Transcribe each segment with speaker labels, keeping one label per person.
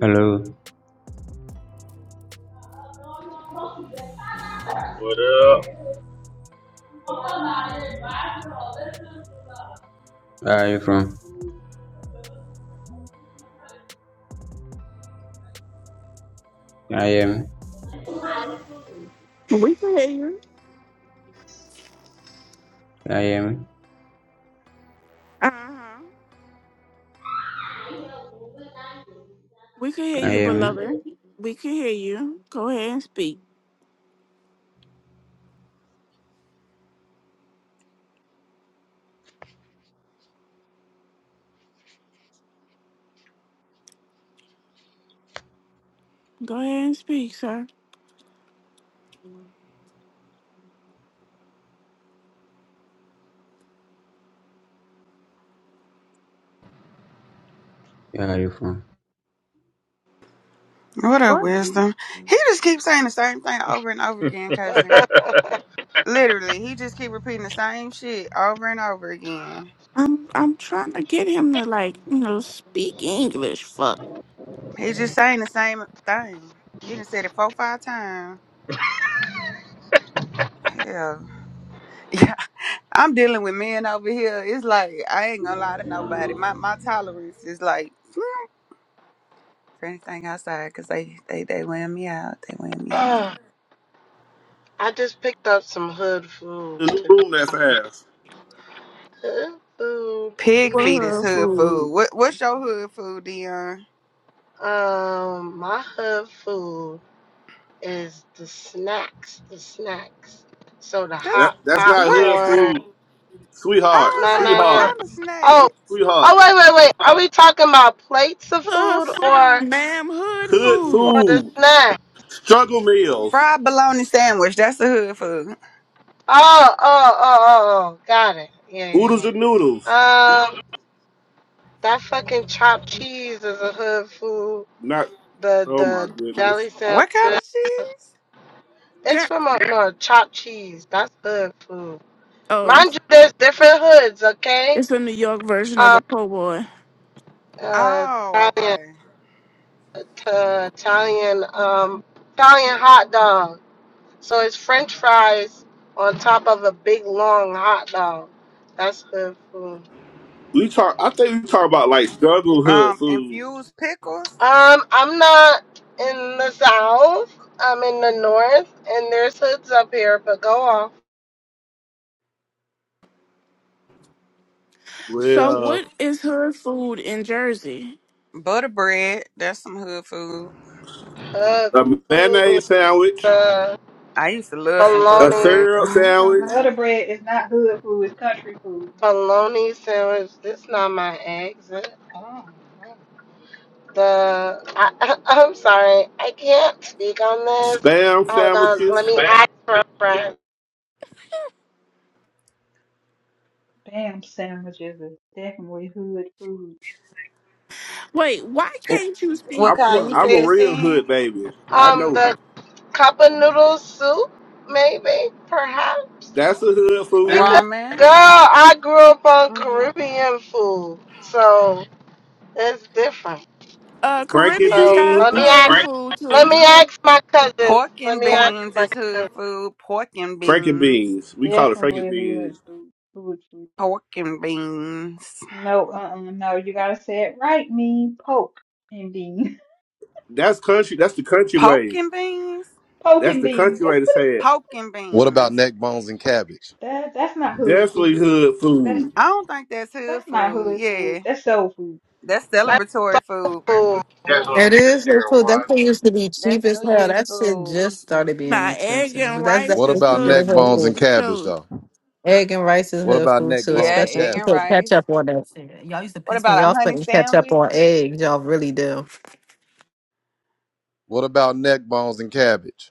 Speaker 1: Hello,
Speaker 2: What up?
Speaker 1: where are you from? Can I am,
Speaker 3: We can hear you.
Speaker 1: I am,
Speaker 3: Uh huh. We can hear
Speaker 1: I
Speaker 3: you,
Speaker 1: am.
Speaker 3: beloved. We can hear you. Go ahead and speak. Go ahead and speak, sir.
Speaker 1: Where are you from?
Speaker 4: What up,
Speaker 3: What?
Speaker 4: wisdom? He just keeps saying the same thing over and over again, cousin. Literally, he just keep repeating the same shit over and over again.
Speaker 3: I'm I'm trying to get him to like you know speak English. Fuck.
Speaker 4: He just saying the same thing. He done said it four, five times. Hell, yeah. I'm dealing with men over here. It's like I ain't gonna lie to nobody. My my tolerance is like for anything outside because they they they wear me out. They wear me out.
Speaker 5: Uh, I just picked up some hood food.
Speaker 6: the new
Speaker 5: To
Speaker 6: room that's ass.
Speaker 5: hood food,
Speaker 4: Pig
Speaker 5: is-
Speaker 3: For
Speaker 4: feet is
Speaker 3: her
Speaker 4: hood
Speaker 3: food.
Speaker 4: food. What what's your hood food, Dion?
Speaker 5: um, my hood food is the snacks, the snacks. So the
Speaker 4: That's
Speaker 6: That
Speaker 5: hot
Speaker 6: that's not hood
Speaker 4: what.
Speaker 5: popcorn.
Speaker 6: food, sweetheart,
Speaker 4: I was
Speaker 5: No, no,
Speaker 4: like, what
Speaker 5: no.
Speaker 6: sweetheart,
Speaker 4: kind of
Speaker 5: Oh,
Speaker 4: snack?
Speaker 5: oh,
Speaker 6: sweetheart.
Speaker 5: wait, wait, wait. Are we talking about plates of
Speaker 3: Hood
Speaker 5: food or
Speaker 3: food, ma'am. Hood
Speaker 6: Hood
Speaker 5: or
Speaker 3: food.
Speaker 5: the
Speaker 6: food,
Speaker 5: snack?
Speaker 6: struggle meals,
Speaker 4: Fried bologna sandwich. That's the hood food.
Speaker 5: Oh, oh, oh, oh, oh. Got it. Yeah, yeah,
Speaker 6: oodles
Speaker 5: yeah.
Speaker 6: and noodles.
Speaker 5: Um, that fucking chopped cheese is a hood food.
Speaker 6: Not.
Speaker 5: The
Speaker 6: Oh my
Speaker 5: the
Speaker 6: goodness.
Speaker 5: deli
Speaker 4: What kind
Speaker 5: sandwiches.
Speaker 4: of cheese?
Speaker 5: It's
Speaker 3: Girl.
Speaker 5: from a no chopped cheese. That's hood food.
Speaker 3: Oh,
Speaker 5: Mind you, there's different hoods, okay?
Speaker 3: it's a New York version of a
Speaker 5: Um,
Speaker 3: po' boy.
Speaker 5: uh,
Speaker 4: Oh,
Speaker 5: Italian,
Speaker 4: okay.
Speaker 5: uh, Italian, um, Italian hot dog. So it's French fries on top of a big long hot dog. That's hood food.
Speaker 6: We talk. I think we talk about like struggle hood
Speaker 4: Um,
Speaker 6: food.
Speaker 4: infused pickles,
Speaker 5: Um, I'm not in the south. I'm in the north, and there's hoods up here. But go off.
Speaker 3: So
Speaker 6: Well,
Speaker 3: what is hood food in Jersey?
Speaker 4: butter bread. That's some hood food.
Speaker 5: Hood
Speaker 6: a
Speaker 5: food,
Speaker 6: mayonnaise sandwich,
Speaker 5: uh,
Speaker 4: I used to love some
Speaker 6: a
Speaker 4: butter
Speaker 5: bologna.
Speaker 4: bread though.
Speaker 6: syrup
Speaker 4: I ain't gonna
Speaker 6: sandwich,
Speaker 7: Butter bread is not hood food, it's country food.
Speaker 5: bologna sandwich. This not my exit. The I, I'm sorry, I can't speak on this.
Speaker 6: spam
Speaker 5: Hold on, let
Speaker 6: sandwiches.
Speaker 5: me ask for a friend.
Speaker 7: Bam sandwiches is definitely hood food.
Speaker 3: Wait, why
Speaker 4: lie.
Speaker 3: can't you speak
Speaker 4: What
Speaker 6: I'm a,
Speaker 4: kind you
Speaker 3: on
Speaker 6: I'm a
Speaker 4: said,
Speaker 3: this?
Speaker 6: real
Speaker 4: Sin?
Speaker 6: hood baby. I
Speaker 5: Um,
Speaker 6: know
Speaker 5: the cup of noodle soup, maybe, perhaps.
Speaker 6: that's a hood food.
Speaker 4: Ramen.
Speaker 5: Girl, I grew up on
Speaker 4: hmm
Speaker 5: Caribbean food, so it's different.
Speaker 3: Uh,
Speaker 6: Frankie
Speaker 3: Caribbeans
Speaker 5: So
Speaker 3: got
Speaker 5: let me
Speaker 6: beans,
Speaker 3: hood
Speaker 5: ask.
Speaker 3: food
Speaker 5: Let
Speaker 3: too.
Speaker 5: me ask my cousins.
Speaker 4: Pork
Speaker 5: Let
Speaker 4: and
Speaker 5: me ask
Speaker 4: beans
Speaker 5: my
Speaker 4: is hood
Speaker 5: cousins.
Speaker 4: food. Pork and
Speaker 6: Frankie
Speaker 4: beans.
Speaker 6: beans. We call it Frankie
Speaker 7: Definitely
Speaker 6: beans.
Speaker 7: hood food. Hood food.
Speaker 4: Pork and beans.
Speaker 7: No, uh-uh, no, you gotta say it right, mean poke and bean.
Speaker 6: That's country. That's the country
Speaker 4: Pork
Speaker 6: way.
Speaker 4: and beans.
Speaker 7: Poke
Speaker 6: That's
Speaker 7: and
Speaker 6: the
Speaker 7: bean.
Speaker 6: country
Speaker 7: That's
Speaker 6: way to
Speaker 7: what it,
Speaker 6: say it.
Speaker 4: Pork and
Speaker 8: What about
Speaker 4: beans.
Speaker 8: neck bones and cabbage?
Speaker 7: that, that's not hood food.
Speaker 6: Definitely hood
Speaker 7: That's
Speaker 6: food.
Speaker 4: I don't think that's hood
Speaker 7: that's not
Speaker 4: food.
Speaker 7: hood food.
Speaker 4: Yeah,
Speaker 7: That's soul food.
Speaker 4: that's
Speaker 5: That's
Speaker 4: celebratory food.
Speaker 5: soul food.
Speaker 6: That's gonna
Speaker 9: It
Speaker 6: see the
Speaker 9: is the
Speaker 6: Sierra
Speaker 9: food. That
Speaker 6: One.
Speaker 9: thing used to be
Speaker 4: That's
Speaker 9: cheap as
Speaker 4: New
Speaker 9: hell.
Speaker 4: Year's
Speaker 9: That shit
Speaker 4: food.
Speaker 9: just started being
Speaker 3: Now, egg
Speaker 9: expensive.
Speaker 3: and
Speaker 9: But that's
Speaker 3: rice
Speaker 8: What
Speaker 3: is
Speaker 9: definitely
Speaker 8: about
Speaker 3: hood
Speaker 8: neck
Speaker 9: considered hood
Speaker 3: food
Speaker 8: bones and
Speaker 9: food.
Speaker 3: for
Speaker 8: cabbage
Speaker 3: sure.
Speaker 8: though?
Speaker 9: Egg and rice is
Speaker 8: What
Speaker 9: hood
Speaker 8: about
Speaker 9: food
Speaker 8: neck
Speaker 9: too,
Speaker 8: bones
Speaker 4: Yeah,
Speaker 8: and
Speaker 9: especially if
Speaker 4: egg
Speaker 9: you
Speaker 4: and
Speaker 9: put
Speaker 8: cabbage?
Speaker 4: rice.
Speaker 9: ketchup on that shit. Y'all used to
Speaker 4: What
Speaker 9: piss me
Speaker 4: about a
Speaker 9: off
Speaker 4: honey
Speaker 9: putting ketchup
Speaker 4: sandwich?
Speaker 9: on eggs. Y'all really do.
Speaker 8: What about neck bones and cabbage?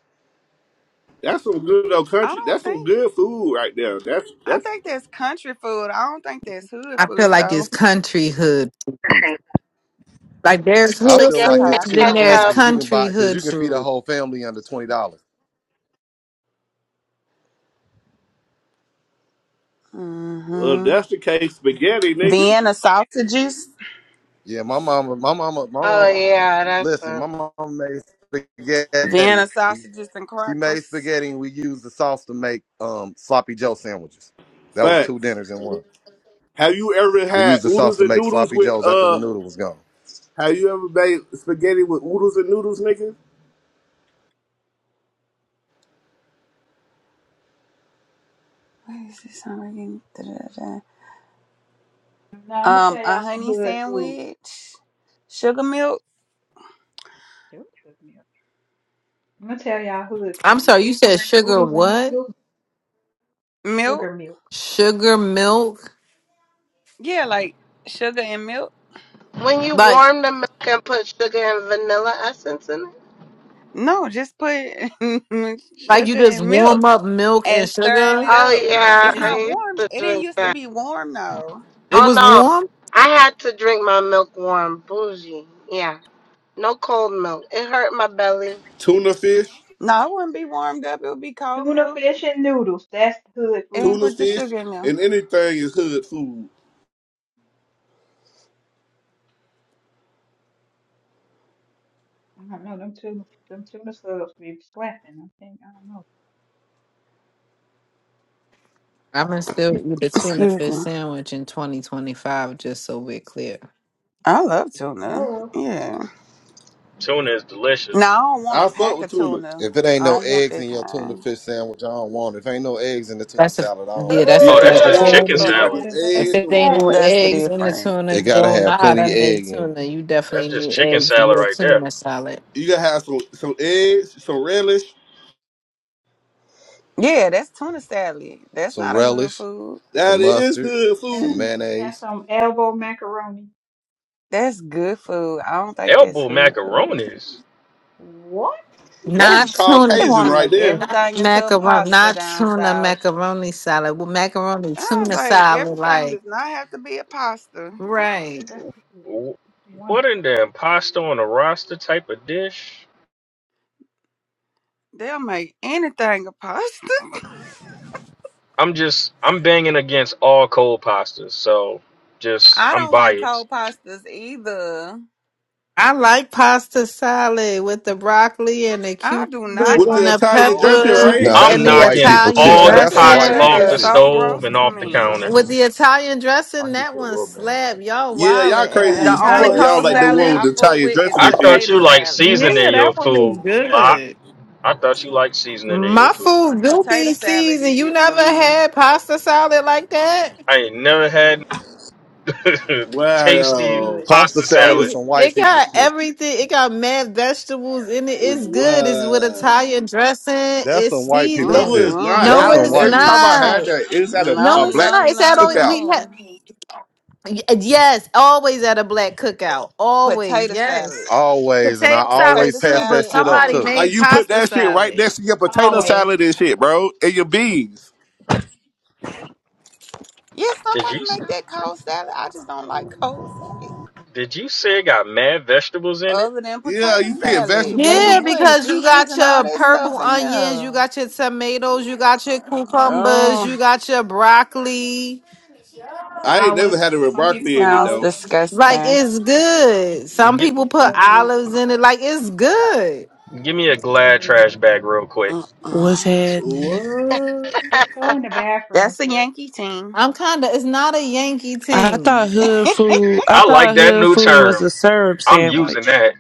Speaker 6: That's some good old
Speaker 4: I
Speaker 6: country.
Speaker 4: don't
Speaker 6: That's some
Speaker 4: think.
Speaker 6: good food right there. That's
Speaker 4: I
Speaker 6: that's
Speaker 4: think that's country food. I don't think that's hood
Speaker 9: I feel
Speaker 4: food
Speaker 9: like it's
Speaker 4: though.
Speaker 9: country hood food.
Speaker 4: Okay,
Speaker 9: Like there's
Speaker 8: I
Speaker 9: hood
Speaker 8: feel
Speaker 4: I
Speaker 5: Spaghetti,
Speaker 8: like
Speaker 9: food,
Speaker 8: it's
Speaker 4: can
Speaker 9: then
Speaker 8: cheap
Speaker 4: go with
Speaker 9: there's
Speaker 8: food
Speaker 4: that
Speaker 5: ketchup.
Speaker 8: because you can buy
Speaker 9: country
Speaker 8: because you
Speaker 9: hood
Speaker 8: can feed a
Speaker 9: food.
Speaker 8: whole family under twenty dollars.
Speaker 4: one.
Speaker 6: uh,
Speaker 4: Mm-hmm.
Speaker 6: that's the case spaghetti, nigga.
Speaker 4: Vienna sausages.
Speaker 8: Yeah, my mama, my mama, my
Speaker 5: Oh
Speaker 8: mom.
Speaker 5: yeah, that's
Speaker 8: Listen, my
Speaker 5: what.
Speaker 8: mom made
Speaker 4: Vienna
Speaker 8: spaghetti.
Speaker 4: sausages and
Speaker 8: She made
Speaker 4: crackers.
Speaker 8: spaghetti, and we used the sauce to make um, sloppy Joe sandwiches. That was two
Speaker 6: Facts.
Speaker 8: dinners in one.
Speaker 6: Have you ever
Speaker 8: We
Speaker 6: had
Speaker 8: used the sauce
Speaker 6: oodles
Speaker 8: to
Speaker 6: and
Speaker 8: make
Speaker 6: noodles
Speaker 8: sloppy
Speaker 6: with
Speaker 8: joes after the
Speaker 6: uh?
Speaker 8: noodle was gone.
Speaker 6: Have you ever made spaghetti with oodles and noodles, nigga?
Speaker 4: What is this? I'm reading- da, da, da.
Speaker 7: Now I'm gonna
Speaker 4: Um,
Speaker 7: tell
Speaker 4: a
Speaker 7: y'all some
Speaker 4: honey
Speaker 7: hood food.
Speaker 4: sandwich. Sugar milk.
Speaker 7: Sugar milk. I'm gonna tell y'all hood
Speaker 9: I'm
Speaker 7: food.
Speaker 9: sorry, you said sugar
Speaker 7: Oodles and
Speaker 9: what?
Speaker 7: noodles,
Speaker 4: Milk.
Speaker 7: sugar milk.
Speaker 9: Sugar milk?
Speaker 4: Yeah, like sugar and milk.
Speaker 5: When you
Speaker 9: Like
Speaker 5: warm the milk and put sugar and vanilla essence in it.
Speaker 4: No, just put
Speaker 9: like you
Speaker 4: sugar
Speaker 9: just
Speaker 4: and milk
Speaker 9: warm up milk and
Speaker 4: and stirring
Speaker 9: sugar?
Speaker 4: it
Speaker 5: Oh
Speaker 4: up.
Speaker 5: yeah,
Speaker 4: It's
Speaker 9: Is
Speaker 4: not
Speaker 5: I used
Speaker 4: warm.
Speaker 5: to
Speaker 4: It didn't
Speaker 5: drink
Speaker 4: used to
Speaker 5: that.
Speaker 4: be warm though.
Speaker 9: it
Speaker 5: Oh
Speaker 9: was
Speaker 5: no,
Speaker 9: warm?
Speaker 5: I had to drink my milk warm, bougie. Yeah, no cold milk. It hurt my belly.
Speaker 6: Tuna fish,
Speaker 4: No, it wouldn't be warmed up. It would be cold
Speaker 7: Tuna
Speaker 4: milk
Speaker 7: fish and noodles, that's hood food.
Speaker 4: and
Speaker 6: tuna
Speaker 4: put the
Speaker 6: fish,
Speaker 4: sugar in there.
Speaker 6: and anything is hood food.
Speaker 7: I don't know. Them two, them two missiles be slapping. I think I don't know.
Speaker 9: I'm gonna still eat a tuna
Speaker 4: Excuse
Speaker 9: fish
Speaker 4: me.
Speaker 9: sandwich in 2025, just so we're clear.
Speaker 4: I love tuna.
Speaker 7: Hello,
Speaker 4: Yeah.
Speaker 2: Tuna is
Speaker 4: No, I
Speaker 2: delicious.
Speaker 4: don't want a
Speaker 6: I fuck
Speaker 4: pack
Speaker 6: with
Speaker 4: of
Speaker 6: tuna.
Speaker 4: tuna.
Speaker 8: If it ain't
Speaker 4: I
Speaker 8: no
Speaker 4: don't want
Speaker 8: eggs
Speaker 4: that
Speaker 8: in your tuna
Speaker 4: kind.
Speaker 8: fish sandwich, I don't want it. If ain't no eggs in the tuna
Speaker 9: That's a
Speaker 8: salad, I don't
Speaker 9: yeah,
Speaker 8: want
Speaker 9: that's a
Speaker 6: Yeah,
Speaker 2: Oh,
Speaker 6: I
Speaker 2: that's
Speaker 6: don't
Speaker 9: fact. If
Speaker 2: just
Speaker 9: it
Speaker 6: want
Speaker 5: Ooh.
Speaker 6: it.
Speaker 2: chicken
Speaker 6: They
Speaker 9: ain't,
Speaker 6: ain't
Speaker 5: Ooh.
Speaker 6: got
Speaker 2: salad.
Speaker 6: no
Speaker 7: that is a
Speaker 9: if
Speaker 6: eggs,
Speaker 9: it
Speaker 6: no
Speaker 9: ain't no
Speaker 7: fact.
Speaker 6: onions.
Speaker 4: That's the
Speaker 9: eggs in the
Speaker 4: difference.
Speaker 9: tuna,
Speaker 8: it.
Speaker 9: you
Speaker 8: It gotta
Speaker 9: don't know
Speaker 8: have
Speaker 9: how
Speaker 8: plenty
Speaker 9: to
Speaker 8: of
Speaker 9: make
Speaker 8: egg in it.
Speaker 9: tuna. You definitely
Speaker 2: That's just
Speaker 9: need
Speaker 2: chicken
Speaker 9: eggs in
Speaker 2: salad
Speaker 9: your
Speaker 2: right there.
Speaker 9: tuna salad.
Speaker 6: You gotta have some some eggs, some relish.
Speaker 4: Yeah, that's tuna salad. That's
Speaker 8: Some
Speaker 4: not a hood
Speaker 8: relish,
Speaker 4: food.
Speaker 8: some
Speaker 6: That is
Speaker 8: mustard,
Speaker 6: hood
Speaker 7: That,
Speaker 8: some
Speaker 6: food.
Speaker 7: that's
Speaker 8: mayonnaise.
Speaker 7: some elbow macaroni.
Speaker 4: That's good food. I don't think that's
Speaker 2: Elbow
Speaker 4: hood food.
Speaker 2: macaronis.
Speaker 7: What?
Speaker 6: That's
Speaker 9: Not tuna
Speaker 4: They
Speaker 7: Yes,
Speaker 6: Caucasian
Speaker 4: want to
Speaker 6: right
Speaker 4: make
Speaker 6: there.
Speaker 4: everything into a
Speaker 9: macaroni,
Speaker 4: pasta
Speaker 9: not
Speaker 4: down
Speaker 9: tuna
Speaker 4: south.
Speaker 9: macaroni salad. Well, macaroni
Speaker 4: I was
Speaker 9: tuna
Speaker 4: like,
Speaker 9: salad,
Speaker 4: everything
Speaker 9: like
Speaker 4: does not have to be a pasta.
Speaker 7: Whew,
Speaker 9: right.
Speaker 7: that's good.
Speaker 2: Wh-
Speaker 7: That's
Speaker 2: What in
Speaker 7: wonderful.
Speaker 2: the pasta on a roster type of dish?
Speaker 4: They'll make anything a pasta.
Speaker 2: I'm just I'm banging against all cold pastas, so just
Speaker 4: I
Speaker 2: I'm
Speaker 4: don't like
Speaker 2: biased.
Speaker 4: cold pastas either.
Speaker 9: I like pasta salad with the broccoli and the
Speaker 4: I do
Speaker 9: cucumber
Speaker 4: not
Speaker 6: With
Speaker 9: and
Speaker 6: the
Speaker 4: like
Speaker 9: the
Speaker 6: Italian
Speaker 4: cold
Speaker 6: dressing,
Speaker 9: peppers
Speaker 6: right?
Speaker 8: Now that's
Speaker 2: I'm
Speaker 9: and
Speaker 8: some
Speaker 4: pasta.
Speaker 9: the
Speaker 8: white
Speaker 2: knocking
Speaker 8: people
Speaker 9: Italian
Speaker 8: shit.
Speaker 2: all
Speaker 8: Now
Speaker 2: the
Speaker 8: that's some
Speaker 2: pots
Speaker 8: white
Speaker 9: dressing.
Speaker 4: That
Speaker 8: people
Speaker 2: off
Speaker 4: is
Speaker 2: the
Speaker 8: shit.
Speaker 4: so
Speaker 2: stove
Speaker 4: gross
Speaker 2: and
Speaker 4: to
Speaker 2: off the
Speaker 8: What you trying?
Speaker 4: me.
Speaker 9: With
Speaker 2: counters.
Speaker 9: the Italian
Speaker 8: I
Speaker 9: dressing,
Speaker 8: can get
Speaker 9: that
Speaker 8: you a
Speaker 9: one
Speaker 8: little man.
Speaker 9: slab. Y'all
Speaker 6: Yeah,
Speaker 9: wildin'
Speaker 6: y'all
Speaker 9: and
Speaker 7: That
Speaker 9: the
Speaker 6: crazy
Speaker 4: The
Speaker 7: one
Speaker 6: as
Speaker 4: only
Speaker 6: fuck.
Speaker 7: does
Speaker 9: Italian
Speaker 6: Y'all
Speaker 4: cold
Speaker 6: like the
Speaker 7: slap.
Speaker 4: salad
Speaker 6: one with
Speaker 4: I
Speaker 6: the
Speaker 9: seasoning.
Speaker 4: fool
Speaker 6: Italian
Speaker 4: with is
Speaker 6: dressing
Speaker 2: I
Speaker 6: and shit.
Speaker 2: thought
Speaker 4: potato
Speaker 2: you like
Speaker 4: salad.
Speaker 9: Yeah,
Speaker 2: seasoning
Speaker 9: that
Speaker 2: your
Speaker 9: one is
Speaker 2: food, Lot.
Speaker 9: good.
Speaker 2: I thought you like seasoning in your
Speaker 9: My
Speaker 2: food.
Speaker 9: food do
Speaker 4: Potato
Speaker 9: be
Speaker 4: salad
Speaker 9: seasoned.
Speaker 4: is
Speaker 9: You
Speaker 4: it for
Speaker 9: never
Speaker 4: me.
Speaker 9: had pasta salad like that?
Speaker 2: I ain't never had
Speaker 7: That shit
Speaker 2: Tasty
Speaker 6: Wow.
Speaker 7: good.
Speaker 8: Pasta
Speaker 2: pasta
Speaker 8: salad is
Speaker 2: salad.
Speaker 9: It
Speaker 8: some
Speaker 9: it
Speaker 8: white people
Speaker 9: got
Speaker 8: shit.
Speaker 9: everything. It got mad vegetables in it. It's good. It's with
Speaker 6: Wow.
Speaker 7: hmm
Speaker 9: Italian dressing.
Speaker 8: That's
Speaker 9: It's
Speaker 8: some white people
Speaker 6: No,
Speaker 9: seasoned.
Speaker 8: shit.
Speaker 6: it's not.
Speaker 9: No,
Speaker 8: That's
Speaker 6: I,
Speaker 7: It's
Speaker 8: some
Speaker 9: it's
Speaker 4: Mm-mm.
Speaker 7: so
Speaker 8: white
Speaker 6: every
Speaker 7: good.
Speaker 6: time
Speaker 8: people
Speaker 6: I
Speaker 8: shit.
Speaker 6: had
Speaker 9: not.
Speaker 6: that, it's at a,
Speaker 4: No,
Speaker 9: No,
Speaker 6: a
Speaker 9: it's
Speaker 6: black
Speaker 4: no,
Speaker 9: not. It's at
Speaker 4: no,
Speaker 9: all.
Speaker 6: cookout.
Speaker 9: We had
Speaker 4: no.
Speaker 9: yes, always at a black cookout. Always
Speaker 4: Potato
Speaker 9: yes.
Speaker 4: salad.
Speaker 8: Always, and I
Speaker 9: potato salad
Speaker 8: always
Speaker 4: Potato
Speaker 9: too,
Speaker 8: pass that
Speaker 9: but
Speaker 4: salad
Speaker 8: shit up
Speaker 9: somebody
Speaker 8: too.
Speaker 4: only.
Speaker 6: Like
Speaker 9: made
Speaker 6: you put
Speaker 9: pasta
Speaker 6: that shit right
Speaker 9: salad.
Speaker 6: next to your potato
Speaker 7: Always.
Speaker 6: salad and shit, bro, and your beans.
Speaker 4: Yeah,
Speaker 2: Did
Speaker 4: somebody
Speaker 2: you
Speaker 4: make that cold salad. I just don't like cold salad.
Speaker 2: did you say it got mad vegetables in it?
Speaker 4: Other than
Speaker 7: mm
Speaker 6: Yeah,
Speaker 4: potato
Speaker 6: you
Speaker 7: hmm
Speaker 6: put
Speaker 4: salad, they be
Speaker 9: Yeah,
Speaker 6: vegetables.
Speaker 7: Mash
Speaker 4: putting
Speaker 9: because you
Speaker 4: peas
Speaker 9: got
Speaker 4: and all
Speaker 9: your
Speaker 4: that
Speaker 9: purple
Speaker 4: stuff in
Speaker 9: onions, you
Speaker 4: there.
Speaker 9: got your tomatoes, you got your cucumbers, you
Speaker 4: Oh,
Speaker 9: got your broccoli.
Speaker 6: I ain't never had
Speaker 7: Olives.
Speaker 6: it with
Speaker 7: Some people
Speaker 6: broccoli
Speaker 7: put
Speaker 6: in it
Speaker 4: sounds
Speaker 7: olives
Speaker 6: though.
Speaker 7: in them.
Speaker 9: Like
Speaker 4: disgusting.
Speaker 9: it's good. Some
Speaker 2: Get,
Speaker 9: people
Speaker 7: It's
Speaker 9: put
Speaker 7: so good.
Speaker 9: olives in it. Like it's good.
Speaker 2: give me a
Speaker 7: It's so
Speaker 2: Glad
Speaker 7: good.
Speaker 2: trash bag real quick.
Speaker 10: What's
Speaker 4: Mm-mm.
Speaker 10: happening?
Speaker 6: What?
Speaker 7: Just go in the bathroom,
Speaker 4: That's a
Speaker 7: sir.
Speaker 4: Yankee team.
Speaker 9: I'm kind of. It's not a Yankee
Speaker 10: I
Speaker 9: thing.
Speaker 10: thought hood food. I
Speaker 2: I like
Speaker 10: thought
Speaker 2: that
Speaker 10: hood
Speaker 2: new
Speaker 10: food was
Speaker 2: term.
Speaker 10: a syrup
Speaker 2: I'm using
Speaker 10: sandwich.
Speaker 2: that.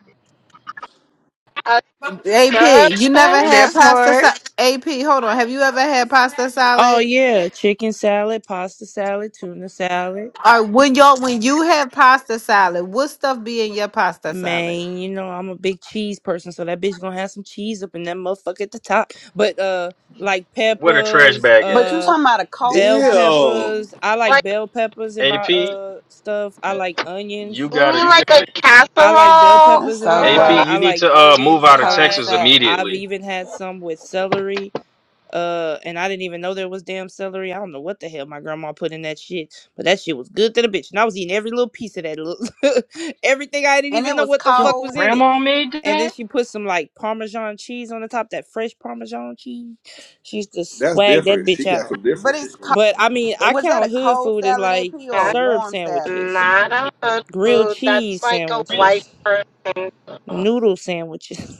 Speaker 5: A
Speaker 9: AP, you never
Speaker 5: syrup?
Speaker 9: had
Speaker 4: That's
Speaker 9: pasta
Speaker 4: what.
Speaker 9: salad. AP, hold on. Have you ever had pasta
Speaker 10: Oh
Speaker 9: salad?
Speaker 10: yeah, chicken salad, pasta salad, tuna salad.
Speaker 9: Or when y'all when you have pasta salad, what stuff be in your pasta salad?
Speaker 10: Man, you know I'm a big cheese person, so that bitch gonna have some cheese up in that motherfucker at the top. But uh, like
Speaker 2: What a trash
Speaker 10: peppers,
Speaker 2: bag
Speaker 4: But
Speaker 2: at?
Speaker 4: you
Speaker 10: uh,
Speaker 4: talking about a cold
Speaker 10: bell
Speaker 4: salad,
Speaker 6: Ew.
Speaker 4: AP?
Speaker 10: peppers. I like
Speaker 5: Like
Speaker 10: bell peppers in my
Speaker 2: AP,
Speaker 10: uh stuff. I like
Speaker 2: you
Speaker 10: onions.
Speaker 5: you
Speaker 2: gotta.
Speaker 5: mean like a
Speaker 10: I like bell
Speaker 5: casserole?
Speaker 4: That's
Speaker 10: peppers in
Speaker 4: so
Speaker 2: AP,
Speaker 10: mine.
Speaker 5: Ooh,
Speaker 10: I
Speaker 2: you
Speaker 4: gross.
Speaker 2: need
Speaker 10: like
Speaker 2: to uh move
Speaker 10: onions in
Speaker 2: out of
Speaker 4: Cold
Speaker 10: mine.
Speaker 2: Texas
Speaker 4: salad,
Speaker 10: I've
Speaker 2: immediately.
Speaker 10: even had some with celery. Uh, and I didn't even know there was damn celery. I don't know what the hell my grandma put in that shit, but that shit was good to the bitch. And I was eating every little piece of that, little everything. I didn't
Speaker 4: and
Speaker 10: even
Speaker 4: it
Speaker 10: know
Speaker 4: was
Speaker 10: what the
Speaker 2: Yo,
Speaker 10: fuck was
Speaker 4: cold,
Speaker 10: in it.
Speaker 2: grandma made
Speaker 10: And then
Speaker 2: that.
Speaker 10: she put some like Parmesan cheese on the top, that fresh Parmesan cheese. She used to
Speaker 6: That's
Speaker 10: swag that
Speaker 6: different.
Speaker 10: bitch
Speaker 6: She got
Speaker 10: out.
Speaker 6: some
Speaker 4: but
Speaker 6: different
Speaker 4: it's
Speaker 6: shit.
Speaker 4: co-
Speaker 10: But I mean,
Speaker 4: it
Speaker 10: I
Speaker 4: was that
Speaker 10: count
Speaker 4: a
Speaker 10: hood
Speaker 4: cold
Speaker 10: food as
Speaker 4: salad,
Speaker 10: like
Speaker 4: AP, or a
Speaker 5: that's
Speaker 10: syrup
Speaker 4: warm salad?
Speaker 10: sandwiches,
Speaker 5: not a good
Speaker 10: grilled
Speaker 5: food. That's
Speaker 10: cheese
Speaker 5: like a
Speaker 10: sandwiches,
Speaker 5: white person.
Speaker 10: noodle sandwiches.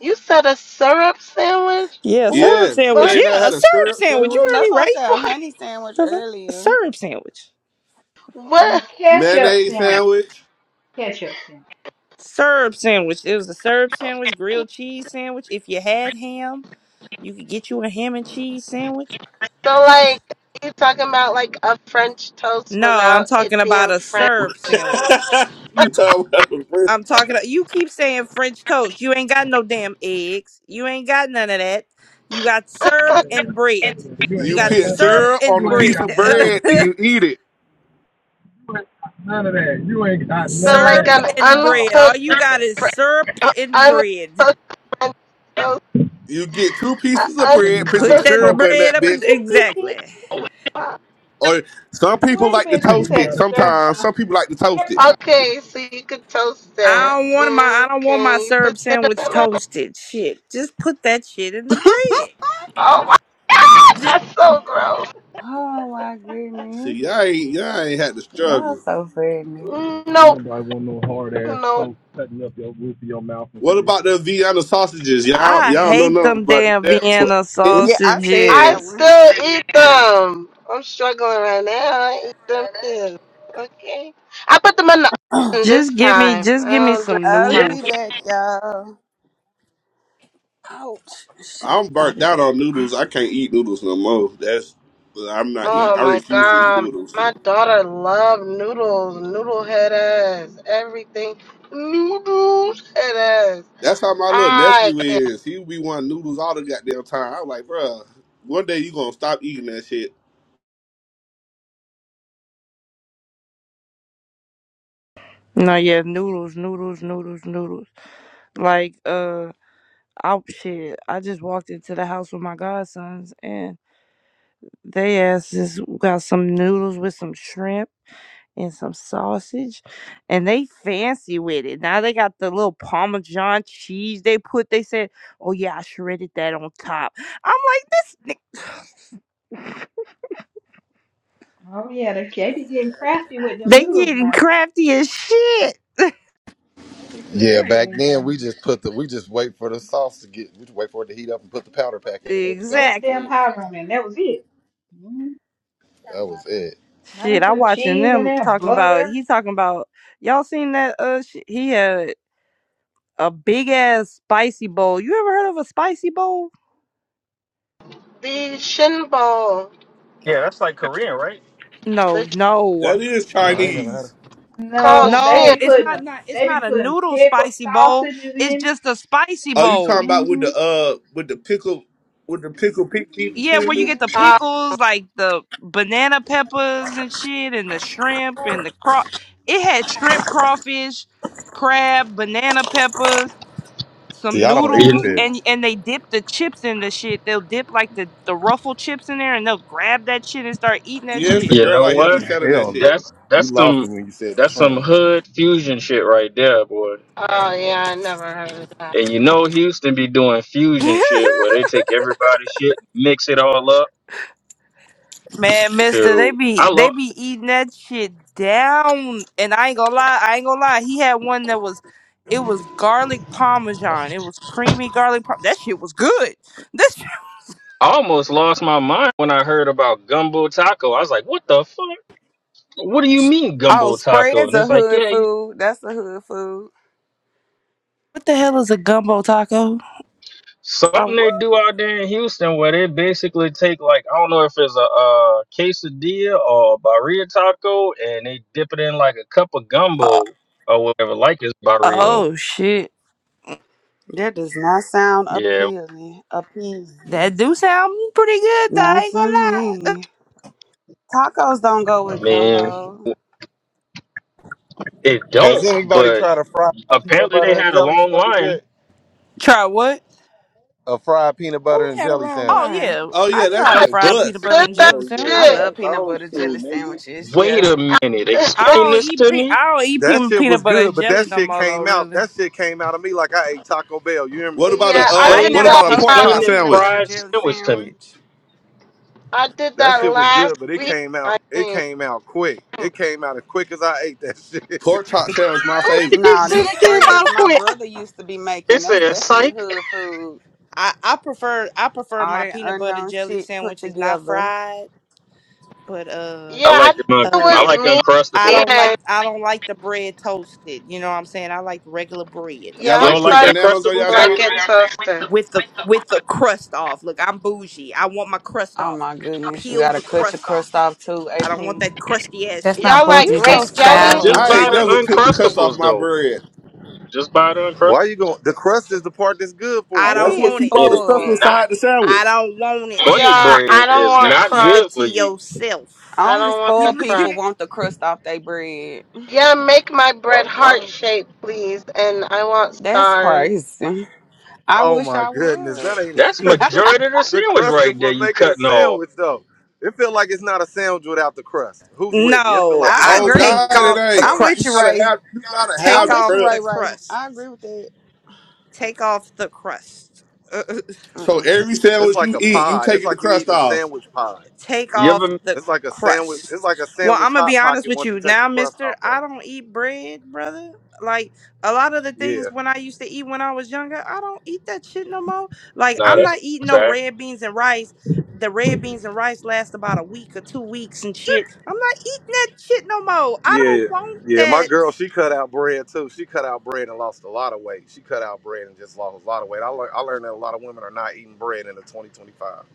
Speaker 5: You said a syrup sandwich?
Speaker 10: Yeah,
Speaker 5: Who
Speaker 10: syrup
Speaker 5: the
Speaker 6: Yes. You
Speaker 10: sandwich.
Speaker 5: fuck? Yeah.
Speaker 10: Yeah,
Speaker 6: ain't never
Speaker 10: a
Speaker 6: had a
Speaker 10: syrup
Speaker 6: syrup
Speaker 10: sandwich. You
Speaker 4: hmm
Speaker 6: sandwich?
Speaker 10: heard
Speaker 4: That's
Speaker 10: me
Speaker 4: why I
Speaker 10: right?
Speaker 4: said a honey sandwich
Speaker 10: The fuck? A
Speaker 4: earlier.
Speaker 10: syrup sandwich.
Speaker 5: What?
Speaker 7: A
Speaker 5: what?
Speaker 7: ketchup
Speaker 6: Mayonnaise
Speaker 7: sandwich.
Speaker 6: sandwich?
Speaker 7: Ketchup sandwich.
Speaker 10: Serb sandwich. It was a Serb sandwich, grilled cheese sandwich. If you had ham, you could get you a ham and cheese sandwich.
Speaker 5: So, like, you talking about like a French toast
Speaker 10: No, I'm
Speaker 5: without it
Speaker 10: talking about
Speaker 5: being
Speaker 10: a
Speaker 5: French?
Speaker 10: Serb sandwich.
Speaker 6: you talking about a bread.
Speaker 10: I'm talking. You keep saying French toast. You ain't got no damn eggs. You ain't got none of that. You got syrup and bread. You
Speaker 6: You
Speaker 10: got
Speaker 6: put
Speaker 10: syrup
Speaker 6: syrup on
Speaker 10: and
Speaker 6: a piece of
Speaker 10: bread.
Speaker 6: bread and you eat it.
Speaker 8: You ain't got None of that. You ain't got
Speaker 5: So,
Speaker 8: none of
Speaker 5: like
Speaker 10: syrup
Speaker 8: that
Speaker 5: an
Speaker 10: and
Speaker 8: at
Speaker 10: bread.
Speaker 8: all.
Speaker 10: All
Speaker 5: uncooked,
Speaker 10: you
Speaker 8: None of
Speaker 10: got
Speaker 8: that.
Speaker 10: is
Speaker 5: fr-
Speaker 10: syrup
Speaker 5: uh,
Speaker 10: and bread.
Speaker 5: uncooked French toast.
Speaker 6: You get two
Speaker 5: Uh,
Speaker 6: pieces of
Speaker 8: You ain't
Speaker 6: bread,
Speaker 8: even
Speaker 6: put
Speaker 8: got
Speaker 6: some
Speaker 10: Put
Speaker 5: uncooked.
Speaker 8: no
Speaker 10: that
Speaker 6: syrup in
Speaker 8: toasters.
Speaker 10: bread
Speaker 6: that
Speaker 10: up
Speaker 8: So
Speaker 10: in
Speaker 6: bitch.
Speaker 10: exactly.
Speaker 5: uh,
Speaker 6: Or some people
Speaker 7: Wait a
Speaker 6: like to
Speaker 7: minute, she
Speaker 8: you
Speaker 6: toast
Speaker 7: said
Speaker 6: it
Speaker 8: gotta stand.
Speaker 6: sometimes.
Speaker 7: stirpa,
Speaker 6: Some people like to toast it.
Speaker 7: stirpa.
Speaker 5: Okay, so you could toast that.
Speaker 10: I don't want my I don't want my
Speaker 5: Okay, but
Speaker 10: syrup sandwich toasted. Shit, just put that shit in the bread.
Speaker 5: oh my god,
Speaker 10: Just
Speaker 5: that's so gross.
Speaker 4: Oh my
Speaker 6: See,
Speaker 4: goodness.
Speaker 6: y'all ain't, y'all ain't had to
Speaker 4: Y'all
Speaker 6: struggle.
Speaker 4: so funny.
Speaker 8: Don't
Speaker 5: No,
Speaker 8: nobody want no hard ass
Speaker 5: no,
Speaker 8: toast cutting up your roof of your mouth and
Speaker 6: What
Speaker 8: shit
Speaker 6: about the Vienna sausages? Y'all,
Speaker 8: on the
Speaker 10: I
Speaker 6: y'all don't
Speaker 8: syrup
Speaker 6: know
Speaker 10: hate
Speaker 8: sandwich.
Speaker 6: nothing
Speaker 10: them
Speaker 6: about
Speaker 10: damn
Speaker 6: that.
Speaker 10: Vienna
Speaker 6: So,
Speaker 4: Yeah, I said
Speaker 5: I
Speaker 4: that
Speaker 10: sausages.
Speaker 4: one.
Speaker 5: still eat them. I'm struggling right now. I eat them too. Okay. I put them in the oven this
Speaker 10: Just give me
Speaker 5: time.
Speaker 10: just
Speaker 5: I
Speaker 10: give me
Speaker 5: don't do
Speaker 10: some
Speaker 4: I'll
Speaker 5: Yeah.
Speaker 4: be
Speaker 10: noodles.
Speaker 4: back, y'all. Oh Shit,
Speaker 6: I'm
Speaker 4: I'll
Speaker 6: burnt
Speaker 4: be
Speaker 6: out
Speaker 4: back.
Speaker 6: on noodles. I can't eat noodles no more. That's I'm not eat.
Speaker 5: Oh
Speaker 6: I
Speaker 5: my
Speaker 6: refuse to eat
Speaker 5: god.
Speaker 6: noodles.
Speaker 5: My daughter loves noodles, noodle head ass, everything. Noodles head ass.
Speaker 6: That's how my little
Speaker 5: I
Speaker 6: nephew
Speaker 5: can
Speaker 6: is. He be wanting noodles all the goddamn time. I'm like, bruh, one day you gonna stop eating that shit.
Speaker 10: No, yeah, noodles, noodles, noodles, noodles. Like uh, oh shit. I just walked into the house with my godsons and they asses got some noodles with some shrimp and some sausage, and they fancy with it. Now they got the little Parmesan cheese they put. They said, "Oh yeah, I shredded that on top." I'm like, this
Speaker 7: Oh yeah, they, they be getting crafty with them
Speaker 10: they
Speaker 7: noodles
Speaker 10: getting
Speaker 7: now.
Speaker 10: crafty as shit.
Speaker 7: They be putting
Speaker 8: Yeah, back
Speaker 7: everything
Speaker 8: then we
Speaker 7: thing,
Speaker 8: just put the we just wait for the sauce to get we just wait for it to heat up and put the powder pack in and it was gone.
Speaker 7: put damn
Speaker 10: Exactly.
Speaker 7: powder in That was it. Mm.
Speaker 8: That was it.
Speaker 7: Now
Speaker 10: Shit,
Speaker 7: they
Speaker 10: I
Speaker 7: put
Speaker 10: watching
Speaker 7: cheese in
Speaker 10: them
Speaker 7: there,
Speaker 10: talking about.
Speaker 7: butter.
Speaker 10: He talking about y'all seen that? Uh, sh- he had a big ass spicy bowl. You ever heard of a spicy bowl?
Speaker 5: the shin bowl.
Speaker 2: Yeah, that's like Korean, right?
Speaker 5: The
Speaker 10: No,
Speaker 5: sh-
Speaker 10: no,
Speaker 6: That is
Speaker 8: No, I ain't never had it.
Speaker 6: Chinese.
Speaker 5: called
Speaker 7: No, they
Speaker 10: no.
Speaker 5: shin.
Speaker 7: be
Speaker 10: It's
Speaker 7: putting
Speaker 10: not.
Speaker 7: a,
Speaker 10: Not. It's
Speaker 7: they be
Speaker 10: not a
Speaker 7: putting
Speaker 10: noodle
Speaker 7: pickled
Speaker 10: spicy bowl.
Speaker 7: sausages
Speaker 10: It's
Speaker 7: in it.
Speaker 10: just a spicy
Speaker 6: Are you
Speaker 10: bowl.
Speaker 6: talking about with
Speaker 7: Mm-hmm.
Speaker 6: the uh with the pickle with the pickle pig feet and
Speaker 10: Yeah,
Speaker 6: shit?
Speaker 10: where you get
Speaker 7: Mm.
Speaker 10: the
Speaker 5: Oh,
Speaker 10: pickles, like the banana peppers and shit, and the shrimp and the craw. It had shrimp, crawfish, crab, banana peppers,
Speaker 8: See,
Speaker 10: some
Speaker 8: I don't eat
Speaker 2: You
Speaker 10: noodles,
Speaker 8: fish.
Speaker 10: and and they dip the chips in the shit. They'll dip like the the ruffle chips in there, and they'll grab that shit and start eating that
Speaker 6: Yeah, it's the
Speaker 10: shit.
Speaker 2: you
Speaker 6: girl
Speaker 2: know
Speaker 6: out here be
Speaker 2: what?
Speaker 6: selling that
Speaker 8: Hell no.
Speaker 6: shit.
Speaker 2: That's
Speaker 8: You
Speaker 2: that's
Speaker 8: lost
Speaker 2: some
Speaker 8: me when you said the
Speaker 2: that's
Speaker 8: shrimp.
Speaker 2: some hood fusion shit right there, boy.
Speaker 5: oh yeah, I never heard of that.
Speaker 2: And you know Houston be doing fusion shit where they take everybody's shit, mix it all up.
Speaker 10: Man, mister, they
Speaker 2: Shoot.
Speaker 10: be
Speaker 2: I
Speaker 10: they
Speaker 2: lo-
Speaker 10: be eating that shit down. And I ain't gonna lie, I ain't gonna lie. He had one that was it was garlic parmesan. It was creamy garlic par- that shit was good. This
Speaker 2: I almost lost my mind when I heard about gumbo taco. I was like, what the fuck? What do you mean
Speaker 4: Oh,
Speaker 2: gumbo taco?
Speaker 4: spreads
Speaker 2: And
Speaker 4: a
Speaker 2: it's like,
Speaker 4: hood
Speaker 2: yeah, you-
Speaker 4: food. That's a hood food.
Speaker 10: what the hell is a gumbo taco?
Speaker 4: Oh,
Speaker 2: something they
Speaker 4: what?
Speaker 2: do out there in Houston where they basically take like, I don't know if it's a, uh quesadilla or a barilla taco and they dip it in like a cup of
Speaker 10: Uh,
Speaker 2: gumbo or whatever, like it's barrio.
Speaker 10: oh shit.
Speaker 4: That does not sound
Speaker 2: Yeah,
Speaker 4: appealing. Appealing.
Speaker 10: That do sound pretty good though, I
Speaker 4: Not
Speaker 10: ain't
Speaker 4: to
Speaker 10: gonna lie.
Speaker 4: me. Tacos don't go with
Speaker 2: man,
Speaker 4: gumbo.
Speaker 2: it
Speaker 8: Has
Speaker 2: don't,
Speaker 8: anybody
Speaker 2: but
Speaker 8: tried a fried peanut
Speaker 2: apparently they
Speaker 8: butter and
Speaker 2: had a
Speaker 8: jelly
Speaker 2: long
Speaker 8: sandwich
Speaker 2: line.
Speaker 8: yet?
Speaker 10: Try what?
Speaker 8: A fried peanut
Speaker 3: Who
Speaker 8: butter and
Speaker 3: had a
Speaker 8: jelly
Speaker 3: wrong
Speaker 8: sandwich.
Speaker 10: Oh
Speaker 3: line?
Speaker 10: yeah.
Speaker 6: Oh
Speaker 10: I
Speaker 6: yeah, that
Speaker 10: tried a
Speaker 5: I
Speaker 6: shit
Speaker 5: just
Speaker 10: fried peanut
Speaker 6: bust.
Speaker 10: butter
Speaker 5: did
Speaker 10: and
Speaker 5: that
Speaker 10: jelly
Speaker 11: Hell yeah,
Speaker 10: sandwich.
Speaker 4: I
Speaker 5: shit.
Speaker 4: love
Speaker 11: that's
Speaker 4: peanut
Speaker 11: old
Speaker 4: butter
Speaker 11: school,
Speaker 4: jelly
Speaker 11: nigga.
Speaker 4: sandwiches. Yeah.
Speaker 2: Wait a minute.
Speaker 10: I
Speaker 2: Explain
Speaker 10: don't
Speaker 2: this
Speaker 10: eat
Speaker 2: to
Speaker 10: pre
Speaker 2: me.
Speaker 10: I don't eat
Speaker 8: That
Speaker 10: pe-
Speaker 8: shit
Speaker 10: peanut
Speaker 8: was
Speaker 10: butter and
Speaker 8: good, but
Speaker 10: jelly
Speaker 8: that
Speaker 10: no
Speaker 8: shit
Speaker 10: more though,
Speaker 8: came out.
Speaker 10: really.
Speaker 8: That shit came out of me like I ate Taco Bell. You hear me?
Speaker 6: What about a
Speaker 5: yeah, I
Speaker 6: uh
Speaker 4: I
Speaker 5: did
Speaker 4: ain't
Speaker 6: what
Speaker 2: Explain
Speaker 4: never
Speaker 6: about a pork
Speaker 5: that.
Speaker 4: toasted
Speaker 2: explain
Speaker 6: chop
Speaker 4: no
Speaker 2: this
Speaker 4: peanut
Speaker 6: sandwich?
Speaker 4: butter
Speaker 2: fried
Speaker 4: jelly
Speaker 2: sandwich to me.
Speaker 4: sandwich.
Speaker 5: I did
Speaker 8: That
Speaker 5: that
Speaker 8: shit was
Speaker 5: last
Speaker 8: good, but it
Speaker 5: week,
Speaker 8: came out.
Speaker 5: I
Speaker 8: It
Speaker 5: think.
Speaker 8: came out quick. It came out as quick as I ate that shit.
Speaker 6: Pork chop sandwich my
Speaker 5: Oh,
Speaker 6: favorite.
Speaker 2: He
Speaker 4: Nah,
Speaker 2: said
Speaker 4: them
Speaker 2: it came
Speaker 4: spreads
Speaker 2: out
Speaker 4: my
Speaker 2: quick.
Speaker 4: brother used to be
Speaker 2: It
Speaker 4: making. That's
Speaker 2: said
Speaker 4: definitely
Speaker 2: psych.
Speaker 4: hood food.
Speaker 10: I, I prefer I prefer
Speaker 4: All
Speaker 10: my
Speaker 4: that
Speaker 10: peanut butter
Speaker 4: unknown
Speaker 10: jelly
Speaker 4: shit put
Speaker 10: sandwiches not
Speaker 4: together.
Speaker 10: fried, but uh
Speaker 2: I
Speaker 5: yeah, I think
Speaker 2: like the mon-
Speaker 5: it
Speaker 2: I
Speaker 10: uh
Speaker 2: like
Speaker 5: was me.
Speaker 10: I don't
Speaker 2: uncrustables.
Speaker 5: And
Speaker 10: like I don't like the bread toasted. You know what I'm saying? I like regular bread,
Speaker 6: Y'all
Speaker 5: yeah,
Speaker 2: You
Speaker 5: I'm
Speaker 6: like
Speaker 2: don't
Speaker 10: okay?
Speaker 6: put
Speaker 2: like
Speaker 5: starting
Speaker 6: bananas on y'all
Speaker 5: to
Speaker 2: uncrustables?
Speaker 5: like
Speaker 6: shit?
Speaker 5: it toasted.
Speaker 10: With the with the crust off. Look, I'm bougie. I want my crust
Speaker 4: Oh
Speaker 10: off.
Speaker 4: my goodness, you
Speaker 10: Peel
Speaker 4: gotta
Speaker 10: the
Speaker 4: cut your
Speaker 10: crust
Speaker 4: crust
Speaker 10: off.
Speaker 4: off too,
Speaker 10: I don't want
Speaker 4: AP.
Speaker 10: that crusty ass
Speaker 12: That's
Speaker 10: shit.
Speaker 12: not
Speaker 5: Y'all like
Speaker 4: You
Speaker 12: poetry,
Speaker 4: so
Speaker 5: grape
Speaker 12: that's
Speaker 5: jelly?
Speaker 2: Just
Speaker 6: I
Speaker 4: spoiled.
Speaker 12: childish.
Speaker 2: buy
Speaker 6: ain't
Speaker 10: Uh, uh,
Speaker 6: never
Speaker 2: the
Speaker 6: took the crust off
Speaker 2: uncrustables
Speaker 6: my
Speaker 2: though.
Speaker 6: bread.
Speaker 2: Just buy the uncrustables.
Speaker 8: Why you going? The crust is the part that's good for
Speaker 10: I
Speaker 8: you
Speaker 4: AP
Speaker 10: don't
Speaker 6: That's
Speaker 8: though.
Speaker 6: what
Speaker 4: is
Speaker 10: want it.
Speaker 6: keep all
Speaker 2: It
Speaker 6: the stuff
Speaker 2: is
Speaker 4: spoiled.
Speaker 2: not
Speaker 6: inside the
Speaker 10: I
Speaker 6: sandwich.
Speaker 10: don't want it.
Speaker 2: bunny
Speaker 5: Yeah,
Speaker 2: bread
Speaker 5: I don't
Speaker 2: is
Speaker 5: want
Speaker 2: not
Speaker 10: Keep
Speaker 5: crust.
Speaker 10: it
Speaker 2: good
Speaker 10: to
Speaker 2: for you.
Speaker 10: yourself.
Speaker 5: I
Speaker 4: Only
Speaker 5: don't want the
Speaker 10: Keep
Speaker 4: spoiled
Speaker 10: it to
Speaker 5: crust.
Speaker 4: people
Speaker 10: your-
Speaker 4: want the crust off their bread.
Speaker 5: Yeah, make my bread
Speaker 8: Why?
Speaker 5: heart
Speaker 8: The,
Speaker 5: shaped, please. And I want
Speaker 4: That's
Speaker 5: stars.
Speaker 4: crazy. I
Speaker 8: oh
Speaker 4: wish
Speaker 8: my
Speaker 4: I
Speaker 8: goodness,
Speaker 4: would.
Speaker 8: that ain't.
Speaker 2: That's majority of the
Speaker 8: the
Speaker 2: sandwich
Speaker 8: crust is
Speaker 2: right there
Speaker 8: what
Speaker 2: you
Speaker 8: make it a
Speaker 2: cutting off.
Speaker 8: sandwich though. It feel like it's not a sandwich without the crust. Who's with me? It feel
Speaker 10: No,
Speaker 8: like it's
Speaker 4: I
Speaker 10: I
Speaker 8: not
Speaker 6: Oh
Speaker 8: a
Speaker 10: take
Speaker 4: agree.
Speaker 6: God,
Speaker 8: sandwich
Speaker 6: it
Speaker 10: off
Speaker 8: without the
Speaker 10: the
Speaker 6: ain't.
Speaker 4: I'm
Speaker 8: crust.
Speaker 4: with
Speaker 6: You
Speaker 4: you,
Speaker 10: crust.
Speaker 6: gotta
Speaker 4: Ray.
Speaker 6: have you gotta
Speaker 4: I'm
Speaker 10: Take
Speaker 6: have the
Speaker 4: with you,
Speaker 10: off the
Speaker 4: Ray.
Speaker 6: crust.
Speaker 4: Ray.
Speaker 10: crust.
Speaker 4: I agree with that.
Speaker 10: Take off the crust.
Speaker 6: So
Speaker 4: Mm-mm.
Speaker 6: every
Speaker 8: It's
Speaker 6: sandwich
Speaker 8: like
Speaker 6: you
Speaker 8: a
Speaker 6: eat, you
Speaker 8: pod. It's
Speaker 6: taking the
Speaker 8: like you
Speaker 6: crust
Speaker 8: eating a
Speaker 6: off.
Speaker 8: sandwich pod.
Speaker 10: Take
Speaker 2: You
Speaker 10: off
Speaker 2: ever
Speaker 10: the
Speaker 8: It's like a sandwich.
Speaker 10: crust.
Speaker 8: It's like a
Speaker 10: Well,
Speaker 8: sandwich
Speaker 10: I'm gonna be
Speaker 8: hot
Speaker 10: honest
Speaker 8: pocket
Speaker 10: with
Speaker 8: once
Speaker 10: you
Speaker 8: you take the
Speaker 10: now,
Speaker 8: crust
Speaker 10: Mister.
Speaker 8: off of
Speaker 10: I
Speaker 8: it.
Speaker 10: don't eat bread, brother. Like a lot of the
Speaker 8: Yeah,
Speaker 10: things when I used to eat when I was younger, I don't eat that shit no more. Like
Speaker 2: nah
Speaker 10: I'm
Speaker 2: that's
Speaker 10: not eating
Speaker 2: a
Speaker 10: no
Speaker 2: fact.
Speaker 10: red beans and rice. The red beans and rice last about a week or two weeks and shit. I'm not eating that shit no more. I don't
Speaker 8: yeah,
Speaker 10: want
Speaker 8: yeah. My
Speaker 10: that.
Speaker 8: girl, she cut out bread too. She cut out bread and lost a lot of weight. She cut out bread and just lost a lot of weight. I, lear- I learned that a lot of women are not eating bread in the 2025.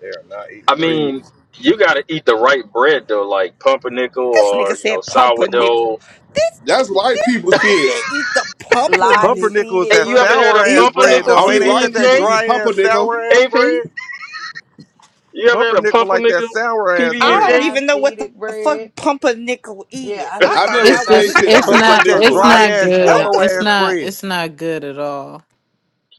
Speaker 8: They are not eating
Speaker 2: I
Speaker 8: bread.
Speaker 2: mean, you got to eat the right bread though, like pumpernickel
Speaker 10: This nigga
Speaker 2: or you know
Speaker 10: said pumpernickel.
Speaker 2: sourdough.
Speaker 10: This.
Speaker 6: That's white people
Speaker 10: Nigga
Speaker 6: shit.
Speaker 10: said, eat the
Speaker 4: Live
Speaker 10: pumpernickel.
Speaker 8: Pumpernickel is
Speaker 4: seeded
Speaker 2: Hey,
Speaker 8: that
Speaker 2: you ever had
Speaker 8: sour
Speaker 2: a
Speaker 4: bread.
Speaker 8: ass
Speaker 10: Eat
Speaker 8: bread
Speaker 2: pumpernickel
Speaker 8: though,
Speaker 10: the.
Speaker 6: Only
Speaker 8: ain't? Ain't
Speaker 2: PB
Speaker 6: white
Speaker 8: that
Speaker 2: and
Speaker 8: that
Speaker 6: people
Speaker 2: J?
Speaker 6: eat
Speaker 8: dry ass
Speaker 6: pumpernickel.
Speaker 8: sour ass
Speaker 2: AP,
Speaker 8: bread?
Speaker 2: you ever had a
Speaker 8: Pumpernickel like that
Speaker 2: pumpernickel
Speaker 8: sour ass
Speaker 2: PB
Speaker 4: A
Speaker 2: and
Speaker 10: I
Speaker 8: bread.
Speaker 10: don't
Speaker 2: J?
Speaker 4: live
Speaker 10: even know what the
Speaker 4: seeded
Speaker 10: fuck
Speaker 4: bread.
Speaker 10: pumpernickel
Speaker 4: Yeah,
Speaker 10: is.
Speaker 4: I
Speaker 10: I
Speaker 6: I
Speaker 4: needed a
Speaker 10: thought
Speaker 6: never
Speaker 9: It's
Speaker 10: that was a
Speaker 9: just
Speaker 4: distraction
Speaker 6: tasted
Speaker 9: it's
Speaker 10: joke.
Speaker 4: from
Speaker 8: It's like
Speaker 9: not
Speaker 8: that
Speaker 4: from
Speaker 9: it's
Speaker 6: pumpernickel.
Speaker 4: all
Speaker 8: dry
Speaker 9: not
Speaker 4: this
Speaker 8: ass
Speaker 4: shit going
Speaker 10: I
Speaker 9: good.
Speaker 4: on
Speaker 8: yellow
Speaker 10: th-
Speaker 4: over
Speaker 9: It's
Speaker 8: ass
Speaker 4: here.
Speaker 9: not
Speaker 8: bread.
Speaker 9: it's not good at all.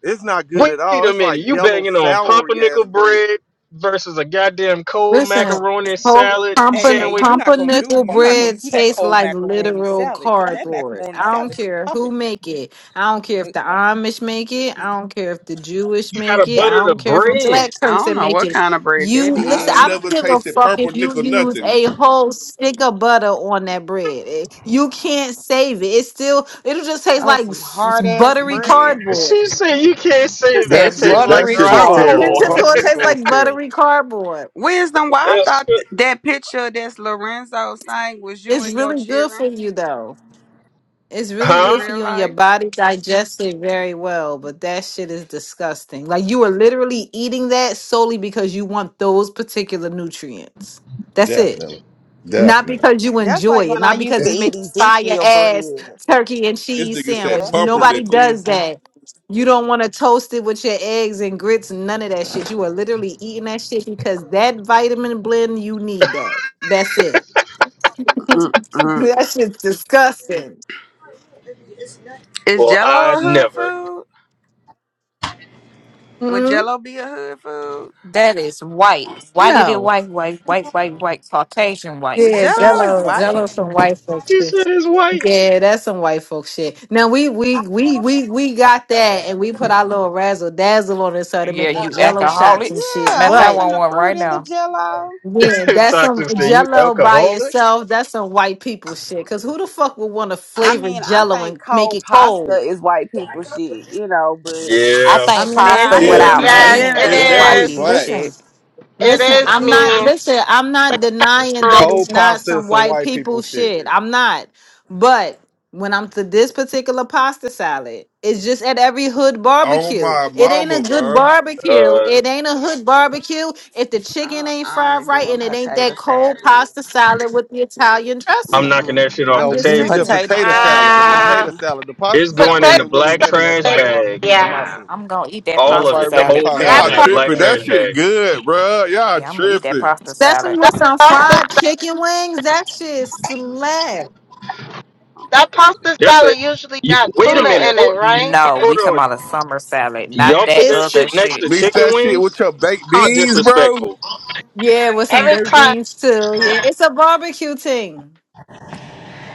Speaker 8: It's not good
Speaker 2: Wait
Speaker 8: at all.
Speaker 2: a
Speaker 8: It's like
Speaker 2: minute, you
Speaker 8: yellow
Speaker 2: banging on
Speaker 8: sour ass
Speaker 2: pumpernickel
Speaker 8: bread.
Speaker 2: bread versus a goddamn cold
Speaker 9: Listen,
Speaker 2: macaroni
Speaker 9: whole
Speaker 2: salad
Speaker 10: hey,
Speaker 9: pumper
Speaker 10: hey,
Speaker 2: sandwich?
Speaker 10: you're not gonna do,
Speaker 9: pumpernickel
Speaker 10: you're not gonna
Speaker 9: bread
Speaker 10: do that
Speaker 9: tastes
Speaker 10: cold
Speaker 9: like
Speaker 10: macaroni
Speaker 9: literal
Speaker 10: salad, cause that
Speaker 9: cardboard.
Speaker 10: macaroni
Speaker 9: I don't
Speaker 10: salad be
Speaker 9: care who
Speaker 10: popping.
Speaker 9: make it. I don't care if the Amish make it. I don't care if the Jewish
Speaker 2: You
Speaker 9: make
Speaker 2: gotta
Speaker 9: it. I
Speaker 2: butter the
Speaker 9: don't care if a black
Speaker 2: bread.
Speaker 4: I don't
Speaker 9: person
Speaker 4: know
Speaker 9: make
Speaker 4: what
Speaker 9: it.
Speaker 4: kind of bread
Speaker 9: You
Speaker 4: that
Speaker 9: listen,
Speaker 6: I
Speaker 9: I
Speaker 4: is.
Speaker 9: don't
Speaker 6: never
Speaker 9: give a
Speaker 6: tasted
Speaker 9: fuck if you
Speaker 6: pumpernickel
Speaker 9: use
Speaker 6: nothing.
Speaker 9: a whole stick of butter on that bread. It- You can't save it. It's still it'll just taste
Speaker 4: Oh,
Speaker 9: like
Speaker 4: some
Speaker 9: s- s-
Speaker 4: hard ass
Speaker 9: buttery
Speaker 4: bread.
Speaker 9: cardboard.
Speaker 2: She said you can't
Speaker 12: It
Speaker 2: save it.
Speaker 8: That
Speaker 2: It
Speaker 12: said
Speaker 2: tastes
Speaker 8: shit,
Speaker 2: like
Speaker 8: that
Speaker 12: buttery
Speaker 8: shit is terrible.
Speaker 9: It's
Speaker 2: drywall.
Speaker 9: just
Speaker 12: cardboard.
Speaker 9: gonna taste
Speaker 8: Pumpernickel is
Speaker 9: like
Speaker 8: terrible.
Speaker 9: buttery cardboard.
Speaker 4: Wisdom, why I
Speaker 2: That's
Speaker 4: thought
Speaker 2: what,
Speaker 4: th- that picture that's Lorenzo's thing was you
Speaker 9: It's
Speaker 4: and your
Speaker 9: really good for
Speaker 4: children
Speaker 9: you though. It's really
Speaker 4: in
Speaker 9: good
Speaker 2: huh?
Speaker 9: for
Speaker 4: real
Speaker 9: you and your
Speaker 4: life.
Speaker 9: body digests it very well, but that shit is disgusting. Like you are literally eating that solely because you want those particular nutrients. That's it.
Speaker 8: Definitely,
Speaker 9: Not
Speaker 8: definitely.
Speaker 9: because you
Speaker 4: That's
Speaker 9: enjoy
Speaker 4: like
Speaker 9: it,
Speaker 4: when I
Speaker 9: not
Speaker 4: used
Speaker 9: because
Speaker 4: to
Speaker 9: it's
Speaker 4: eat
Speaker 9: making fire
Speaker 4: Ezekiel
Speaker 9: ass
Speaker 4: bread.
Speaker 9: turkey and
Speaker 6: This
Speaker 9: cheese
Speaker 6: nigga
Speaker 4: Yeah,
Speaker 6: said
Speaker 9: sandwich.
Speaker 4: that shit ain't
Speaker 9: Nobody
Speaker 6: pumpernickel.
Speaker 9: does
Speaker 4: appeasing.
Speaker 9: that. You don't want to toast it with your eggs and grits, none of that shit. You are literally eating that shit because that vitamin blend, you need that. That's it.
Speaker 4: Mm-mm.
Speaker 9: that shit's disgusting.
Speaker 4: Is
Speaker 2: Well,
Speaker 4: Jello
Speaker 2: I
Speaker 4: a hood
Speaker 2: never.
Speaker 4: food? Would
Speaker 9: hmm
Speaker 4: Jello be a hood food?
Speaker 12: That is white. Why did it
Speaker 9: No.
Speaker 12: white, white, white, white, white, Caucasian white?
Speaker 9: Yeah,
Speaker 12: Okay.
Speaker 4: Jello is
Speaker 9: Jello,
Speaker 4: white.
Speaker 9: Jello, some white folk
Speaker 2: She
Speaker 9: shit.
Speaker 2: said it's white.
Speaker 9: Yeah, that's some white folk shit. Now we we we we we got that, and we put our little razzle dazzle on it, started
Speaker 12: Yeah,
Speaker 9: making
Speaker 12: you
Speaker 9: Jello shots and
Speaker 12: alcoholics.
Speaker 9: shit.
Speaker 12: Matter
Speaker 4: Yeah,
Speaker 12: of fact, I
Speaker 9: But
Speaker 4: having
Speaker 12: want
Speaker 4: the
Speaker 12: one
Speaker 4: fruit
Speaker 12: right
Speaker 4: in the
Speaker 12: now.
Speaker 4: Jello.
Speaker 9: Yeah, that's some
Speaker 2: Toxic said, "You
Speaker 9: jello by
Speaker 2: alcoholic?"
Speaker 9: itself. That's some white people shit. Cause who the fuck would want to
Speaker 4: I
Speaker 9: flavor
Speaker 4: mean, I
Speaker 9: jello
Speaker 4: think
Speaker 9: and make
Speaker 4: cold
Speaker 9: it
Speaker 4: pasta
Speaker 9: cold?
Speaker 4: is white people shit, you know, but
Speaker 12: I
Speaker 2: Yeah,
Speaker 9: I
Speaker 12: think
Speaker 9: mean, I,
Speaker 4: that's
Speaker 12: pasta
Speaker 9: I hear
Speaker 6: It's
Speaker 4: just,
Speaker 2: yeah.
Speaker 9: what you're
Speaker 12: without
Speaker 6: not.
Speaker 5: Yes,
Speaker 12: meat
Speaker 4: you
Speaker 5: it
Speaker 9: saying.
Speaker 6: It's
Speaker 12: is
Speaker 9: I
Speaker 4: know,
Speaker 12: white
Speaker 6: definitely
Speaker 5: is.
Speaker 12: people
Speaker 6: black.
Speaker 12: shit.
Speaker 9: listen.
Speaker 5: It
Speaker 9: Listen,
Speaker 5: is
Speaker 9: I'm not
Speaker 5: me.
Speaker 9: listen, I'm not denying that it's
Speaker 8: Cold
Speaker 9: not
Speaker 8: pasta is
Speaker 9: some
Speaker 8: some
Speaker 9: white
Speaker 8: white people
Speaker 9: people
Speaker 8: shit.
Speaker 9: shit. I'm not. But when I'm to this particular pasta salad, it's just at every hood
Speaker 6: Oh
Speaker 9: barbecue.
Speaker 6: my
Speaker 9: It ain't a
Speaker 6: mama,
Speaker 9: good
Speaker 6: bro.
Speaker 9: barbecue.
Speaker 2: Uh,
Speaker 9: It ain't a hood barbecue if the chicken
Speaker 4: I,
Speaker 9: ain't
Speaker 4: I
Speaker 9: fried
Speaker 4: only
Speaker 9: right
Speaker 4: doing
Speaker 9: and it ain't
Speaker 4: potato
Speaker 9: that cold
Speaker 4: salad.
Speaker 9: pasta salad with the Italian
Speaker 2: I'm
Speaker 9: dressing.
Speaker 2: knocking that
Speaker 4: Mm-mm.
Speaker 2: shit off
Speaker 9: I'm
Speaker 2: the
Speaker 8: No, you
Speaker 9: just
Speaker 8: need the
Speaker 2: table.
Speaker 9: saying.
Speaker 4: Potato
Speaker 8: potato
Speaker 4: salad
Speaker 8: salad. The
Speaker 5: Ah,
Speaker 8: potato
Speaker 4: only.
Speaker 8: salad. The pasta
Speaker 2: It's going
Speaker 8: salad
Speaker 5: potato.
Speaker 2: in the
Speaker 8: ain't really
Speaker 2: black
Speaker 8: winning at,
Speaker 2: trash
Speaker 8: at the
Speaker 2: bag.
Speaker 8: barbecues in my
Speaker 5: Yeah,
Speaker 8: city.
Speaker 12: I'm gonna eat that
Speaker 8: Ain't
Speaker 2: All of
Speaker 12: pasta
Speaker 8: nobody
Speaker 2: it, the
Speaker 8: really
Speaker 12: salad.
Speaker 2: whole
Speaker 8: pasta
Speaker 5: that
Speaker 2: pan
Speaker 6: Y'all
Speaker 2: in the
Speaker 5: part.
Speaker 8: salad in
Speaker 2: black
Speaker 6: tripping.
Speaker 8: that much.
Speaker 6: That
Speaker 2: trash
Speaker 6: shit
Speaker 2: bag.
Speaker 6: good, bro. Y'all
Speaker 12: Yeah, I'm gonna eat that
Speaker 6: tripping.
Speaker 12: pasta salad.
Speaker 9: Especially
Speaker 5: That
Speaker 9: with some
Speaker 5: toasted.
Speaker 9: fried chicken wings, that shit slap.
Speaker 5: That pasta
Speaker 2: That's
Speaker 5: salad
Speaker 2: it.
Speaker 5: usually
Speaker 2: You,
Speaker 5: got
Speaker 2: wait
Speaker 5: tuna
Speaker 2: a minute.
Speaker 5: in it,
Speaker 2: Hold,
Speaker 5: right?
Speaker 12: No,
Speaker 2: hold
Speaker 12: we talking
Speaker 2: on.
Speaker 12: about a summer salad, not
Speaker 2: Y'all put
Speaker 12: that
Speaker 2: that
Speaker 9: It's
Speaker 12: other
Speaker 2: shit next to
Speaker 12: shit.
Speaker 6: Mix
Speaker 2: chicken
Speaker 6: that shit with
Speaker 2: wings?
Speaker 6: your baked
Speaker 2: How
Speaker 6: beans, bro.
Speaker 2: disrespectful!
Speaker 9: Yeah, with some
Speaker 5: Every
Speaker 9: baked
Speaker 5: time
Speaker 9: beans too. Yeah, it's a barbecue thing.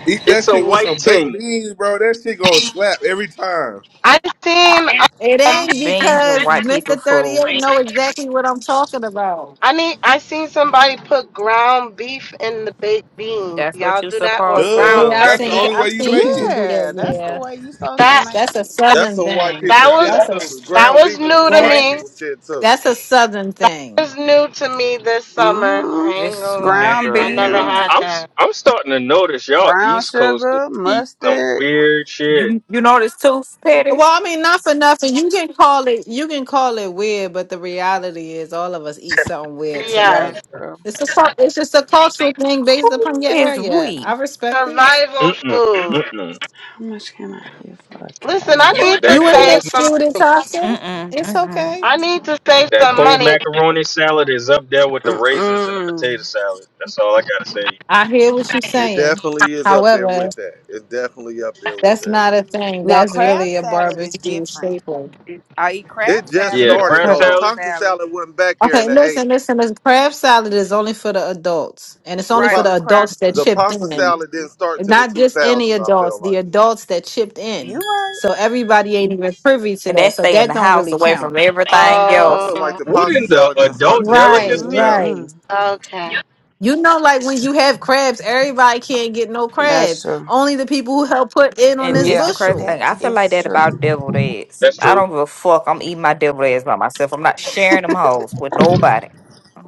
Speaker 6: Eat that
Speaker 2: It's a
Speaker 6: shit with
Speaker 2: white
Speaker 6: some baked
Speaker 2: thing.
Speaker 6: beans, bro. That shit gonna slap every time.
Speaker 5: I seen
Speaker 9: It
Speaker 5: um
Speaker 9: ain't
Speaker 12: Beans are
Speaker 9: because
Speaker 12: white
Speaker 9: Mister
Speaker 12: people
Speaker 9: Thirty
Speaker 12: food.
Speaker 9: Eight know exactly what I'm talking about.
Speaker 5: I need I seen somebody put ground beef in the baked beans.
Speaker 12: That's what
Speaker 5: Y'all
Speaker 12: you
Speaker 5: do that or
Speaker 12: supposed to
Speaker 5: ground
Speaker 6: Duh.
Speaker 9: Yeah,
Speaker 12: do.
Speaker 9: I've
Speaker 6: That's the
Speaker 5: turkey.
Speaker 9: seen
Speaker 6: only way
Speaker 9: I've
Speaker 6: you
Speaker 9: seen
Speaker 6: make
Speaker 9: people
Speaker 6: it.
Speaker 9: do
Speaker 4: Yeah,
Speaker 9: that.
Speaker 4: that's the
Speaker 9: Yeah,
Speaker 4: way you supposed to
Speaker 5: That
Speaker 4: make
Speaker 9: that's a
Speaker 4: it.
Speaker 8: That's
Speaker 9: Southern
Speaker 8: some white
Speaker 9: thing.
Speaker 8: people
Speaker 5: that was
Speaker 8: shit
Speaker 9: That's a
Speaker 8: too. The
Speaker 5: that
Speaker 8: ground
Speaker 5: was
Speaker 8: beef is
Speaker 5: new
Speaker 8: some
Speaker 5: to
Speaker 9: that's
Speaker 8: white
Speaker 5: me.
Speaker 8: people shit too.
Speaker 9: that's a Southern
Speaker 5: It
Speaker 9: thing.
Speaker 5: was new to me this summer. I
Speaker 4: hmm
Speaker 5: ain't
Speaker 12: This
Speaker 5: gonna lie.
Speaker 4: Ground
Speaker 12: nigga
Speaker 5: I never
Speaker 12: here.
Speaker 4: beef,
Speaker 5: had
Speaker 2: I'm, s-
Speaker 5: that.
Speaker 2: I'm starting to notice y'all
Speaker 4: brown
Speaker 2: East Coasters
Speaker 4: sugar,
Speaker 2: eat some
Speaker 4: mustard.
Speaker 2: weird shit.
Speaker 12: You you know this too, Petty?
Speaker 9: Well, I mean, not for nothing. You can call it you can call it weird, but the reality is all of us eat something weird to the
Speaker 5: Yes.
Speaker 4: That's
Speaker 9: other.
Speaker 4: true.
Speaker 9: It's a cul- it's just a cultural thing
Speaker 12: Who
Speaker 9: based upon your
Speaker 12: is
Speaker 9: area. I
Speaker 12: we?
Speaker 9: respect it.
Speaker 2: Mm
Speaker 5: Survival
Speaker 2: mm
Speaker 5: food.
Speaker 2: mm mm.
Speaker 4: How much can I get for a
Speaker 5: Listen,
Speaker 4: cake?
Speaker 5: I need to
Speaker 9: You ain't
Speaker 2: That
Speaker 9: no
Speaker 5: save some
Speaker 9: student
Speaker 12: Mm-mm,
Speaker 9: It's
Speaker 12: mm-mm.
Speaker 9: okay.
Speaker 5: I need to save
Speaker 2: That
Speaker 5: some
Speaker 2: cold
Speaker 5: money.
Speaker 2: macaroni salad is up there with the raisins and the
Speaker 4: Mm-mm.
Speaker 2: potato salad. That's all I gotta say.
Speaker 9: I hear what you're
Speaker 8: It
Speaker 9: saying.
Speaker 8: definitely is up there
Speaker 9: However,
Speaker 8: with that. It's definitely up there with
Speaker 9: that's
Speaker 8: that.
Speaker 9: not a thing.
Speaker 4: Now,
Speaker 9: That's
Speaker 4: crab
Speaker 9: really a
Speaker 4: salad is
Speaker 9: barbecue
Speaker 4: different.
Speaker 9: staple.
Speaker 4: I eat crab
Speaker 8: It just
Speaker 4: salad.
Speaker 2: Yeah,
Speaker 9: Who-
Speaker 4: That's
Speaker 8: started
Speaker 4: a
Speaker 2: crab
Speaker 8: though.
Speaker 9: er,
Speaker 8: The
Speaker 4: cold
Speaker 2: salad.
Speaker 8: pasta
Speaker 4: salad,
Speaker 8: salad wasn't back here in
Speaker 9: Okay,
Speaker 8: the
Speaker 9: listen,
Speaker 8: '80s.
Speaker 9: listen, listen. Crab salad is only for the adults, and it's
Speaker 8: The
Speaker 9: only
Speaker 4: right?
Speaker 9: for
Speaker 8: pa-
Speaker 9: the
Speaker 4: With
Speaker 9: adults that
Speaker 4: crackers.
Speaker 8: the
Speaker 9: chipped
Speaker 8: pasta
Speaker 9: in.
Speaker 8: salad
Speaker 4: hmm
Speaker 8: didn't start till the
Speaker 9: Not just any
Speaker 8: 2000s. I
Speaker 9: adults,
Speaker 8: feel
Speaker 9: the
Speaker 8: like
Speaker 9: adults that chipped
Speaker 4: You
Speaker 9: in.
Speaker 4: right.
Speaker 9: So everybody ain't even privy to
Speaker 12: And
Speaker 9: that.
Speaker 12: that's
Speaker 9: So
Speaker 12: stay in
Speaker 9: that
Speaker 12: the
Speaker 9: don't
Speaker 12: house
Speaker 9: really
Speaker 12: away from
Speaker 9: count.
Speaker 12: everything
Speaker 8: I
Speaker 12: else.
Speaker 8: feel
Speaker 5: Oh.
Speaker 8: like the
Speaker 2: What
Speaker 8: pasta
Speaker 2: in the
Speaker 8: salad didn't start
Speaker 2: adult
Speaker 8: till the early
Speaker 9: Right,
Speaker 2: delicacy?
Speaker 8: 2000s.
Speaker 9: right.
Speaker 4: Mm-hmm.
Speaker 5: Okay.
Speaker 9: You know, like when you have crabs, everybody can't get no
Speaker 4: That's
Speaker 9: crabs.
Speaker 4: true.
Speaker 9: Only the people who help put in on
Speaker 12: And
Speaker 9: this
Speaker 12: this the
Speaker 4: Yeah,
Speaker 12: crazy
Speaker 9: bushel.
Speaker 4: that
Speaker 12: thing. I feel like
Speaker 4: is
Speaker 12: that
Speaker 4: true.
Speaker 12: about deviled eggs.
Speaker 2: That's
Speaker 12: I
Speaker 2: true.
Speaker 12: don't give a fuck. I'm eating my deviled eggs by myself. I'm not sharing them hoes with nobody.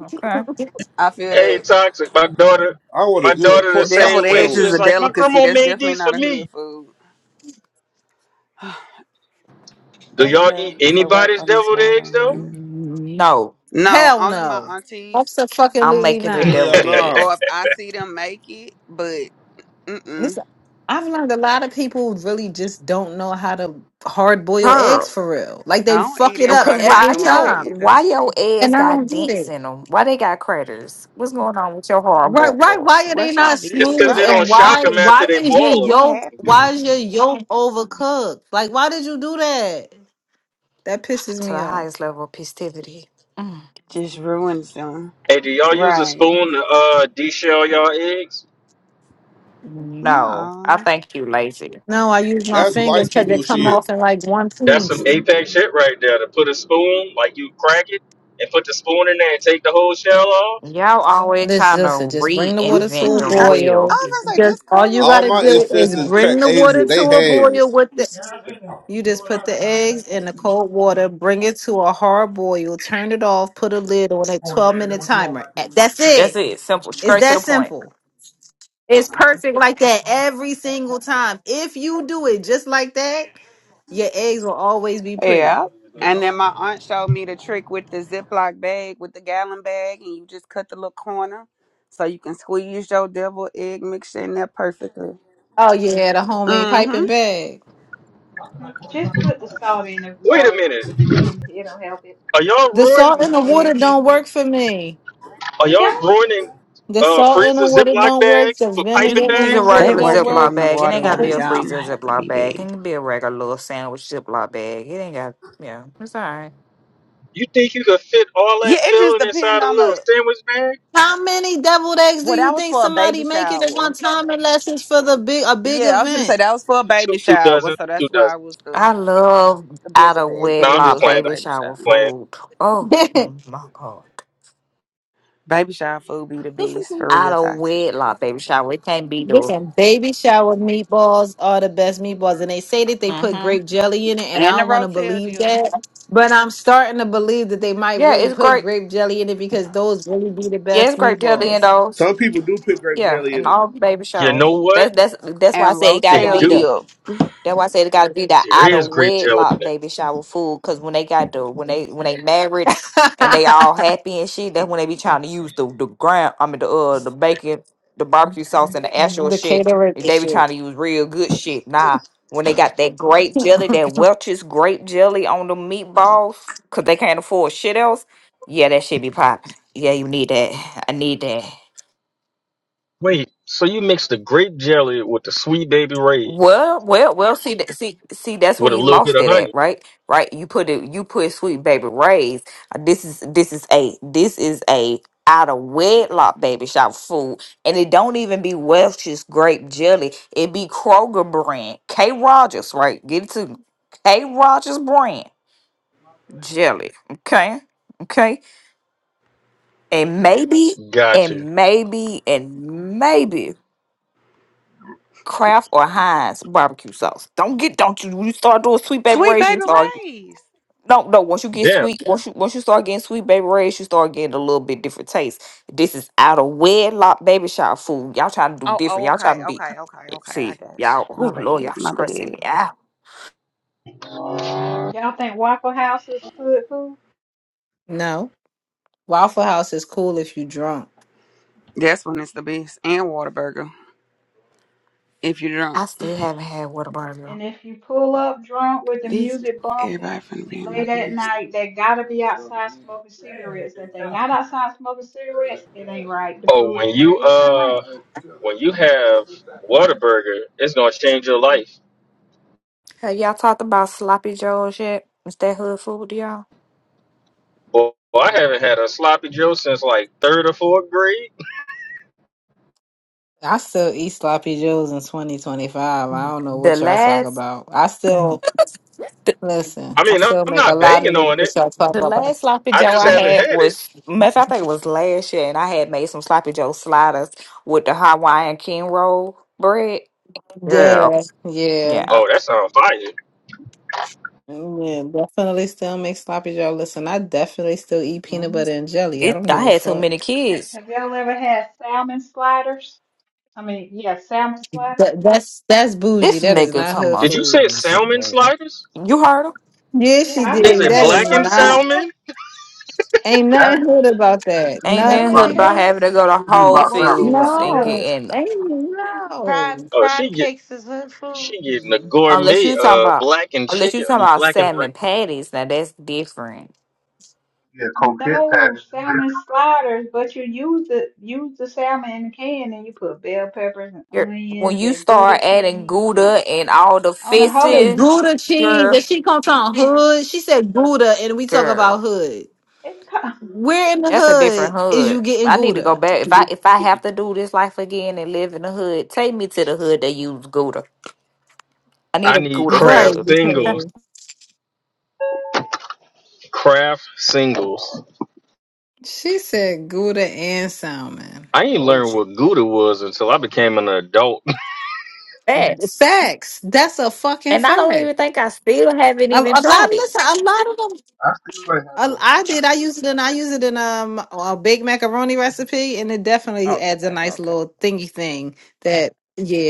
Speaker 12: Okay.
Speaker 4: I feel
Speaker 2: Hey,
Speaker 4: that
Speaker 2: toxic. My daughter,
Speaker 6: I want a
Speaker 2: my
Speaker 6: good
Speaker 2: daughter the
Speaker 6: pork chop
Speaker 2: same
Speaker 4: deviled
Speaker 2: way.
Speaker 4: eggs
Speaker 2: She
Speaker 6: sandwich.
Speaker 4: is
Speaker 2: was
Speaker 4: a
Speaker 2: like, my
Speaker 4: delicacy.
Speaker 2: grandma
Speaker 4: That's
Speaker 2: made
Speaker 4: definitely
Speaker 2: these for
Speaker 4: not a hood
Speaker 2: me.
Speaker 4: food.
Speaker 2: Do
Speaker 4: they
Speaker 2: y'all eat
Speaker 4: here to work
Speaker 2: anybody's
Speaker 4: on this
Speaker 2: deviled eggs
Speaker 4: waterline.
Speaker 2: though?
Speaker 12: No.
Speaker 4: No,
Speaker 9: Hell
Speaker 4: only my
Speaker 9: no.
Speaker 4: aunties,
Speaker 12: I'm
Speaker 9: Absolutely
Speaker 12: making the
Speaker 9: not.
Speaker 6: Hell
Speaker 12: deviled
Speaker 6: nah.
Speaker 4: or
Speaker 12: eggs.
Speaker 4: if I see them make it. But mm-mm.
Speaker 9: Listen, I've learned a lot of people really just don't know how to hard boil
Speaker 12: Girl.
Speaker 9: eggs for real. Like
Speaker 4: I
Speaker 9: they
Speaker 4: don't
Speaker 9: fuck
Speaker 4: eat
Speaker 9: it
Speaker 12: oh,
Speaker 9: up
Speaker 12: Cause
Speaker 4: everybody
Speaker 9: every
Speaker 12: why yo
Speaker 9: time.
Speaker 4: macaroni
Speaker 12: why
Speaker 4: either.
Speaker 12: your
Speaker 9: And
Speaker 12: eggs
Speaker 9: I don't
Speaker 12: got
Speaker 9: get
Speaker 12: dents
Speaker 9: it.
Speaker 12: in them? Why they got craters? What's going on with your hard
Speaker 9: Right, right.
Speaker 12: boils?
Speaker 9: Why are they
Speaker 4: What y'all
Speaker 9: not
Speaker 2: it's
Speaker 4: did,
Speaker 2: because
Speaker 9: smooth?
Speaker 2: they
Speaker 9: And
Speaker 2: don't
Speaker 4: right?
Speaker 2: shock
Speaker 9: why
Speaker 2: them
Speaker 9: why
Speaker 2: after they
Speaker 9: is your
Speaker 2: boil them.
Speaker 4: What
Speaker 9: yolk
Speaker 4: happened?
Speaker 9: why is your yolk overcooked? Like why did you do that? That pisses
Speaker 12: to
Speaker 9: me
Speaker 12: the
Speaker 9: off.
Speaker 12: highest level of festivity. Mm.
Speaker 4: Just ruined them,
Speaker 2: Hey, do y'all use a
Speaker 4: right?
Speaker 2: spoon to uh, deshell y'all eggs?
Speaker 12: No, I
Speaker 4: No.
Speaker 12: think you, lazy.
Speaker 9: No, I use my
Speaker 6: That's
Speaker 9: fingers
Speaker 6: white
Speaker 9: because they
Speaker 6: people
Speaker 9: come
Speaker 6: shit.
Speaker 9: off in like one
Speaker 2: That's some
Speaker 9: piece.
Speaker 2: apex shit right there. To put a spoon, like you crack it and put the spoon in there and take the whole shell off.
Speaker 12: Y'all always
Speaker 9: This
Speaker 12: trying to
Speaker 9: listen, just bring the water to
Speaker 12: reinvent
Speaker 9: a
Speaker 12: the
Speaker 4: Mm-mm. I, I
Speaker 12: wheel.
Speaker 9: boil.
Speaker 4: was gonna say
Speaker 9: Just
Speaker 4: just
Speaker 9: all
Speaker 4: cool
Speaker 9: you
Speaker 4: them
Speaker 6: All
Speaker 9: gotta
Speaker 6: my
Speaker 4: down and
Speaker 9: do
Speaker 4: they
Speaker 9: is
Speaker 4: peel
Speaker 6: ancestors
Speaker 9: bring
Speaker 6: cracked
Speaker 9: the
Speaker 4: easy.
Speaker 6: eggs
Speaker 9: water
Speaker 6: with
Speaker 9: to
Speaker 6: their
Speaker 9: a boil
Speaker 6: hands.
Speaker 9: with the you just put the eggs in the cold water, bring it to a hard boil, turn it off, put a lid on a 12 minute timer. Eh, That's
Speaker 12: That's
Speaker 9: it.
Speaker 12: it. Simple.
Speaker 9: It's
Speaker 12: Straight to the
Speaker 9: that
Speaker 12: point.
Speaker 9: simple. It's perfect like that every single time. If you do it just like that, your eggs will always be pretty.
Speaker 4: Yeah. And then my aunt showed me the trick with the Ziploc bag, with the gallon bag, and you just cut the little corner so you can squeeze your devil egg mixture in there perfectly.
Speaker 9: Oh yeah, the homemade
Speaker 4: Mm-hmm.
Speaker 9: piping bag.
Speaker 7: Just put the salt in the
Speaker 2: Wait a
Speaker 7: water,
Speaker 2: minute.
Speaker 7: and it'll it'll help it.
Speaker 2: Are y'all
Speaker 9: The
Speaker 2: ruin?
Speaker 9: salt and
Speaker 7: Little
Speaker 9: the water
Speaker 7: eggs be
Speaker 9: don't
Speaker 7: pretty.
Speaker 9: work for me.
Speaker 2: Are
Speaker 7: It
Speaker 2: y'all
Speaker 7: don't.
Speaker 2: ruining
Speaker 9: The
Speaker 2: uh,
Speaker 9: salt and
Speaker 2: freezer
Speaker 9: the water
Speaker 2: Ziploc
Speaker 9: don't work.
Speaker 2: bags
Speaker 9: The
Speaker 2: for
Speaker 12: You
Speaker 2: piping
Speaker 9: vinegar
Speaker 12: can
Speaker 9: and
Speaker 12: use
Speaker 9: the
Speaker 12: a
Speaker 2: bags?
Speaker 9: water
Speaker 4: They
Speaker 12: regular
Speaker 9: don't
Speaker 4: working
Speaker 12: Ziploc
Speaker 9: work.
Speaker 4: on the
Speaker 12: bag. It ain't got to be
Speaker 4: waterline,
Speaker 12: a
Speaker 9: How
Speaker 4: y'all. I'm gonna
Speaker 12: freezer
Speaker 4: have to
Speaker 12: Ziploc
Speaker 4: be
Speaker 12: bag. It
Speaker 4: big.
Speaker 12: can be a regular little sandwich Ziploc bag. It ain't got, yeah, it's all right.
Speaker 2: You think you could fit all that
Speaker 4: Yeah, it just
Speaker 2: filling
Speaker 4: depend
Speaker 2: inside a
Speaker 4: on
Speaker 2: little
Speaker 4: the.
Speaker 2: sandwich bag?
Speaker 9: many deviled eggs do
Speaker 4: Well,
Speaker 9: you
Speaker 4: that was
Speaker 9: think
Speaker 4: for a
Speaker 9: somebody
Speaker 4: baby
Speaker 9: making at one
Speaker 4: shower.
Speaker 9: time unless it's for the big a big
Speaker 4: Yeah, I was gonna say
Speaker 9: event?
Speaker 4: that was for a
Speaker 2: Two,
Speaker 4: baby
Speaker 2: two
Speaker 4: shower,
Speaker 2: dozen,
Speaker 4: so
Speaker 2: two
Speaker 4: that's why
Speaker 2: dozen.
Speaker 4: it was the
Speaker 12: I love
Speaker 4: the
Speaker 12: out
Speaker 4: bigger
Speaker 12: of
Speaker 4: bag
Speaker 2: No,
Speaker 4: because it
Speaker 2: I'm just
Speaker 12: wedlock
Speaker 4: was for
Speaker 2: playing.
Speaker 4: a
Speaker 12: baby
Speaker 2: I'm
Speaker 4: baby
Speaker 12: shower
Speaker 4: shower.
Speaker 2: just playing.
Speaker 12: food. Oh, my God.
Speaker 4: Baby shine food be the best for
Speaker 12: Out
Speaker 4: real
Speaker 12: of
Speaker 4: toxic.
Speaker 12: wedlock baby shower. It can't be the.
Speaker 9: Listen, baby shower meatballs are the best meatballs, and they say that they put
Speaker 12: hmm
Speaker 9: grape jelly in it, and I
Speaker 4: And the
Speaker 9: don't want to
Speaker 4: Rotel
Speaker 9: believe
Speaker 4: dip.
Speaker 9: that, but I'm starting to believe that they might
Speaker 12: Yeah,
Speaker 9: really
Speaker 12: it's
Speaker 9: put
Speaker 12: great.
Speaker 9: grape jelly in it because those really be the
Speaker 12: Yeah,
Speaker 9: best
Speaker 12: it's grape tail
Speaker 9: meatballs.
Speaker 12: dildos.
Speaker 6: Some people do put grape
Speaker 12: Yeah,
Speaker 6: jelly
Speaker 12: and
Speaker 6: in it.
Speaker 12: all baby
Speaker 2: You
Speaker 12: shower.
Speaker 2: know what?
Speaker 12: That's that's that's why I
Speaker 4: And
Speaker 12: say it got
Speaker 2: They
Speaker 12: to be
Speaker 4: Rotel
Speaker 9: Wow.
Speaker 2: do.
Speaker 12: the.
Speaker 4: dip.
Speaker 12: That's why I said it got to be the
Speaker 2: There
Speaker 12: out
Speaker 2: is
Speaker 12: of
Speaker 2: grape jelly
Speaker 12: wedlock
Speaker 2: there.
Speaker 12: baby shower food. Cause when they got the when they when they married and they all happy and shit, that's when they be trying to use the the ground. I mean the uh the bacon, the barbecue sauce, and the
Speaker 9: Mm-hmm.
Speaker 12: actual
Speaker 9: The
Speaker 12: shit.
Speaker 9: caterer
Speaker 12: They be trying
Speaker 9: shit.
Speaker 12: to use real good shit. Nah, when they got that grape jelly, that Welch's grape jelly on the meatballs, cause they can't afford shit else. Yeah, that shit be popping. Yeah, you need that. I need that.
Speaker 2: Wait, so you mix the grape jelly with the sweet baby rays
Speaker 12: Well, well, well. See, that- see, see. That's where
Speaker 2: with a
Speaker 12: you
Speaker 2: little bit
Speaker 12: lost
Speaker 2: of
Speaker 12: it at,
Speaker 2: honey?
Speaker 12: right? Right. You put it. You put Sweet Baby Ray's. uh, This is this is a this is a out of wedlock baby shop food, and it don't even be Welch's grape jelly. It be Kroger brand K Rogers, right? Get it to K Rogers brand jelly. Okay, okay, and maybe,
Speaker 2: Got
Speaker 12: and
Speaker 2: you.
Speaker 12: maybe, and maybe. Kraft or Heinz barbecue sauce. Don't get don't you when you start doing sweet baby
Speaker 4: Sweet
Speaker 12: rays, you
Speaker 4: baby
Speaker 12: start
Speaker 4: rays.
Speaker 12: no no once you get
Speaker 2: Damn.
Speaker 12: sweet once you once you start getting sweet baby rays, you start getting a little bit different taste. This is out of wedlock baby shower food. Y'all trying to do
Speaker 4: Oh,
Speaker 12: different.
Speaker 4: oh,
Speaker 12: Y'all trying
Speaker 4: okay,
Speaker 12: to be
Speaker 4: okay, okay, okay. I
Speaker 12: see
Speaker 4: got
Speaker 12: y'all.
Speaker 4: you. My
Speaker 12: Oh lord, y'all
Speaker 4: bad, my
Speaker 12: stressing
Speaker 4: bad.
Speaker 12: me out.
Speaker 7: Y'all think Waffle House is good food?
Speaker 9: No. Waffle House is cool if you drunk.
Speaker 4: That's when it's the best. And Whataburger. If you're
Speaker 12: I
Speaker 4: drunk.
Speaker 12: still haven't had water burger.
Speaker 7: And if you pull up drunk with the
Speaker 4: These
Speaker 7: music
Speaker 4: everybody
Speaker 7: bumping
Speaker 4: finna be in my
Speaker 7: late at
Speaker 4: ears.
Speaker 7: night, they gotta be outside smoking cigarettes. If they not outside smoking cigarettes, it ain't right. The
Speaker 2: Oh,
Speaker 7: food
Speaker 2: when
Speaker 7: ain't right.
Speaker 2: you
Speaker 7: Just turn
Speaker 2: uh
Speaker 7: around.
Speaker 2: when you have Whataburger, it's gonna change your life.
Speaker 12: Have y'all talked about sloppy joes yet? Is that hood food to y'all?
Speaker 2: Boy, I haven't had a sloppy Joe since like third or fourth grade.
Speaker 9: I still eat sloppy joes in 2025. I don't know
Speaker 12: The
Speaker 9: what y'all talk
Speaker 12: last
Speaker 9: about. I still listen.
Speaker 2: I
Speaker 9: I
Speaker 2: mean, I'm
Speaker 9: still
Speaker 2: I'm
Speaker 9: make a
Speaker 2: not
Speaker 9: lot of
Speaker 2: banging
Speaker 9: this
Speaker 2: on
Speaker 9: shit
Speaker 2: it.
Speaker 9: y'all
Speaker 12: The
Speaker 9: talking about.
Speaker 12: last sloppy
Speaker 2: I
Speaker 12: joe
Speaker 2: just
Speaker 12: I
Speaker 9: Shit.
Speaker 2: haven't
Speaker 12: had
Speaker 2: had it.
Speaker 12: was, matter of fact, I think it was last year, and I had made some sloppy joe sliders with the Hawaiian king roll bread. Girl,
Speaker 9: Yeah, yeah,
Speaker 12: yeah,
Speaker 2: Oh, that sounds fire.
Speaker 9: yeah. Definitely still make sloppy joe. Listen, I definitely still eat peanut
Speaker 12: Mhm.
Speaker 9: butter and jelly. I
Speaker 12: it.
Speaker 9: don't
Speaker 12: I
Speaker 9: give a
Speaker 12: had too
Speaker 9: fuck.
Speaker 12: many kids.
Speaker 7: Have y'all ever had salmon sliders? I mean, yeah, salmon sliders.
Speaker 9: That, that's that's bougie.
Speaker 12: This
Speaker 9: That is
Speaker 12: nigga
Speaker 9: not
Speaker 12: talking
Speaker 9: her
Speaker 12: about
Speaker 2: Did
Speaker 12: some
Speaker 2: you
Speaker 9: food.
Speaker 2: say
Speaker 12: bullshit.
Speaker 2: salmon
Speaker 12: right?
Speaker 2: sliders?
Speaker 12: You heard him?
Speaker 9: Yeah,
Speaker 7: Yeah,
Speaker 9: she
Speaker 7: I make
Speaker 2: Is
Speaker 9: did.
Speaker 7: them
Speaker 2: it
Speaker 9: That
Speaker 7: at the
Speaker 9: is
Speaker 2: blackened
Speaker 7: barbecue.
Speaker 9: not.
Speaker 7: That's
Speaker 2: salmon?
Speaker 9: Ain't
Speaker 6: That that-
Speaker 9: nothing
Speaker 7: oh
Speaker 9: hood
Speaker 7: shit.
Speaker 9: about
Speaker 6: that
Speaker 9: that.
Speaker 12: Ain't nothing
Speaker 7: That
Speaker 5: Salmon
Speaker 12: good
Speaker 6: about
Speaker 7: ain't
Speaker 9: Nothing.
Speaker 12: about
Speaker 7: good.
Speaker 12: having to
Speaker 5: cakes,
Speaker 12: go
Speaker 6: that
Speaker 12: to
Speaker 6: shit is
Speaker 7: Oh
Speaker 12: Whole
Speaker 6: about
Speaker 7: well, we
Speaker 6: sandwich.
Speaker 7: be
Speaker 12: Foods
Speaker 7: fucking it
Speaker 12: and
Speaker 7: up.
Speaker 12: get
Speaker 9: No,
Speaker 12: in, them.
Speaker 9: ain't no.
Speaker 5: crab
Speaker 2: Oh,
Speaker 7: Oh.
Speaker 2: she
Speaker 5: crab
Speaker 2: get
Speaker 5: cakes is hood food.
Speaker 2: she getting a
Speaker 9: Mm.
Speaker 12: unless
Speaker 2: gourmet
Speaker 12: you talking
Speaker 2: uh
Speaker 12: about,
Speaker 2: blackened
Speaker 12: unless you
Speaker 2: chicken. I
Speaker 12: talking
Speaker 2: mean
Speaker 12: about
Speaker 2: blackened. ra-
Speaker 12: salmon patties. Now that's different.
Speaker 6: Yeah, coquette
Speaker 7: No
Speaker 6: patties.
Speaker 7: salmon sliders, but you use the use the salmon in the can and you put bell peppers and
Speaker 12: You're, when
Speaker 7: onions
Speaker 12: you
Speaker 7: and Gouda
Speaker 12: start adding
Speaker 7: cheese and
Speaker 12: gouda and all the
Speaker 7: on a
Speaker 9: She said
Speaker 7: hoagie.
Speaker 12: fixing,
Speaker 9: Gouda
Speaker 12: girl.
Speaker 9: cheese, and she comes on hood. She said Gouda, and we talk
Speaker 12: Girl,
Speaker 9: about hood.
Speaker 7: It co-
Speaker 9: Where in the
Speaker 12: that's a different
Speaker 9: hood is
Speaker 12: hood.
Speaker 9: you getting
Speaker 12: I need to go
Speaker 9: Gouda?
Speaker 12: back. If I if I have to do this life again and live in the hood, take me to the hood they use Gouda. I need
Speaker 2: I
Speaker 12: a
Speaker 2: need
Speaker 12: Gouda
Speaker 2: craft
Speaker 9: Right,
Speaker 12: hood.
Speaker 2: singles.
Speaker 9: because
Speaker 2: Craft singles.
Speaker 9: She said Gouda and salmon.
Speaker 2: I ain't
Speaker 12: Oh
Speaker 2: learned
Speaker 12: shit.
Speaker 2: what Gouda was until I became an adult
Speaker 12: Facts.
Speaker 9: Facts. That's a fucking
Speaker 12: And I don't
Speaker 9: fact.
Speaker 12: even think I still haven't
Speaker 9: A, a lot.
Speaker 12: even tried it.
Speaker 9: Listen, a lot of them.
Speaker 6: I still ain't had
Speaker 9: I,
Speaker 6: no
Speaker 9: I did. I used it in I use it in um a big macaroni recipe, and it definitely adds a
Speaker 12: Okay,
Speaker 9: nice
Speaker 12: okay.
Speaker 9: little thingy thing. That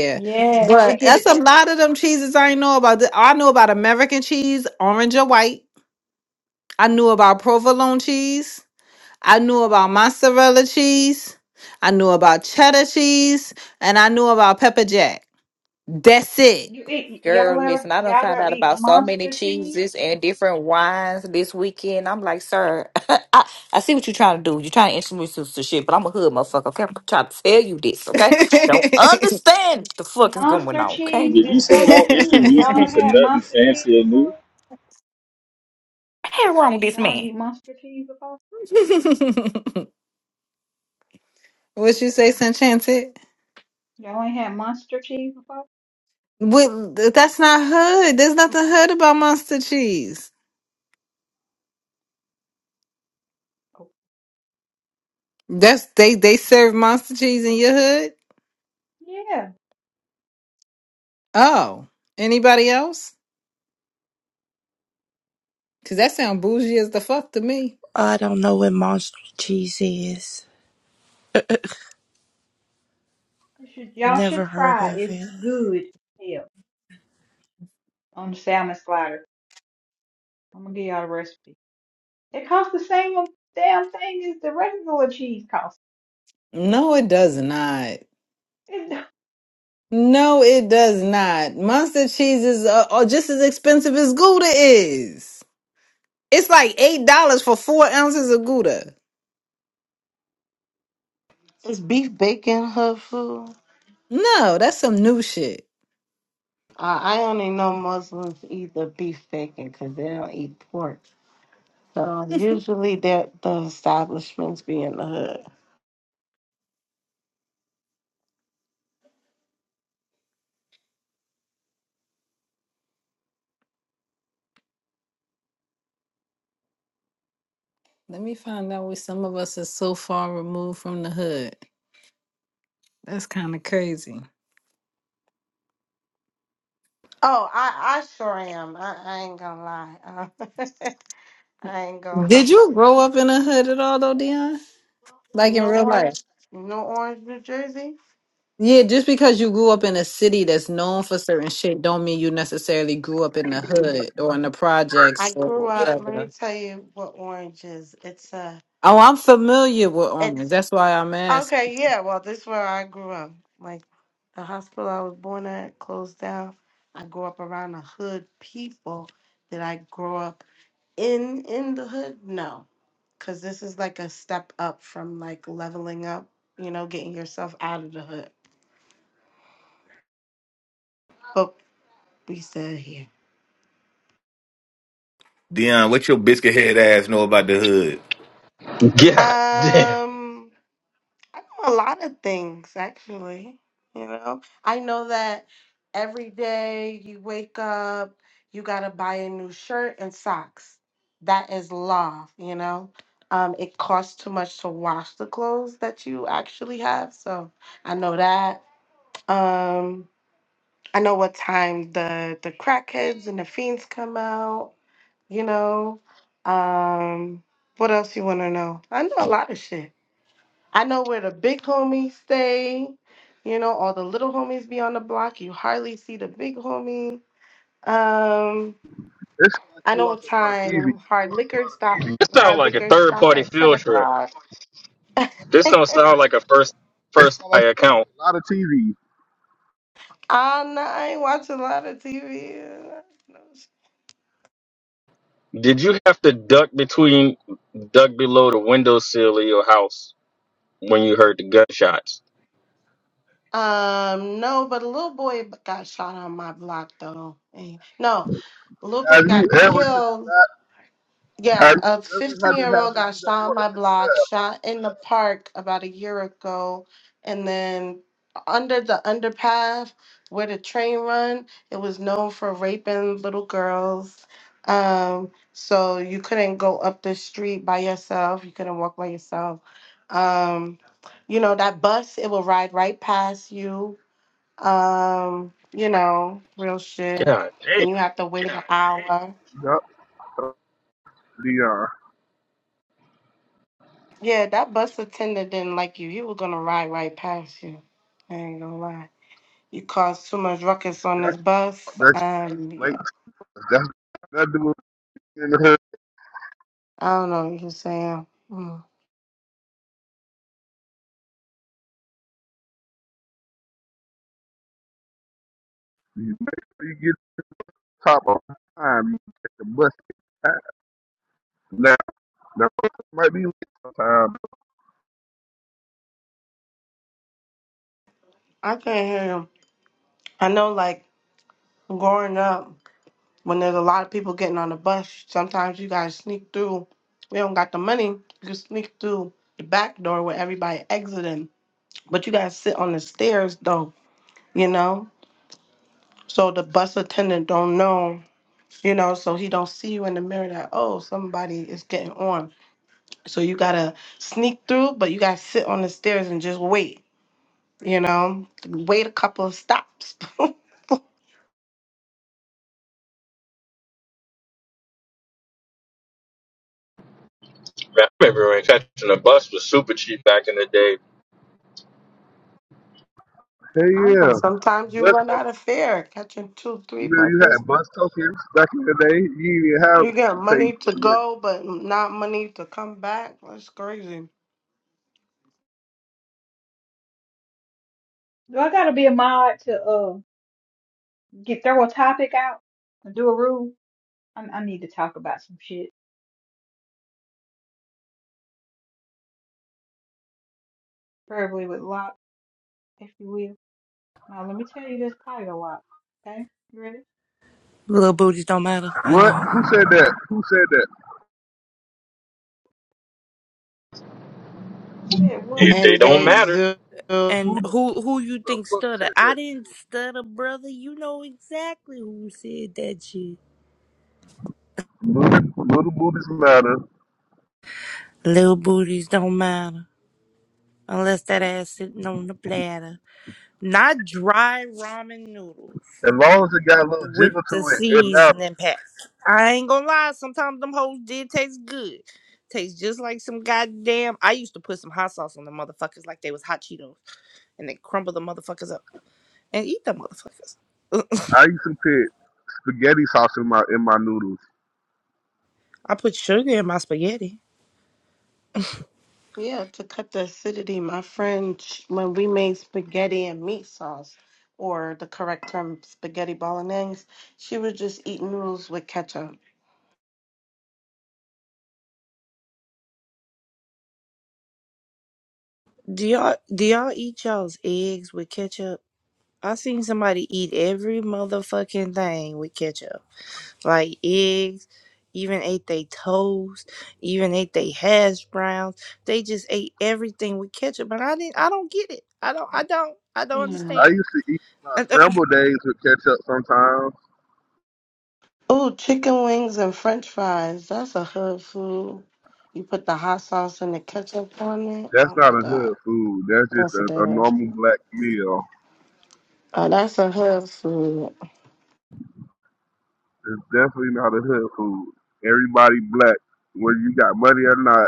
Speaker 7: yes, it
Speaker 9: but
Speaker 7: give it
Speaker 9: that's a
Speaker 7: that.
Speaker 9: lot of them cheeses I ain't know about. The- I know about American cheese, orange or white. I knew about provolone cheese. I knew about mozzarella cheese. I knew about cheddar cheese, and I knew about pepper jack. That's it.
Speaker 7: You eat y'all
Speaker 12: Girl,
Speaker 7: ever
Speaker 12: listen, I done
Speaker 7: y'all
Speaker 12: found
Speaker 7: ever
Speaker 12: out
Speaker 7: eat
Speaker 12: about so many
Speaker 7: monster cheese?
Speaker 12: cheeses and different wines this weekend. I'm like, sir, I, I see what you're trying to do. You're trying to introduce us to shit, but I'm a hood motherfucker. Okay, I'm trying to tell you this, okay? Don't understand what the fuck is going
Speaker 7: Monster
Speaker 12: on, okay?
Speaker 7: cheese
Speaker 2: Did you
Speaker 7: is
Speaker 2: say
Speaker 7: so
Speaker 2: don't
Speaker 7: good.
Speaker 2: introduce
Speaker 7: Y'all
Speaker 2: me to
Speaker 7: had
Speaker 2: nothing
Speaker 7: monster cheese
Speaker 2: fancy and new?
Speaker 7: before?
Speaker 12: ain't wrong with this
Speaker 7: Y'all ain't
Speaker 12: man.
Speaker 7: eat monster cheese before?
Speaker 9: what you say, Sanchanted?
Speaker 7: Y'all ain't had monster cheese before?
Speaker 9: With, that's not hood. There's nothing hood about monster cheese.
Speaker 7: Oh,
Speaker 9: That's they they serve monster cheese in your hood.
Speaker 7: yeah,
Speaker 9: Oh, anybody else? Cause that sound bougie as the fuck to me.
Speaker 10: I don't know what monster cheese is.
Speaker 7: you should, y'all
Speaker 10: Never
Speaker 7: should
Speaker 10: heard
Speaker 7: try.
Speaker 10: of
Speaker 7: It's
Speaker 10: it.
Speaker 7: good. as hell on the salmon slider. I'm gonna give y'all the recipe. It costs the same damn thing as the regular cheese costs.
Speaker 9: No, it does not.
Speaker 7: It- do
Speaker 9: No, it does not. Monster cheese is uh, uh, just as expensive as Gouda is. It's like eight dollars for four ounces of Gouda.
Speaker 5: Is beef bacon hood food?
Speaker 9: No, that's some new shit.
Speaker 5: Uh, I only know Muslims eat the beef bacon because they don't eat pork. So usually that the establishments be in the hood.
Speaker 9: Let me find out where some of us are so far removed from the hood. That's kind of crazy.
Speaker 5: Oh, I, I sure am. I, I ain't gonna lie. Uh, I ain't gonna. hold
Speaker 9: Did you
Speaker 5: you
Speaker 9: grow up in a hood at all, though, Dion?
Speaker 5: You
Speaker 9: Like in
Speaker 5: know
Speaker 9: real
Speaker 5: Orange?
Speaker 9: life?
Speaker 5: You know Orange, New Jersey?
Speaker 9: Yeah, just because you grew up in a city that's known for certain shit, don't mean you necessarily grew up in the hood or in the
Speaker 5: I
Speaker 9: projects or
Speaker 5: grew up. Let me
Speaker 9: whatever.
Speaker 5: tell you what Orange is. It's a
Speaker 9: Oh, I'm familiar with Orange.
Speaker 5: it's
Speaker 9: That's why I'm asking.
Speaker 5: Okay, yeah. Well, this is where I grew up. Like the hospital I was born at closed down. I grew up around the hood people. Did I grow up in in the hood? No, because this is like a step up from like leveling up. You know, getting yourself out of the hood. But we still here.
Speaker 12: Dion, what your biscuit head ass know about the hood?
Speaker 2: God damn.
Speaker 5: Um. I know a lot of things actually. You know, I know that every day you wake up, you gotta buy a new shirt and socks. That is law. you know. Um, it costs too much to wash the clothes that you actually have, so I know that. Um, I know what time the the crackheads and the fiends come out. You know, um, what else you want to know? I know a lot of shit. I know where the big homies stay. You know, all the little homies be on the block. You hardly see the big homie. Um, I know what time hard liquor stop.
Speaker 2: This sounds
Speaker 5: Hard
Speaker 2: like a
Speaker 5: liquor
Speaker 2: third
Speaker 5: stop
Speaker 2: party
Speaker 5: at ten
Speaker 2: field trip.
Speaker 5: o'clock.
Speaker 2: This don't sound like a first first eye account.
Speaker 6: good.
Speaker 5: I'm not, I ain't watch a lot of TV.
Speaker 2: Did you have to duck between duck below the window sill of your house when you heard the gunshots?
Speaker 5: Um, no, but a little boy got shot on my block though. And- No, a little boy
Speaker 6: Have you
Speaker 5: got
Speaker 6: ever took
Speaker 5: killed
Speaker 6: a,
Speaker 5: Yeah,
Speaker 6: have
Speaker 5: a
Speaker 6: you ever
Speaker 5: 15
Speaker 6: had
Speaker 5: year
Speaker 6: to have
Speaker 5: old
Speaker 6: the
Speaker 5: got
Speaker 6: heat up
Speaker 5: shot on my block, shot in the park about a year ago, and then under the underpath where the train run, it was known for raping little girls. Um, so you couldn't go up the street by yourself, you couldn't walk by yourself. Um, you know, that bus, it will ride right past you. Um, you know, real shit.
Speaker 2: God damn.
Speaker 5: Then you have to wait an hour.
Speaker 6: water? Yup.
Speaker 5: Yeah, that bus attendant didn't like you. He was gonna ride right past you. I ain't gonna lie. You caused too much ruckus on this
Speaker 6: That's
Speaker 5: bus.
Speaker 6: that's
Speaker 5: Um,
Speaker 6: late.
Speaker 5: yeah,
Speaker 6: That's that dude in the hood.
Speaker 5: I don't know what you're saying. Mm.
Speaker 6: You make sure you get to the top of time. You take the bus. Now the might be late sometime.
Speaker 5: I can't hear him. I know, like growing up, when there's a lot of people getting on the bus, sometimes you gotta sneak through. We don't got the money. You can sneak through the back door where everybody exiting, but you gotta sit on the stairs though. You know, so the bus attendant don't know you know so he don't see you in the mirror that oh somebody is getting on so you gotta sneak through but you gotta sit on the stairs and just wait you know wait a couple of stops
Speaker 2: Man, I remember when catching a bus was super cheap back in the day.
Speaker 6: Hey
Speaker 5: I don't know,
Speaker 6: yeah,
Speaker 5: sometimes you
Speaker 6: bus
Speaker 5: run out
Speaker 6: token.
Speaker 5: of fare catching two three
Speaker 6: Remember you
Speaker 5: buses
Speaker 6: had bus tokens back in the day. You didn't even have
Speaker 5: you got
Speaker 6: to pay.
Speaker 5: money to
Speaker 6: money.
Speaker 5: go but not money to come back that's crazy
Speaker 7: I gotta be a mod to uh get throw a topic out and do a rule? I, I need to talk about some shit, preferably with Locke, if you will. Now let me tell you this title, Locke. Okay, you ready?
Speaker 10: Little booties don't matter. I
Speaker 6: What?
Speaker 10: know.
Speaker 6: Who said that? Who said that?
Speaker 7: Who said what?
Speaker 2: It,
Speaker 5: and
Speaker 2: they
Speaker 7: What
Speaker 2: don't
Speaker 5: they
Speaker 7: booty?
Speaker 2: matter.
Speaker 5: do
Speaker 10: And
Speaker 6: Who the, who
Speaker 10: who who you
Speaker 6: the
Speaker 10: think
Speaker 6: fuck
Speaker 10: stutter?
Speaker 6: said
Speaker 10: I
Speaker 6: that?
Speaker 10: didn't stutter, brother. You know exactly who said that shit.
Speaker 6: Little, little booties matter.
Speaker 10: Little booties don't matter unless that ass sitting on the platter. Not dry ramen noodles
Speaker 6: As long as it got a little
Speaker 10: with
Speaker 6: jiggle
Speaker 10: the
Speaker 6: to it, it matters.
Speaker 10: seasoning pack. I ain't gonna lie. Sometimes them hoes did taste good. Tastes just like some goddamn. I used to put some hot sauce on the motherfuckers like they was hot Cheetos, and then crumble the motherfuckers up and eat them motherfuckers.
Speaker 6: I used to pay. spaghetti sauce in my in my noodles.
Speaker 10: I put sugar in my spaghetti.
Speaker 5: Yeah, to cut the acidity, my friend, sh- when we made spaghetti and meat sauce, or the correct term, spaghetti bolognese, she would just eat noodles with ketchup.
Speaker 10: Do y'all do y'all eat y'all's eggs with ketchup? I seen somebody eat every motherfucking thing with ketchup. Like eggs, even ate they toast, even ate they hash browns. They just ate everything with ketchup, but I didn't I don't get it. I don't I don't I don't
Speaker 5: Yeah.
Speaker 6: I
Speaker 10: understand.
Speaker 6: used to eat my
Speaker 10: I don't-
Speaker 6: scrambled eggs with ketchup sometimes.
Speaker 5: Oh, chicken wings and french fries. That's a hood food. You put the hot sauce and the ketchup on it.
Speaker 6: That's
Speaker 5: Oh
Speaker 6: not
Speaker 5: my
Speaker 6: a
Speaker 5: God.
Speaker 6: hood food. That's just
Speaker 5: That's a
Speaker 6: a, a
Speaker 5: dash.
Speaker 6: normal black meal.
Speaker 5: Oh, that's a hood food.
Speaker 6: It's hood food. Every black, whether you got money or not,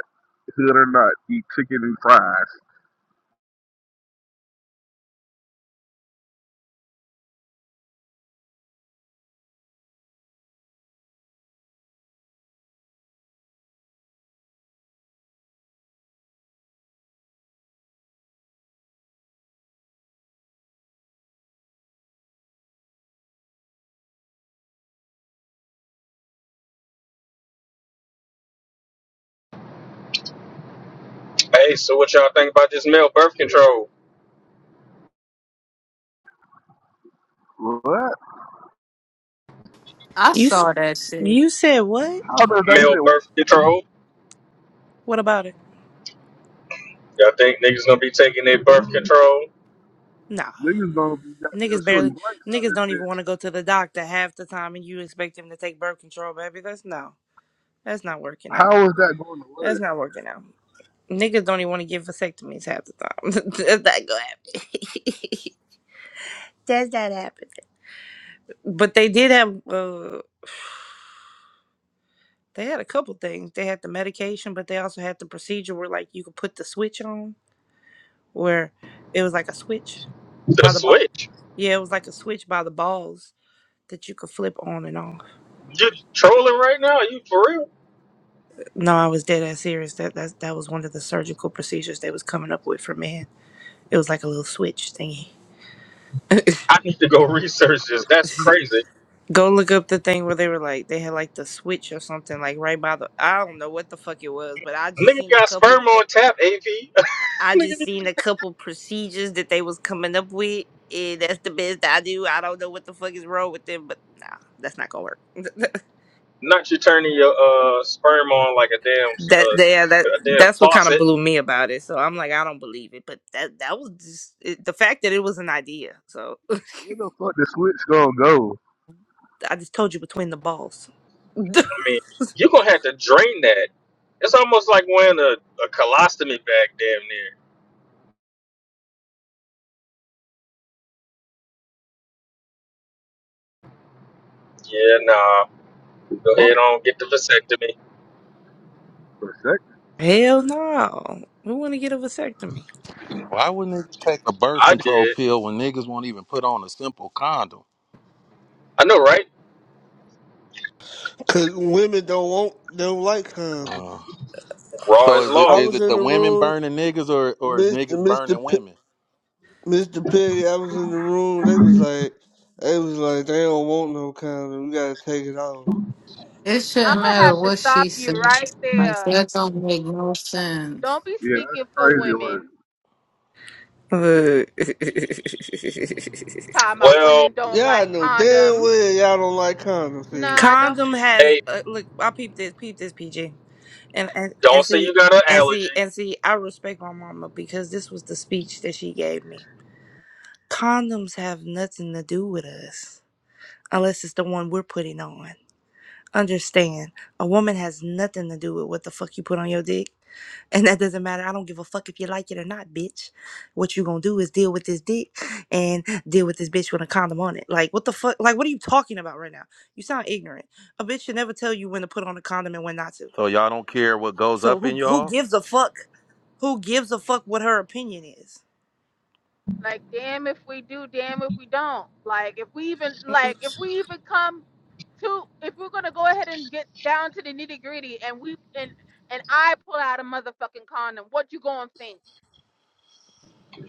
Speaker 6: hood or not, eat chicken and fries.
Speaker 2: Hey, so what y'all think about this male birth control?
Speaker 6: What?
Speaker 9: I
Speaker 10: You s-
Speaker 9: saw that shit.
Speaker 10: you said what?
Speaker 6: How does that
Speaker 2: Male
Speaker 6: even work?
Speaker 2: birth control?
Speaker 10: What about it?
Speaker 2: Y'all think niggas gonna be taking their birth control?
Speaker 10: Nah.
Speaker 6: Niggas gonna be goddamn
Speaker 10: Niggas
Speaker 6: shooting
Speaker 10: barely
Speaker 6: blanks out
Speaker 10: niggas don't
Speaker 6: this
Speaker 10: even
Speaker 6: bitch.
Speaker 10: want to go to the doctor half the time and you expect them to take birth control, baby. That's no. That's not working out.
Speaker 6: How is that going to
Speaker 10: That's
Speaker 6: work?
Speaker 10: not working out. Niggas don't even want to get vasectomies half the time. That's not gonna happen. Does that happen? But they did have uh they had a couple things. They had the medication, but they also had the procedure where like you could put the switch on where it was like a switch
Speaker 2: The
Speaker 10: by the ball.
Speaker 2: switch.
Speaker 10: Yeah, it was like a switch by the balls that you could flip on and off.
Speaker 2: You're trolling right now? you for real?
Speaker 10: No, I was dead ass serious. That that that was one of the surgical procedures they was coming up with for men. It was like a little switch thingy.
Speaker 2: I need to go research
Speaker 6: Uh,
Speaker 2: this. That's crazy.
Speaker 10: Go look up the thing where they were like they had like the switch or something like right by the I don't know what the fuck it was, but I just
Speaker 2: Nigga
Speaker 10: seen a
Speaker 2: got
Speaker 10: couple
Speaker 2: sperm on tap, AV.
Speaker 10: I just
Speaker 2: Nigga,
Speaker 10: seen a couple procedures that they was coming up with. And that's the best I do. I don't know what the fuck is wrong with them, but nah, that's not gonna work. that
Speaker 2: Not you turning your uh sperm on like a damn
Speaker 10: yeah, that
Speaker 2: uh, a damn
Speaker 10: that's what kind of
Speaker 2: faucet.
Speaker 10: blew me about it. So I'm like, I don't believe it, but that that was just it, the fact that it was an idea. So
Speaker 6: where the fuck the switch gonna go?
Speaker 10: I just told you between the balls.
Speaker 2: I mean, you're gonna have to drain that. It's almost like wearing a, a colostomy bag, damn near. Yeah, nah. Go
Speaker 6: For
Speaker 2: ahead on, get the vasectomy.
Speaker 6: a sec?
Speaker 10: Hell no. We want to get a vasectomy.
Speaker 13: Why would niggas take a birth
Speaker 2: I
Speaker 13: control
Speaker 2: did.
Speaker 13: pill when niggas won't even put on a simple condom?
Speaker 2: I know, right?
Speaker 14: Cause women don't want, don't like condoms.
Speaker 13: Uh,
Speaker 2: Raw
Speaker 13: so
Speaker 2: is
Speaker 13: is it
Speaker 14: I
Speaker 2: law.
Speaker 13: is
Speaker 14: was
Speaker 13: it
Speaker 14: in
Speaker 13: the
Speaker 14: the
Speaker 13: women
Speaker 14: room,
Speaker 13: burning niggas or or is
Speaker 14: Mister
Speaker 13: niggas
Speaker 14: Mister
Speaker 13: burning
Speaker 14: P,
Speaker 13: women?
Speaker 14: Mister Piggy. I was in the room. They was like, they was like, they don't want no condom. We gotta take it off.
Speaker 9: It
Speaker 15: I'm
Speaker 9: shouldn't
Speaker 15: gonna
Speaker 9: matter
Speaker 15: have to
Speaker 9: what she
Speaker 15: stop you
Speaker 9: said.
Speaker 15: right
Speaker 9: Like
Speaker 15: there.
Speaker 9: that don't make no sense.
Speaker 15: Don't be
Speaker 6: Yeah, that's
Speaker 15: speaking for
Speaker 6: crazy work.
Speaker 15: women.
Speaker 10: Uh,
Speaker 15: Talking about
Speaker 2: Well,
Speaker 15: women don't
Speaker 14: Yeah, I
Speaker 15: like
Speaker 14: know damn
Speaker 15: condoms.
Speaker 14: well y'all don't like condoms.
Speaker 15: Nah, don't.
Speaker 10: Condom has
Speaker 2: hey,
Speaker 10: uh, look. I peep this, peep this, PG, and and and
Speaker 2: don't say you
Speaker 10: see,
Speaker 2: got an
Speaker 10: and
Speaker 2: allergy.
Speaker 10: see, and see. I respect my mama because this was the speech that she gave me. Condoms have nothing to do with us. unless it's the one we're putting on. Understand, a woman has nothing to do with what the fuck you put on your dick. And that doesn't matter. I don't give a fuck if you like it or not, bitch. What you gonna do is deal with this dick and deal with this bitch with a condom on it. Like, what the fuck? Like, what are you talking about right now? You sound ignorant. A bitch should never tell you when to put on a condom and when not to.
Speaker 13: So y'all don't care what goes
Speaker 10: So
Speaker 13: up in
Speaker 10: who who
Speaker 13: y'all?
Speaker 10: gives a fuck? Who gives a fuck what her opinion is?
Speaker 15: Like, damn if we do, damn if we don't. Like, if we even like, if we even come to, if we're gonna go ahead and get down to the nitty gritty, and we and and I pull out a motherfucking condom, what you gonna think?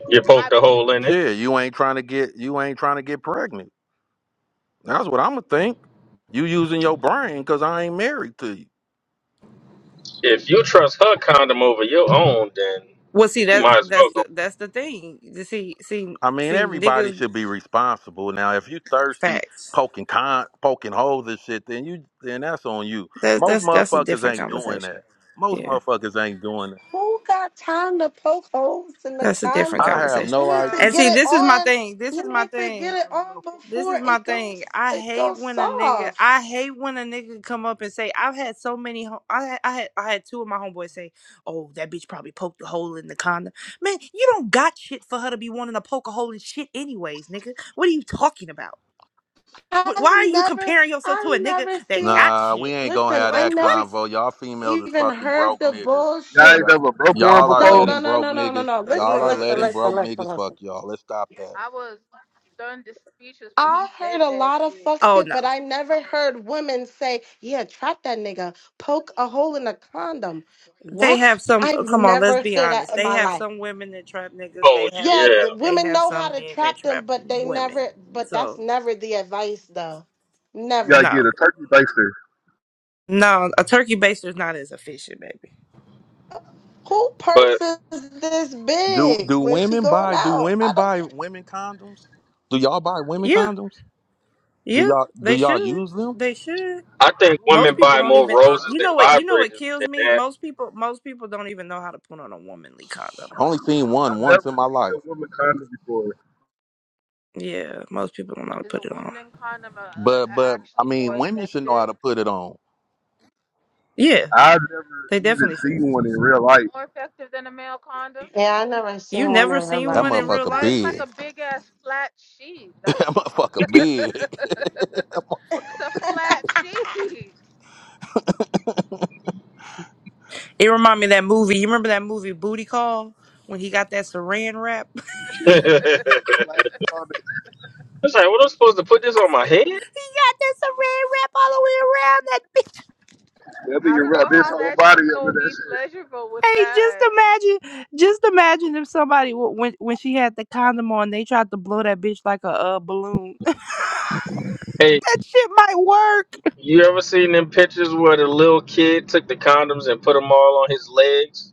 Speaker 2: You
Speaker 15: I,
Speaker 2: poked a hole in it.
Speaker 13: Shit, you ain't trying to get you ain't trying to get pregnant. That's what I'ma think. You using your brain because I ain't married to you.
Speaker 2: If you trust her condom over your own, then
Speaker 10: Well, see
Speaker 2: you
Speaker 10: that
Speaker 2: might as
Speaker 10: that's
Speaker 2: well
Speaker 10: the,
Speaker 2: go.
Speaker 10: that's the thing. See, see,
Speaker 13: I mean,
Speaker 10: see,
Speaker 13: everybody
Speaker 10: niggas
Speaker 13: should be responsible. Now, if you thirsty,
Speaker 10: facts.
Speaker 13: poking con, poking holes and shit, then you then that's on you.
Speaker 10: That's
Speaker 13: Most
Speaker 10: that's that's a
Speaker 13: motherfuckers
Speaker 10: different
Speaker 13: ain't doing
Speaker 10: conversation.
Speaker 13: that. Most
Speaker 10: Yeah,
Speaker 13: motherfuckers ain't doing that.
Speaker 5: Who got time to poke holes in the
Speaker 10: that's a different
Speaker 13: I
Speaker 5: condom?
Speaker 13: have
Speaker 10: conversation.
Speaker 5: We
Speaker 13: no
Speaker 5: need to
Speaker 13: idea.
Speaker 10: And
Speaker 15: bro,
Speaker 5: get
Speaker 10: see,
Speaker 5: it
Speaker 10: this is my
Speaker 5: on.
Speaker 10: thing. This is
Speaker 5: You
Speaker 10: my
Speaker 5: need to get
Speaker 10: thing.
Speaker 5: it on
Speaker 10: This
Speaker 5: before
Speaker 10: is my
Speaker 5: it
Speaker 10: thing.
Speaker 5: goes
Speaker 10: I
Speaker 5: it
Speaker 10: hate
Speaker 5: goes
Speaker 10: when a nigga.
Speaker 5: soft.
Speaker 10: I hate when a nigga come up and say, "I've had so many." hom- I had, I had I had two of my homeboys say, "Oh, that bitch probably poked a hole in the condom." Man, you don't got shit for her to be wanting to poke a hole in shit, anyways, nigga. What are you talking about? Wh-
Speaker 5: I
Speaker 10: Why are you
Speaker 5: never
Speaker 10: comparing yourself to
Speaker 5: I
Speaker 10: a nigga
Speaker 5: never
Speaker 10: that
Speaker 5: seen
Speaker 10: got
Speaker 13: Nah, we
Speaker 10: shit?
Speaker 13: ain't gonna
Speaker 5: listen,
Speaker 13: have
Speaker 5: I
Speaker 10: Like
Speaker 13: that
Speaker 10: what?
Speaker 5: never
Speaker 13: convo. Y'all females is
Speaker 5: even
Speaker 13: fucking
Speaker 5: heard
Speaker 13: broke
Speaker 5: the
Speaker 13: niggas.
Speaker 6: Y'all ain't
Speaker 5: bullshit.
Speaker 13: Y'all,
Speaker 6: never broke one
Speaker 13: y'all are
Speaker 5: No,
Speaker 6: before?
Speaker 13: letting
Speaker 5: no, no,
Speaker 13: broke
Speaker 5: no, no, no,
Speaker 13: niggas.
Speaker 5: no.
Speaker 10: Uh,
Speaker 13: Y'all
Speaker 5: Listen,
Speaker 13: are
Speaker 5: listen,
Speaker 10: Ugh.
Speaker 13: letting
Speaker 5: listen,
Speaker 13: broke
Speaker 5: listen,
Speaker 13: niggas fuck
Speaker 5: listen.
Speaker 13: y'all. Let's stop that.
Speaker 15: I was stunned to speechless when
Speaker 5: I
Speaker 15: he
Speaker 5: heard
Speaker 15: said
Speaker 5: a
Speaker 15: that
Speaker 5: lot of
Speaker 15: shit.
Speaker 5: fuck
Speaker 10: Oh
Speaker 5: shit,
Speaker 10: no.
Speaker 5: but I never heard women say, yeah, trap that nigga, poke a hole in a condom.
Speaker 10: They
Speaker 5: What?
Speaker 10: have some.
Speaker 5: I've
Speaker 10: Come on, let's
Speaker 5: never
Speaker 10: be
Speaker 5: heard that
Speaker 10: honest.
Speaker 5: in
Speaker 10: They
Speaker 5: my
Speaker 10: have
Speaker 5: life.
Speaker 10: some women that trap niggas. They
Speaker 2: Oh
Speaker 10: have,
Speaker 5: Yeah,
Speaker 2: yeah,
Speaker 5: the
Speaker 10: they
Speaker 5: women
Speaker 10: have
Speaker 5: know how
Speaker 10: some
Speaker 5: to
Speaker 10: men that
Speaker 5: trap them,
Speaker 10: trap
Speaker 5: but they
Speaker 10: women.
Speaker 5: never, but that's
Speaker 10: So
Speaker 5: never the advice though.
Speaker 6: You gotta
Speaker 5: Never.
Speaker 6: get
Speaker 10: no,
Speaker 6: a turkey baster.
Speaker 10: no, a turkey baster's not as efficient, baby.
Speaker 5: Who purse
Speaker 2: but
Speaker 5: is this
Speaker 13: Do
Speaker 5: big
Speaker 13: do
Speaker 5: when she
Speaker 13: women
Speaker 5: going
Speaker 13: buy do
Speaker 5: out? I
Speaker 13: women
Speaker 5: don't
Speaker 13: buy
Speaker 5: get it.
Speaker 13: women condoms? Do y'all buy women
Speaker 10: Yeah,
Speaker 13: condoms? Do
Speaker 10: yeah,
Speaker 13: y'all do
Speaker 10: they
Speaker 13: y'all
Speaker 10: should.
Speaker 13: use them?
Speaker 10: They should.
Speaker 2: I think
Speaker 6: What was
Speaker 10: Most
Speaker 2: women
Speaker 10: people
Speaker 2: buy
Speaker 6: a
Speaker 10: don't
Speaker 2: more
Speaker 6: woman
Speaker 10: even.
Speaker 6: condom
Speaker 2: roses
Speaker 10: You
Speaker 2: than
Speaker 6: look
Speaker 10: know what?
Speaker 6: like?
Speaker 10: You know what
Speaker 2: vibrators
Speaker 10: kills
Speaker 2: than
Speaker 10: me?
Speaker 2: that.
Speaker 10: Most people. Most people don't even know how to put on a womanly condom.
Speaker 13: Only seen one
Speaker 6: I've
Speaker 13: once
Speaker 6: never
Speaker 13: in my
Speaker 6: seen
Speaker 13: life.
Speaker 6: a woman condom before.
Speaker 10: Yeah, most people don't know how to
Speaker 15: Is
Speaker 10: put
Speaker 15: a
Speaker 10: it on.
Speaker 15: woman condom uh uh
Speaker 13: But but I
Speaker 15: actually more
Speaker 13: mean women should know how
Speaker 15: effective?
Speaker 13: to put it on.
Speaker 10: Yeah,
Speaker 6: I've never
Speaker 10: they
Speaker 6: even
Speaker 10: definitely should.
Speaker 6: seen one in real life.
Speaker 15: More effective than a male condom?
Speaker 5: Yeah, I never
Speaker 10: You
Speaker 5: seen one in
Speaker 10: never
Speaker 5: real
Speaker 10: seen
Speaker 13: That
Speaker 5: life.
Speaker 10: one in
Speaker 5: either.
Speaker 10: real
Speaker 13: motherfucker
Speaker 15: Bro, it's
Speaker 10: life?
Speaker 15: like a
Speaker 13: big.
Speaker 15: big ass flat sheet.
Speaker 13: that
Speaker 15: That's what.
Speaker 13: motherfucker
Speaker 15: That's
Speaker 13: big. that
Speaker 15: a
Speaker 13: motherfucker
Speaker 15: flat sheet.
Speaker 10: It reminded me of that movie. You remember that movie Booty Call when he got that saran wrap?
Speaker 6: Plastic condom,
Speaker 2: it's like, what am I supposed to put this on my head?
Speaker 10: Got that saran wrap all the way around that. bi-
Speaker 6: that thing
Speaker 15: I don't
Speaker 6: wrap
Speaker 15: know
Speaker 6: this
Speaker 15: how
Speaker 6: whole
Speaker 15: that
Speaker 6: body
Speaker 15: shit's
Speaker 6: up
Speaker 15: gonna
Speaker 6: in that
Speaker 15: be
Speaker 6: shit.
Speaker 15: pleasurable with
Speaker 10: Hey, just
Speaker 15: that.
Speaker 10: imagine, just imagine if somebody w- when when she had the condom on, they tried to blow that bitch like a uh, balloon. that
Speaker 2: Hey,
Speaker 10: shit might work.
Speaker 2: you ever seen them pictures where the little kid took the condoms and put them all on his legs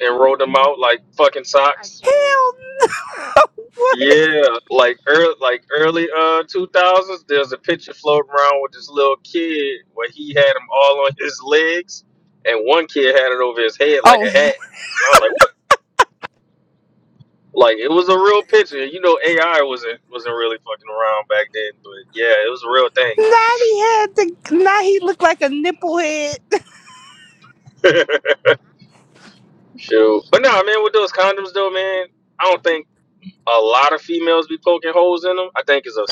Speaker 2: and rolled them out like fucking
Speaker 15: I
Speaker 2: socks?
Speaker 15: can't.
Speaker 10: Hell no! What?
Speaker 2: Yeah, like early, like early uh two thousands. There's a picture floating around with this little kid where he had them all on his legs, and one kid had it over his head like
Speaker 10: Oh,
Speaker 2: a hat. And I was like, what? Like it was a real picture. You know, AI wasn't wasn't really fucking around back then, but yeah, it was a real
Speaker 10: Now he had the now he looked like a nipple head.
Speaker 2: thing. Shoot, but nah, man, with those condoms though, man, I don't think. a lot of females be poking holes in them. I think it's a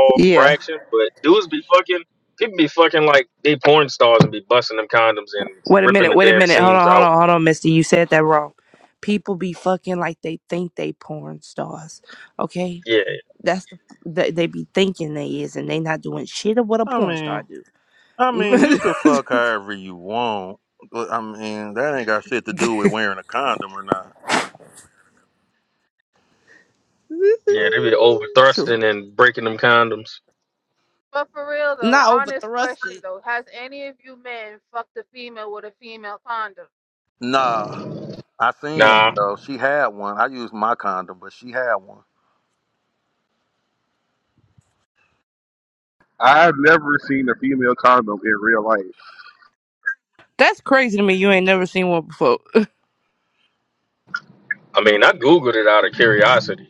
Speaker 10: yeah.
Speaker 2: fraction, but dudes be fucking. People be fucking like they porn stars and be busting them condoms and
Speaker 10: Wait a
Speaker 2: ripping
Speaker 10: minute,
Speaker 2: the
Speaker 10: wait a
Speaker 2: damn
Speaker 10: minute. Hold
Speaker 2: seams
Speaker 10: on, hold
Speaker 2: out.
Speaker 10: on, hold on, Misty. You said that wrong. People be fucking like they think they porn stars. Okay?
Speaker 2: Yeah,
Speaker 10: That's the they, they be thinking they is and they not doing shit of what a
Speaker 13: I
Speaker 10: porn
Speaker 13: mean
Speaker 10: star do.
Speaker 13: I mean, you could fuck however you want, but I mean, that ain't got shit to do with wearing a condom or not.
Speaker 2: yeah, they be over
Speaker 10: True.
Speaker 2: thrusting and breaking them condoms.
Speaker 15: But for real though,
Speaker 10: Not over
Speaker 15: honest question
Speaker 10: thrusted.
Speaker 15: though, has any of you men fucked a female with a female condom?
Speaker 13: Nah, I seen one
Speaker 2: Nah,
Speaker 13: though. She had one. I used my condom, but she had one.
Speaker 6: I've never seen a female condom in real life.
Speaker 10: That's crazy to me. You ain't never seen one before.
Speaker 2: I mean I googled it out of curiosity.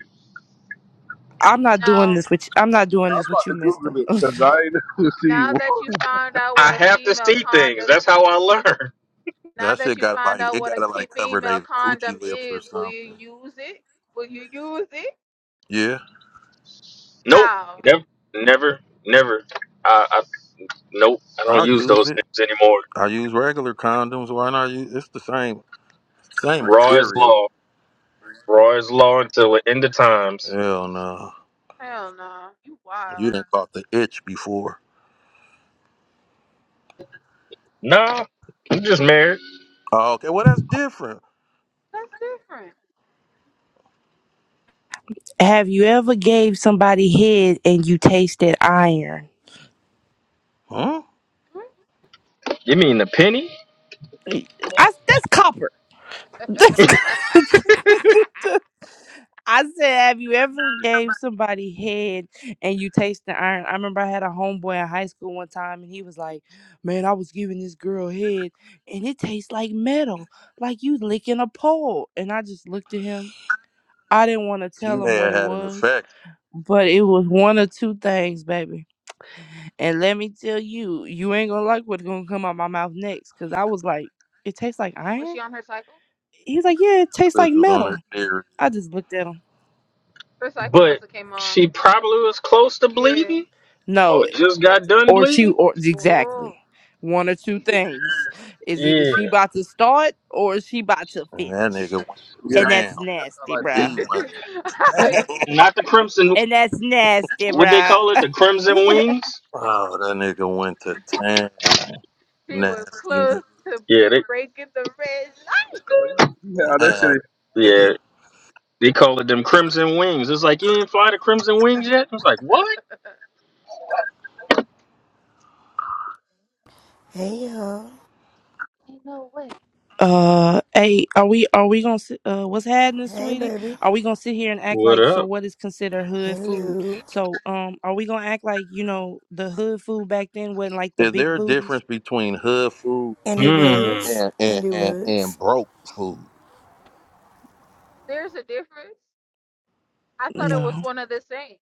Speaker 10: I'm not doing
Speaker 15: Now,
Speaker 10: this with you. I'm not
Speaker 6: So
Speaker 10: doing
Speaker 6: I'm
Speaker 10: this
Speaker 6: about
Speaker 10: with you,
Speaker 6: to
Speaker 10: mister.
Speaker 6: Google it because I ain't never seen
Speaker 15: now
Speaker 6: one.
Speaker 15: that you found out what
Speaker 2: I
Speaker 15: a
Speaker 2: have to
Speaker 15: female
Speaker 2: see things.
Speaker 15: condom
Speaker 2: That's how I learn.
Speaker 15: Now
Speaker 13: That
Speaker 15: that
Speaker 13: shit
Speaker 15: you
Speaker 13: got
Speaker 15: find
Speaker 13: like
Speaker 15: out
Speaker 13: it
Speaker 15: what
Speaker 13: got
Speaker 15: a
Speaker 13: to
Speaker 15: ki-
Speaker 13: like cover
Speaker 15: female
Speaker 13: their
Speaker 15: condom
Speaker 13: coochie lips or
Speaker 15: is, will you
Speaker 13: something.
Speaker 15: use it? Will you use it?
Speaker 13: Yeah,
Speaker 2: Nope,
Speaker 15: How?
Speaker 2: never, never, never. I, I nope. I don't
Speaker 13: I'll
Speaker 2: use
Speaker 13: use
Speaker 2: those
Speaker 13: it.
Speaker 2: things anymore.
Speaker 13: I use regular condoms. Why not use? It's the same same
Speaker 2: Raw is
Speaker 13: material.
Speaker 2: law. Raw is law until the end of times.
Speaker 13: Hell no,
Speaker 15: Hell no. You
Speaker 13: you
Speaker 15: wild.
Speaker 13: didn't caught the itch before.
Speaker 2: Nah, I'm just married.
Speaker 13: Oh, okay, well that's different,
Speaker 15: That's different.
Speaker 10: Have you ever gave somebody head and you tasted iron?
Speaker 13: huh?
Speaker 15: Hmm?
Speaker 2: You mean a penny?
Speaker 10: I, that's copper. That's good. I said, have you ever gave somebody head and you taste the iron? I remember I had a homeboy in high school one time and he was like, Man, I was giving this girl head and it tastes like metal, like you licking a pole. And I just looked at him. I didn't want to
Speaker 13: She
Speaker 10: tell him
Speaker 13: may
Speaker 10: what
Speaker 13: have
Speaker 10: it
Speaker 13: had an
Speaker 10: was,
Speaker 13: effect.
Speaker 10: but it was one or two things, baby. And let me tell you, you ain't gonna like what's gonna come out my mouth next. Cause I was like, It tastes like
Speaker 15: Was
Speaker 10: iron?
Speaker 15: she on her cycle?
Speaker 10: He was like, Yeah, it
Speaker 13: That
Speaker 10: tastes like
Speaker 13: bitch was on
Speaker 10: metal.
Speaker 13: her period.
Speaker 10: I just looked at him.
Speaker 15: Her cycle
Speaker 2: But
Speaker 15: must have came on.
Speaker 2: she probably was close to
Speaker 15: Yeah.
Speaker 2: bleeding
Speaker 10: No,
Speaker 2: or just got done
Speaker 10: or she,
Speaker 2: bleeding.
Speaker 10: or exactly
Speaker 15: Oh.
Speaker 10: one or two things is either
Speaker 2: Yeah.
Speaker 10: she about to start or she about to
Speaker 13: And that
Speaker 10: finish,
Speaker 13: nigga
Speaker 15: yeah.
Speaker 13: went to
Speaker 6: Yeah,
Speaker 10: and
Speaker 13: town.
Speaker 10: that's
Speaker 6: that's not
Speaker 10: nasty,
Speaker 6: like pity.
Speaker 13: He
Speaker 10: bruh.
Speaker 13: went to
Speaker 2: Not the crimson
Speaker 10: And that's nasty,
Speaker 2: what they
Speaker 10: bruh.
Speaker 2: call it, the crimson wings?
Speaker 13: Oh, that nigga went to town.
Speaker 15: he was
Speaker 13: Nasty nigga.
Speaker 15: close to
Speaker 2: Yeah, they
Speaker 15: breaking the red
Speaker 6: Uh, You you have that shit.
Speaker 13: Nasty nigga.
Speaker 2: yeah. They call it them crimson wings. It's like you didn't fly the crimson
Speaker 15: light.
Speaker 2: wings yet? I was like, What?
Speaker 16: Hey y'all.
Speaker 15: Ain't no way.
Speaker 10: Uh, hey, are we are we gonna sit- uh what's happening,
Speaker 16: Hey
Speaker 10: sweetie?
Speaker 16: baby.
Speaker 10: Are we gonna sit here and act
Speaker 2: What
Speaker 10: like so?
Speaker 2: up?
Speaker 10: What is considered hood food?
Speaker 16: Hello.
Speaker 10: So, um, are we gonna act like you know the hood food back then wasn't like the
Speaker 13: Is there
Speaker 10: big
Speaker 13: a
Speaker 10: booties?
Speaker 13: difference between hood food
Speaker 16: And it
Speaker 13: and
Speaker 2: Hmm.
Speaker 16: was.
Speaker 13: and,
Speaker 16: And
Speaker 13: and,
Speaker 16: it
Speaker 13: and and
Speaker 16: was.
Speaker 13: broke food?
Speaker 15: There's a difference. I thought it
Speaker 10: No.
Speaker 15: was one of the same.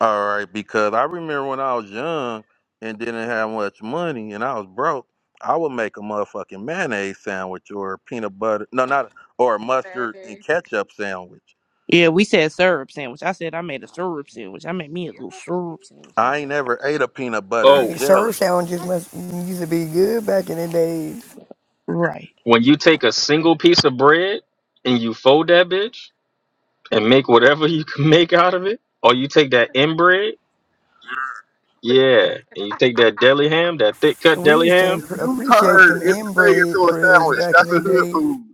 Speaker 13: All right, because I remember when I was young and didn't have much money and I was broke, I would make a motherfucking mayonnaise sandwich or a peanut butter no not or a mustard
Speaker 15: Man.
Speaker 13: and ketchup sandwich.
Speaker 10: Yeah, we said syrup sandwich. I said I made a syrup sandwich.
Speaker 15: A
Speaker 10: I made me a little
Speaker 15: syrup
Speaker 10: syrup sandwich.
Speaker 15: sandwich?
Speaker 13: I ain't never ate a peanut butter and
Speaker 2: Oh,
Speaker 16: Hey,
Speaker 13: jelly.
Speaker 16: surf sound just
Speaker 15: That's
Speaker 16: must used to be good back in the day.
Speaker 10: Right.
Speaker 2: when you take a single piece of bread and you fold that bitch and make whatever you can make out of it, or you take that inbread
Speaker 15: good too.
Speaker 2: Yeah, and you take that deli ham, that thick cut
Speaker 16: We
Speaker 2: deli
Speaker 16: used to
Speaker 2: ham,
Speaker 16: imp-
Speaker 6: If you
Speaker 16: appreciate
Speaker 6: turn
Speaker 16: them
Speaker 6: anything into
Speaker 16: inbred
Speaker 6: a
Speaker 16: breads
Speaker 6: sandwich,
Speaker 16: back in
Speaker 6: that's
Speaker 16: the
Speaker 6: a hood
Speaker 16: day.
Speaker 6: food.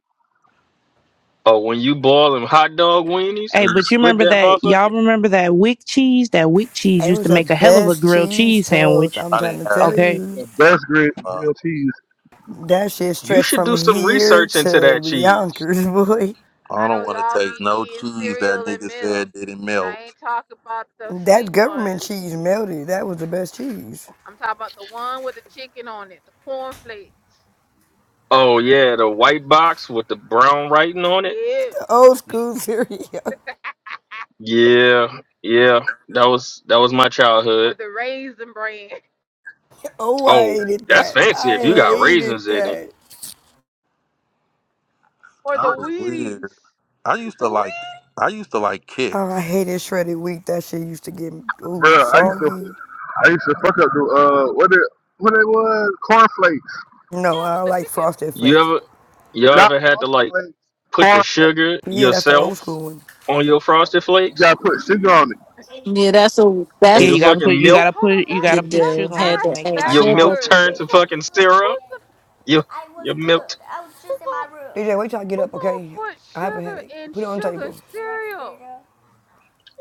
Speaker 2: or when you boil them hot dog weenies
Speaker 10: Hey,
Speaker 2: and you
Speaker 10: but you
Speaker 2: split
Speaker 10: remember
Speaker 2: that
Speaker 10: that? Y'all
Speaker 2: motherfucker,
Speaker 10: remember that wick cheese? That wick cheese
Speaker 16: It
Speaker 10: used to
Speaker 16: was the
Speaker 10: make a hell of a
Speaker 16: best
Speaker 10: grilled
Speaker 16: cheese
Speaker 10: cheese
Speaker 16: toast.
Speaker 10: sandwich.
Speaker 16: I'm
Speaker 13: I
Speaker 16: trying
Speaker 13: didn't
Speaker 16: to
Speaker 13: have
Speaker 16: tell
Speaker 13: that.
Speaker 10: Okay.
Speaker 16: you.
Speaker 6: The best grit
Speaker 13: Uh,
Speaker 6: grilled cheese,
Speaker 16: That shit
Speaker 2: you
Speaker 16: stretched
Speaker 2: should
Speaker 16: from
Speaker 2: do some
Speaker 16: here
Speaker 2: research into that
Speaker 16: to
Speaker 2: cheese.
Speaker 16: Yonkers, boy.
Speaker 13: I
Speaker 15: I know
Speaker 13: don't want to
Speaker 15: y'all
Speaker 13: taste
Speaker 15: be
Speaker 13: no
Speaker 15: eating
Speaker 13: cheese that
Speaker 15: cereal and
Speaker 13: nigga
Speaker 15: milk,
Speaker 13: said didn't
Speaker 15: and
Speaker 13: melt.
Speaker 15: I ain't talking about the sweet
Speaker 16: That government
Speaker 15: ones.
Speaker 16: cheese melted. That was the best cheese.
Speaker 15: I'm talking about the one with the chicken on it, the cornflakes.
Speaker 2: Oh yeah, the white box with the brown writing on it.
Speaker 15: yeah.
Speaker 16: Old school cereal.
Speaker 2: Yeah, yeah, that was that was my
Speaker 15: or
Speaker 2: childhood.
Speaker 15: the raisin bran.
Speaker 16: Oh, I
Speaker 2: Oh,
Speaker 16: hated
Speaker 2: that's
Speaker 16: that.
Speaker 2: fancy
Speaker 16: I
Speaker 2: if you got
Speaker 16: hated
Speaker 2: raisins in it.
Speaker 16: that.
Speaker 15: Or
Speaker 13: I
Speaker 15: the
Speaker 13: was weird.
Speaker 15: Wheaties.
Speaker 13: I used
Speaker 15: The
Speaker 13: to like.
Speaker 15: Wheaties?
Speaker 13: I used to like
Speaker 16: Oh, I
Speaker 13: kicks.
Speaker 16: hated shredded wheat. That shit used to get ooh
Speaker 6: bro. I used to,
Speaker 16: soggy.
Speaker 6: I used to fuck up the uh, what it, what it was, cornflakes.
Speaker 15: Yeah,
Speaker 16: No, I
Speaker 15: with
Speaker 16: don't
Speaker 15: the
Speaker 16: like
Speaker 15: chicken.
Speaker 16: frosted
Speaker 2: You
Speaker 16: flakes.
Speaker 2: ever you
Speaker 6: Not
Speaker 2: ever had to
Speaker 6: sausage
Speaker 2: like
Speaker 6: flakes,
Speaker 2: put the
Speaker 6: corn flakes.
Speaker 2: sugar
Speaker 16: Yeah, that's the old
Speaker 2: yourself
Speaker 16: school one.
Speaker 2: on your frosted
Speaker 6: You gotta
Speaker 2: flakes
Speaker 6: put sugar on it.
Speaker 9: Yeah, that's what
Speaker 2: and
Speaker 10: Yeah,
Speaker 2: your
Speaker 9: that's
Speaker 10: you gotta put
Speaker 2: fucking
Speaker 10: you
Speaker 2: milk?
Speaker 10: gotta
Speaker 15: Hold on,
Speaker 10: put
Speaker 16: Why
Speaker 10: you
Speaker 16: are
Speaker 9: the
Speaker 10: gotta
Speaker 15: that's
Speaker 10: put
Speaker 16: you you
Speaker 15: that's
Speaker 9: deal.
Speaker 10: sugar on it
Speaker 16: cool
Speaker 9: Had
Speaker 10: to
Speaker 15: ass
Speaker 9: to
Speaker 10: make it
Speaker 16: at?
Speaker 10: like
Speaker 2: Your
Speaker 9: ask.
Speaker 2: milk
Speaker 10: frosted
Speaker 15: backwards.
Speaker 2: turned
Speaker 16: Will
Speaker 15: Who's
Speaker 16: you
Speaker 2: to
Speaker 10: flakes.
Speaker 16: be
Speaker 15: gonna
Speaker 2: fucking
Speaker 16: good, D
Speaker 2: syrup.
Speaker 15: who's
Speaker 16: J?
Speaker 15: gonna
Speaker 2: Your
Speaker 16: I was was
Speaker 2: your milk.
Speaker 16: good. I was
Speaker 15: who
Speaker 16: just in my
Speaker 15: gonna
Speaker 16: room. DJ, wait till I get
Speaker 15: who
Speaker 16: up, okay?
Speaker 15: gonna put
Speaker 16: I have a
Speaker 15: sugar
Speaker 16: headache.
Speaker 15: in
Speaker 16: Put it on the
Speaker 15: sugar
Speaker 16: table.
Speaker 15: cereal?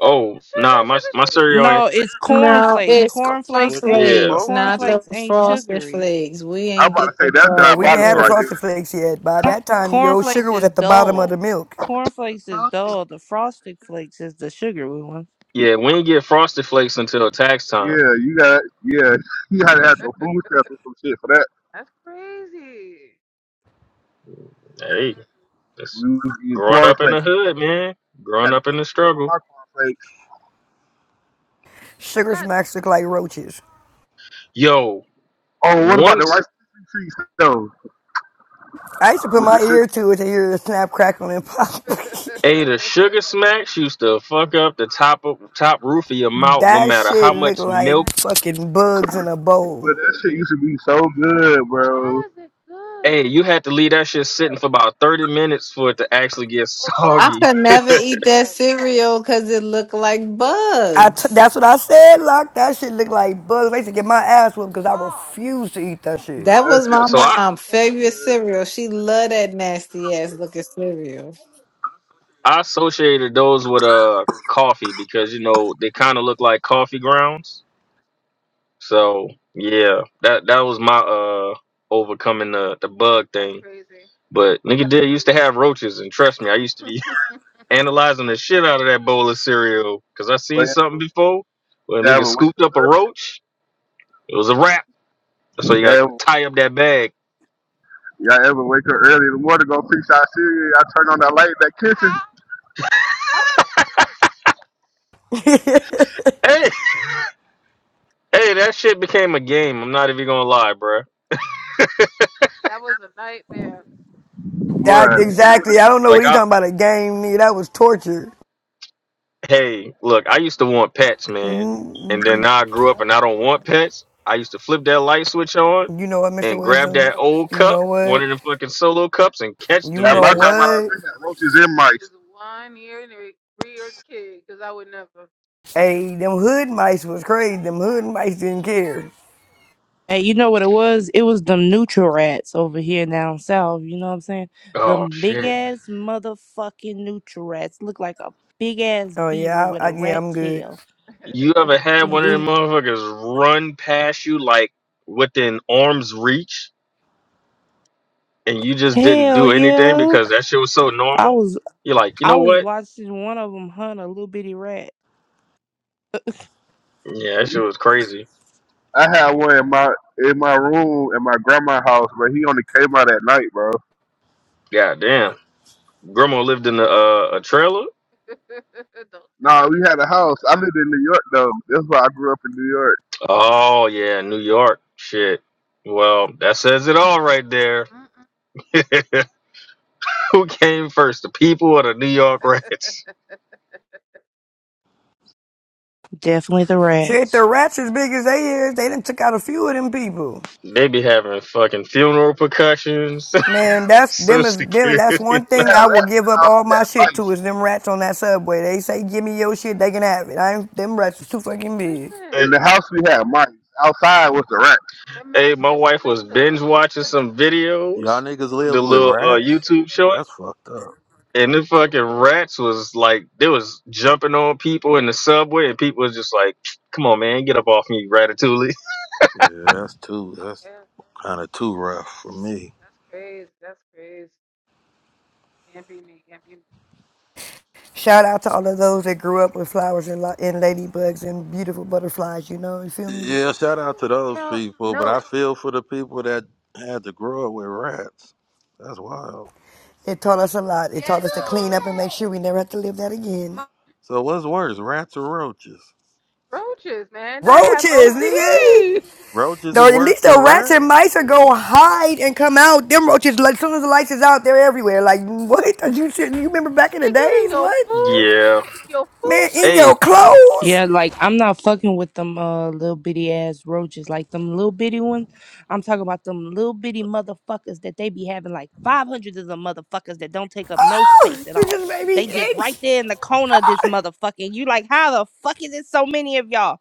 Speaker 2: Oh
Speaker 15: Sugar,
Speaker 2: nah, my
Speaker 15: sugar,
Speaker 2: my
Speaker 6: Yeah.
Speaker 2: cereal
Speaker 15: sugar.
Speaker 10: No,
Speaker 2: ain't.
Speaker 10: it's
Speaker 9: No,
Speaker 10: cornflakes.
Speaker 9: it's
Speaker 13: That's
Speaker 9: corn
Speaker 10: Cornflakes
Speaker 13: what you
Speaker 10: ain't
Speaker 2: Yeah,
Speaker 9: flakes,
Speaker 13: supposed to
Speaker 9: not
Speaker 13: do.
Speaker 9: the
Speaker 10: cornflakes ain't
Speaker 9: frosted
Speaker 10: sugary.
Speaker 9: flakes. We
Speaker 6: I'm
Speaker 9: ain't
Speaker 6: about to
Speaker 9: get
Speaker 6: say
Speaker 9: the
Speaker 6: that's
Speaker 16: No, we
Speaker 9: frosted
Speaker 16: didn't
Speaker 6: diabolical
Speaker 16: have the
Speaker 6: right
Speaker 9: flakes.
Speaker 6: there.
Speaker 16: frosted flakes yet. By that time, yo,
Speaker 10: Cornflakes
Speaker 16: sugar was
Speaker 10: is
Speaker 16: at the bottom of the
Speaker 10: dull.
Speaker 16: milk.
Speaker 10: Cornflakes is dull. The frosted flakes is the sugary one.
Speaker 2: yeah. We ain't get Frosted Flakes until tax time.
Speaker 6: Yeah, you got yeah, you gotta have some food stamps or some shit for that.
Speaker 15: That's crazy.
Speaker 2: Hey,
Speaker 15: Mm-mm.
Speaker 2: that's
Speaker 6: We eat
Speaker 2: growing
Speaker 6: corn
Speaker 2: up in the
Speaker 6: flakes.
Speaker 2: hood, man.
Speaker 6: You
Speaker 2: Growing
Speaker 6: gotta
Speaker 2: up
Speaker 6: put
Speaker 2: in the
Speaker 6: sugar on
Speaker 2: struggle.
Speaker 6: our corn flakes.
Speaker 15: Who
Speaker 16: Sugar
Speaker 15: got the
Speaker 16: smacks look like roaches.
Speaker 2: Yo,
Speaker 6: Oh, what about the
Speaker 2: once
Speaker 6: rice treats though?
Speaker 16: I used to put
Speaker 6: With
Speaker 16: my
Speaker 6: the sugar,
Speaker 16: ear to it to hear the snap, crackle, and pop.
Speaker 2: ate a sugar smacks used to fuck up the top of top roof of your mouth, no
Speaker 16: That
Speaker 2: matter how
Speaker 16: shit look
Speaker 2: much
Speaker 15: sugar?
Speaker 16: like
Speaker 2: milk.
Speaker 15: That is-
Speaker 16: fucking bugs in a
Speaker 6: but
Speaker 16: bowl.
Speaker 6: that shit used to be so good, bro.
Speaker 15: How is it
Speaker 2: Hey,
Speaker 15: good?
Speaker 2: you had to leave that shit sitting for about thirty minutes for it to actually get
Speaker 15: Or
Speaker 9: I
Speaker 2: soggy.
Speaker 9: could
Speaker 15: pops, P
Speaker 9: never
Speaker 15: O
Speaker 9: eat
Speaker 15: P
Speaker 9: that
Speaker 15: S.
Speaker 9: cereal because it looked like
Speaker 16: I t-
Speaker 9: bugs.
Speaker 16: that's what I said, Lock. That shit look like bugs. I used to get my ass whooped because I refuse to eat that shit.
Speaker 9: That
Speaker 6: That
Speaker 9: was
Speaker 6: shit,
Speaker 9: my
Speaker 2: So I
Speaker 7: Oh,
Speaker 9: mom'
Speaker 7: so stupid,
Speaker 9: favorite cereal.
Speaker 7: stupid.
Speaker 9: She loved that nasty ass looking cereal.
Speaker 2: I associated those with uh coffee because you know they kind of look like coffee grounds So yeah, that that was my uh overcoming the the bug
Speaker 15: That's
Speaker 2: thing.
Speaker 15: crazy.
Speaker 2: But nigga did used to have roaches, and trust me, I used to
Speaker 15: Ow,
Speaker 2: be analyzing the shit out of that bowl of cereal because I
Speaker 6: but
Speaker 2: seen
Speaker 6: you
Speaker 2: something before where a nigga
Speaker 6: ever wake
Speaker 2: scooped
Speaker 6: up
Speaker 2: up a
Speaker 6: early?
Speaker 2: roach. It was a wrap, so you
Speaker 6: Y'all
Speaker 2: gotta
Speaker 6: ever,
Speaker 2: tie up that bag.
Speaker 6: y'all ever wake up early in the morning, go fix our cereal? I turn on that light in that kitchen,
Speaker 15: that was
Speaker 2: Hey, hey, that shit became a game. I'm not even gonna lie, bruh.
Speaker 15: that was a nightmare.
Speaker 16: That
Speaker 6: but
Speaker 16: exactly. I don't know what
Speaker 2: Like
Speaker 16: he
Speaker 2: I
Speaker 16: talking about. A game, nigga. That was torture.
Speaker 2: Hey, look, I used to want pets, man. And then
Speaker 16: Mm,
Speaker 2: now I grew up and I don't want pets. I used to flip that light switch on
Speaker 16: You know what, Mr.
Speaker 2: and grab
Speaker 16: Wisdom?
Speaker 2: that old
Speaker 16: You
Speaker 2: cup,
Speaker 16: know
Speaker 2: one
Speaker 16: what?
Speaker 2: of them fucking solo cups, and catch
Speaker 16: You
Speaker 2: them
Speaker 6: at
Speaker 16: know
Speaker 6: my
Speaker 2: bitches.
Speaker 6: grandma's house,
Speaker 16: what?
Speaker 6: they had roaches and
Speaker 15: You was
Speaker 6: mice.
Speaker 15: one year and a reared kid, cause I would never.
Speaker 16: Hey, them hood mice was crazy. Them hood mice didn't care.
Speaker 10: Hey, you know what it was? It was them neutral rats over here down south. You know what I'm saying?
Speaker 2: Oh,
Speaker 10: Them big
Speaker 2: shit.
Speaker 10: ass motherfucking neutral rats look like a big ass
Speaker 16: Oh
Speaker 10: beaver
Speaker 16: yeah,
Speaker 10: with
Speaker 16: I, I,
Speaker 10: a
Speaker 16: yeah,
Speaker 10: rat
Speaker 16: I'm good.
Speaker 10: tail.
Speaker 2: You ever had one of them motherfuckers run past you like within arm's reach and you just didn't
Speaker 10: Hell
Speaker 2: do anything
Speaker 10: yeah.
Speaker 2: because that shit was so
Speaker 10: I
Speaker 2: normal?
Speaker 10: was
Speaker 2: You're like, you
Speaker 10: I
Speaker 2: know
Speaker 10: was
Speaker 2: what?
Speaker 10: watching one of them hunt a little bitty rat.
Speaker 2: Yeah, that shit was crazy.
Speaker 6: I
Speaker 15: I
Speaker 6: had
Speaker 15: will
Speaker 6: one
Speaker 15: for.
Speaker 6: in my in my room in my grandma's house, but he only came out at night, bro.
Speaker 2: God damn. Grandma lived in a, uh, a trailer
Speaker 15: Don't tell
Speaker 6: Nah, we
Speaker 15: me
Speaker 6: had a
Speaker 15: that.
Speaker 6: house. I lived in New York though. That's why I grew up in New York.
Speaker 2: Oh yeah, New York. Shit. Well, that says it all right there.
Speaker 15: Mm-mm.
Speaker 2: Who came first, the people or the New York Rats?
Speaker 10: Definitely the
Speaker 16: Shit,
Speaker 10: rats.
Speaker 16: the rats as big as they is, they done took out a few of them people.
Speaker 2: They be having fucking funeral percussions,
Speaker 16: Man, that's
Speaker 2: social
Speaker 16: them is them.
Speaker 6: And
Speaker 16: That's
Speaker 6: we
Speaker 2: security.
Speaker 16: one
Speaker 6: just
Speaker 16: thing
Speaker 6: had
Speaker 16: I will
Speaker 6: rats
Speaker 16: give
Speaker 6: in the
Speaker 16: up
Speaker 6: house.
Speaker 16: all
Speaker 6: We
Speaker 16: my
Speaker 6: had
Speaker 16: shit to
Speaker 6: mice.
Speaker 16: is them rats on that subway. They say give me your shit, they can have it. I ain't, them rats is too fucking big.
Speaker 15: Listen,
Speaker 6: In the house we had mice. Outside was the rats.
Speaker 15: the
Speaker 2: hey, my
Speaker 15: master
Speaker 2: wife was binge
Speaker 15: splinter.
Speaker 2: watching some
Speaker 13: Y'all
Speaker 2: videos,
Speaker 13: niggas
Speaker 2: the
Speaker 13: lives with
Speaker 2: little uh,
Speaker 13: rats.
Speaker 2: YouTube short,
Speaker 13: That's fucked up.
Speaker 2: and the fucking rats was like, they was jumping on people in the subway, and people was just like, "Come on, man, get up off me, Ratatouille."
Speaker 13: Yeah, that's too.
Speaker 15: Oh
Speaker 13: That's
Speaker 15: yeah,
Speaker 13: kind of too rough for me.
Speaker 15: that's crazy. That's crazy. Can't be me. Can't be me.
Speaker 16: Shout out to all of those that grew up with flowers and, li- and ladybugs and beautiful butterflies. You know, you feel me?
Speaker 13: Yeah, shout out to those
Speaker 15: Girl,
Speaker 13: people, but I
Speaker 15: no
Speaker 13: feel for the people that had to grow up with rats. That's wild.
Speaker 16: It taught us a lot. It taught us to clean up and make sure we never have to live that again.
Speaker 13: So what's worse, rats or roaches?
Speaker 15: roaches, man. I have
Speaker 16: Roaches, nigga.
Speaker 15: OCD.
Speaker 13: Roaches is
Speaker 16: Though at
Speaker 13: worse
Speaker 16: least
Speaker 13: than
Speaker 16: the rats
Speaker 13: rats.
Speaker 16: and mice are go hide and come out. Them roaches, like, as soon as the lights is out, they're everywhere. Like what? Are you shit- You remember back in the
Speaker 15: They get in
Speaker 16: days?
Speaker 15: your
Speaker 16: What?
Speaker 15: food. You
Speaker 2: Yeah.
Speaker 15: can't eat your food
Speaker 16: Man, in
Speaker 15: no.
Speaker 2: Hey.
Speaker 16: your clothes?
Speaker 10: Yeah, like I'm not fucking with them uh little bitty ass roaches, like them little bitty ones. I'm talking about them little bitty motherfuckers that they be having like 500 of them motherfuckers that don't take up no
Speaker 16: Oh,
Speaker 10: space at
Speaker 16: you
Speaker 10: all.
Speaker 16: just made me
Speaker 10: They just right
Speaker 16: itch.
Speaker 10: there in the corner of this motherfucking. You like how the fuck is it so many of y'all?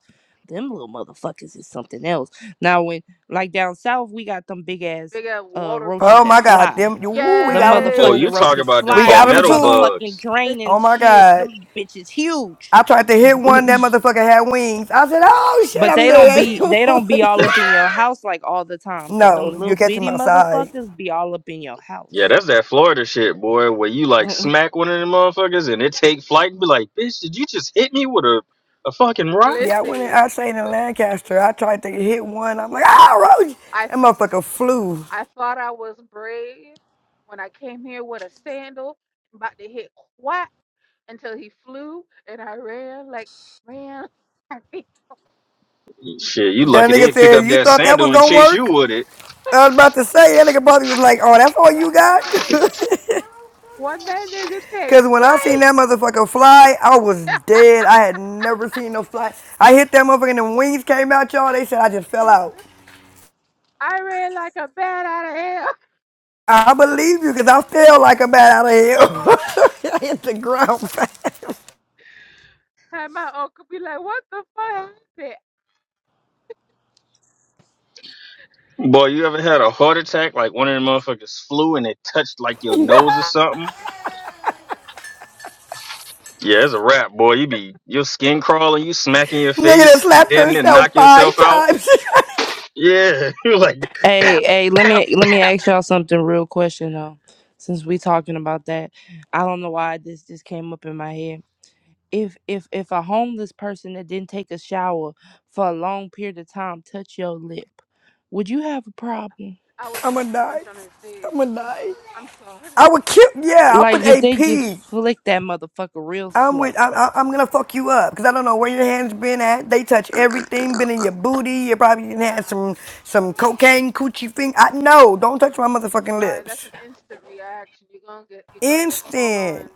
Speaker 10: Them little motherfuckers is something else. Now when like down south we got them big ass
Speaker 15: Big ass
Speaker 10: uh
Speaker 15: water
Speaker 10: roaches
Speaker 16: Oh
Speaker 10: that
Speaker 16: my
Speaker 15: bugs.
Speaker 16: God,
Speaker 10: fly.
Speaker 16: them. You, we
Speaker 10: The
Speaker 16: got them
Speaker 2: Oh,
Speaker 16: too.
Speaker 15: Yes,
Speaker 10: motherfucking
Speaker 2: you talking
Speaker 10: roaches
Speaker 2: about them
Speaker 16: We
Speaker 10: fly
Speaker 16: got
Speaker 10: out the
Speaker 16: them
Speaker 2: palmetto
Speaker 16: too.
Speaker 10: motherfucking
Speaker 2: bugs.
Speaker 15: listen,
Speaker 10: drain
Speaker 16: Oh
Speaker 10: and
Speaker 16: my
Speaker 10: shit.
Speaker 16: God.
Speaker 10: Them bitches huge.
Speaker 16: I tried to hit one. That motherfucker had wings. I said, "Oh shit,
Speaker 10: But
Speaker 16: I'm
Speaker 10: they don't
Speaker 16: dead."
Speaker 10: be
Speaker 15: bro.
Speaker 10: they don't be all up in your house like all the time. But them
Speaker 16: no,
Speaker 10: little
Speaker 16: you catch him
Speaker 10: bitty
Speaker 16: outside.
Speaker 10: motherfuckers be all up in your
Speaker 2: Yeah,
Speaker 10: house.
Speaker 2: that's that Florida shit, boy, where you like smack one of them motherfuckers and it take flight and be like, bitch, did you just hit me with a, a fucking rock?
Speaker 16: Yeah, I went. In,
Speaker 15: Listen,
Speaker 16: I stayed in Lancaster. I tried to hit one. I'm like,
Speaker 15: I, th-
Speaker 16: "Ah, Roach!"
Speaker 15: I,
Speaker 16: That motherfucker flew.
Speaker 15: I thought I was brave when I came here with a sandal, about to hit quack until he flew, and I ran like ran.
Speaker 2: Shit, you
Speaker 16: That
Speaker 2: lucky they
Speaker 16: nigga
Speaker 2: didn't pick
Speaker 16: said,
Speaker 2: up
Speaker 16: "You
Speaker 2: that
Speaker 16: thought that
Speaker 2: sandal
Speaker 16: was
Speaker 2: and
Speaker 16: gonna
Speaker 2: chase you
Speaker 16: work?"
Speaker 2: with it.
Speaker 16: I was about to say that nigga probably was like, "Oh, that's all you got."
Speaker 15: When that nigga take
Speaker 16: Cause when I seen that motherfucker fly, I was dead. I had never seen no fly. I hit that motherfucker and the wings came out, y'all. They said I just fell
Speaker 15: flight,
Speaker 16: out.
Speaker 15: I ran like a bat out of hell.
Speaker 16: I
Speaker 15: And
Speaker 16: believe you, cause I fell like a bat out of hell. I hit the ground fast.
Speaker 15: and my uncle be like, what the fuck happened?
Speaker 2: Boy, you ever had a heart attack like one of them motherfuckers flew and it touched like your
Speaker 16: Nigga
Speaker 2: nose or something? Yeah, it's a wrap, boy. You be your skin crawling, you smacking your
Speaker 16: that
Speaker 2: face,
Speaker 16: slapped
Speaker 2: damn near
Speaker 16: herself
Speaker 2: knock
Speaker 16: five
Speaker 2: yourself out.
Speaker 16: times.
Speaker 2: Yeah, you like,
Speaker 10: Hey,
Speaker 2: pap,
Speaker 10: hey, let
Speaker 2: pap,
Speaker 10: me let
Speaker 2: pap.
Speaker 10: me ask y'all something real question though. Since we talking about that, I don't know why this just came up in my head. If if if a homeless person that didn't take a shower for a long period of time touch your lip, would you have a problem?
Speaker 15: I would
Speaker 16: I'ma
Speaker 15: suck a
Speaker 16: die.
Speaker 15: punch on his face.
Speaker 16: I'ma die.
Speaker 15: I'm sorry.
Speaker 16: I would kill. Yeah, I
Speaker 10: Like
Speaker 16: put
Speaker 10: if they just
Speaker 16: AP.
Speaker 10: flick that motherfucker real
Speaker 16: I'm with.
Speaker 10: slow.
Speaker 16: I, I, am gonna fuck you up because I don't know where your hands been at. They touch everything. Been in your booty. You probably done had
Speaker 15: Nah,
Speaker 16: some some cocaine coochie thing. I no. Don't touch my motherfucking
Speaker 15: sorry. That's
Speaker 16: lips.
Speaker 15: an instant reaction. You're gonna get you're gonna get slung on.
Speaker 16: Instant,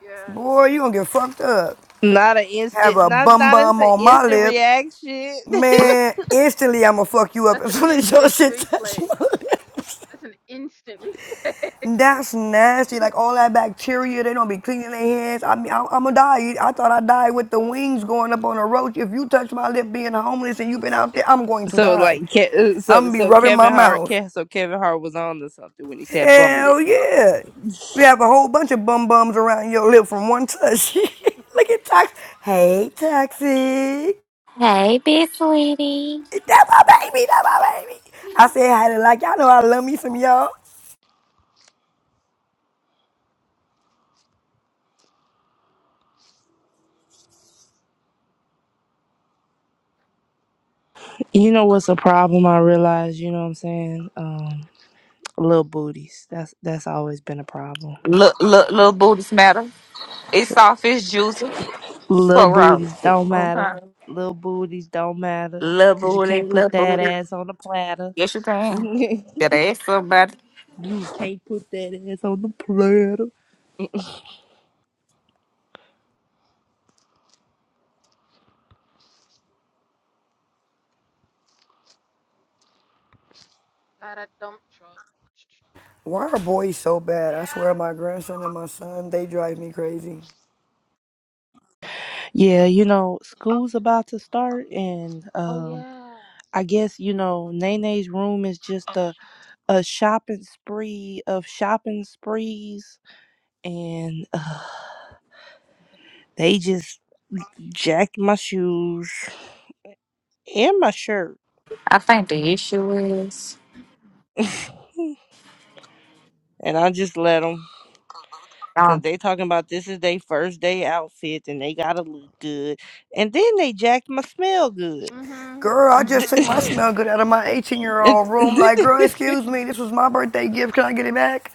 Speaker 15: Yeah,
Speaker 16: boy. You gonna get fucked up.
Speaker 10: Not an
Speaker 16: Have
Speaker 10: instant,
Speaker 16: a
Speaker 10: not
Speaker 16: bum
Speaker 10: not as
Speaker 16: bum
Speaker 10: an
Speaker 16: on my
Speaker 10: instant
Speaker 16: lip,
Speaker 10: reaction.
Speaker 16: man. Instantly, I'ma fuck you up
Speaker 15: that's
Speaker 16: as
Speaker 15: an
Speaker 16: soon as your
Speaker 15: instant
Speaker 16: shit touch my
Speaker 15: reflex.
Speaker 16: lip.
Speaker 15: That's an instant reflex.
Speaker 16: That's nasty. Like all that bacteria, they don't be cleaning their hands. I mean, I, I'm gonna die. I thought I died with the wings going up on a roach. If you touch my lip being homeless and you've been out there, I'm going to
Speaker 10: so
Speaker 16: die.
Speaker 10: like, Ke- uh,
Speaker 16: I'm
Speaker 10: so
Speaker 16: gonna be
Speaker 10: so
Speaker 16: rubbing my
Speaker 10: Kevin Hart,
Speaker 16: mouth.
Speaker 10: Ke- so Kevin Hart was on to something when he said bum lips.
Speaker 16: Hell yeah. You have a whole bunch of bum bums around your lip from one touch. Look at Toxic. Hey, Toxic.
Speaker 12: Hey, big sweetie.
Speaker 16: That's my baby. That's my baby. I said hi to like, y'all know I love me some y'all.
Speaker 10: You know what's a problem I realize, you know what I'm saying? Um little booties. That's that's always been a problem.
Speaker 12: Look, look, little booty smatter. It's soft, it's juicy.
Speaker 10: Little
Speaker 12: So wrong.
Speaker 10: booties don't matter.
Speaker 12: Okay.
Speaker 10: Little booties don't matter.
Speaker 12: Little
Speaker 10: Cause you
Speaker 12: booty,
Speaker 10: can't
Speaker 12: little
Speaker 10: put that
Speaker 12: booty.
Speaker 10: ass on the platter.
Speaker 12: Yes, you can.
Speaker 10: you
Speaker 12: Better ask somebody.
Speaker 10: can't put that ass on the platter.
Speaker 15: Got a dump truck.
Speaker 16: Why are boys so bad? I swear my grandson and my son, they drive me crazy.
Speaker 10: Yeah, you know, school's about to start and
Speaker 15: Oh
Speaker 10: um
Speaker 15: yeah.
Speaker 10: I guess, you know, Nene's room is just a, a shopping spree of shopping sprees and uh, they just jacked my shoes and my shirt.
Speaker 12: I think the issue is
Speaker 10: and I just let them because
Speaker 12: Um,
Speaker 10: they talking about this is their first day outfit and they gotta look good. And then they jacked my smell good.
Speaker 15: Mhm.
Speaker 16: Girl, I just
Speaker 15: Mhm.
Speaker 16: took my smell good out of my 18 year
Speaker 10: And-
Speaker 16: old room. Like,
Speaker 15: Mhm.
Speaker 16: girl, excuse me, this was my birthday gift. Can I get it back?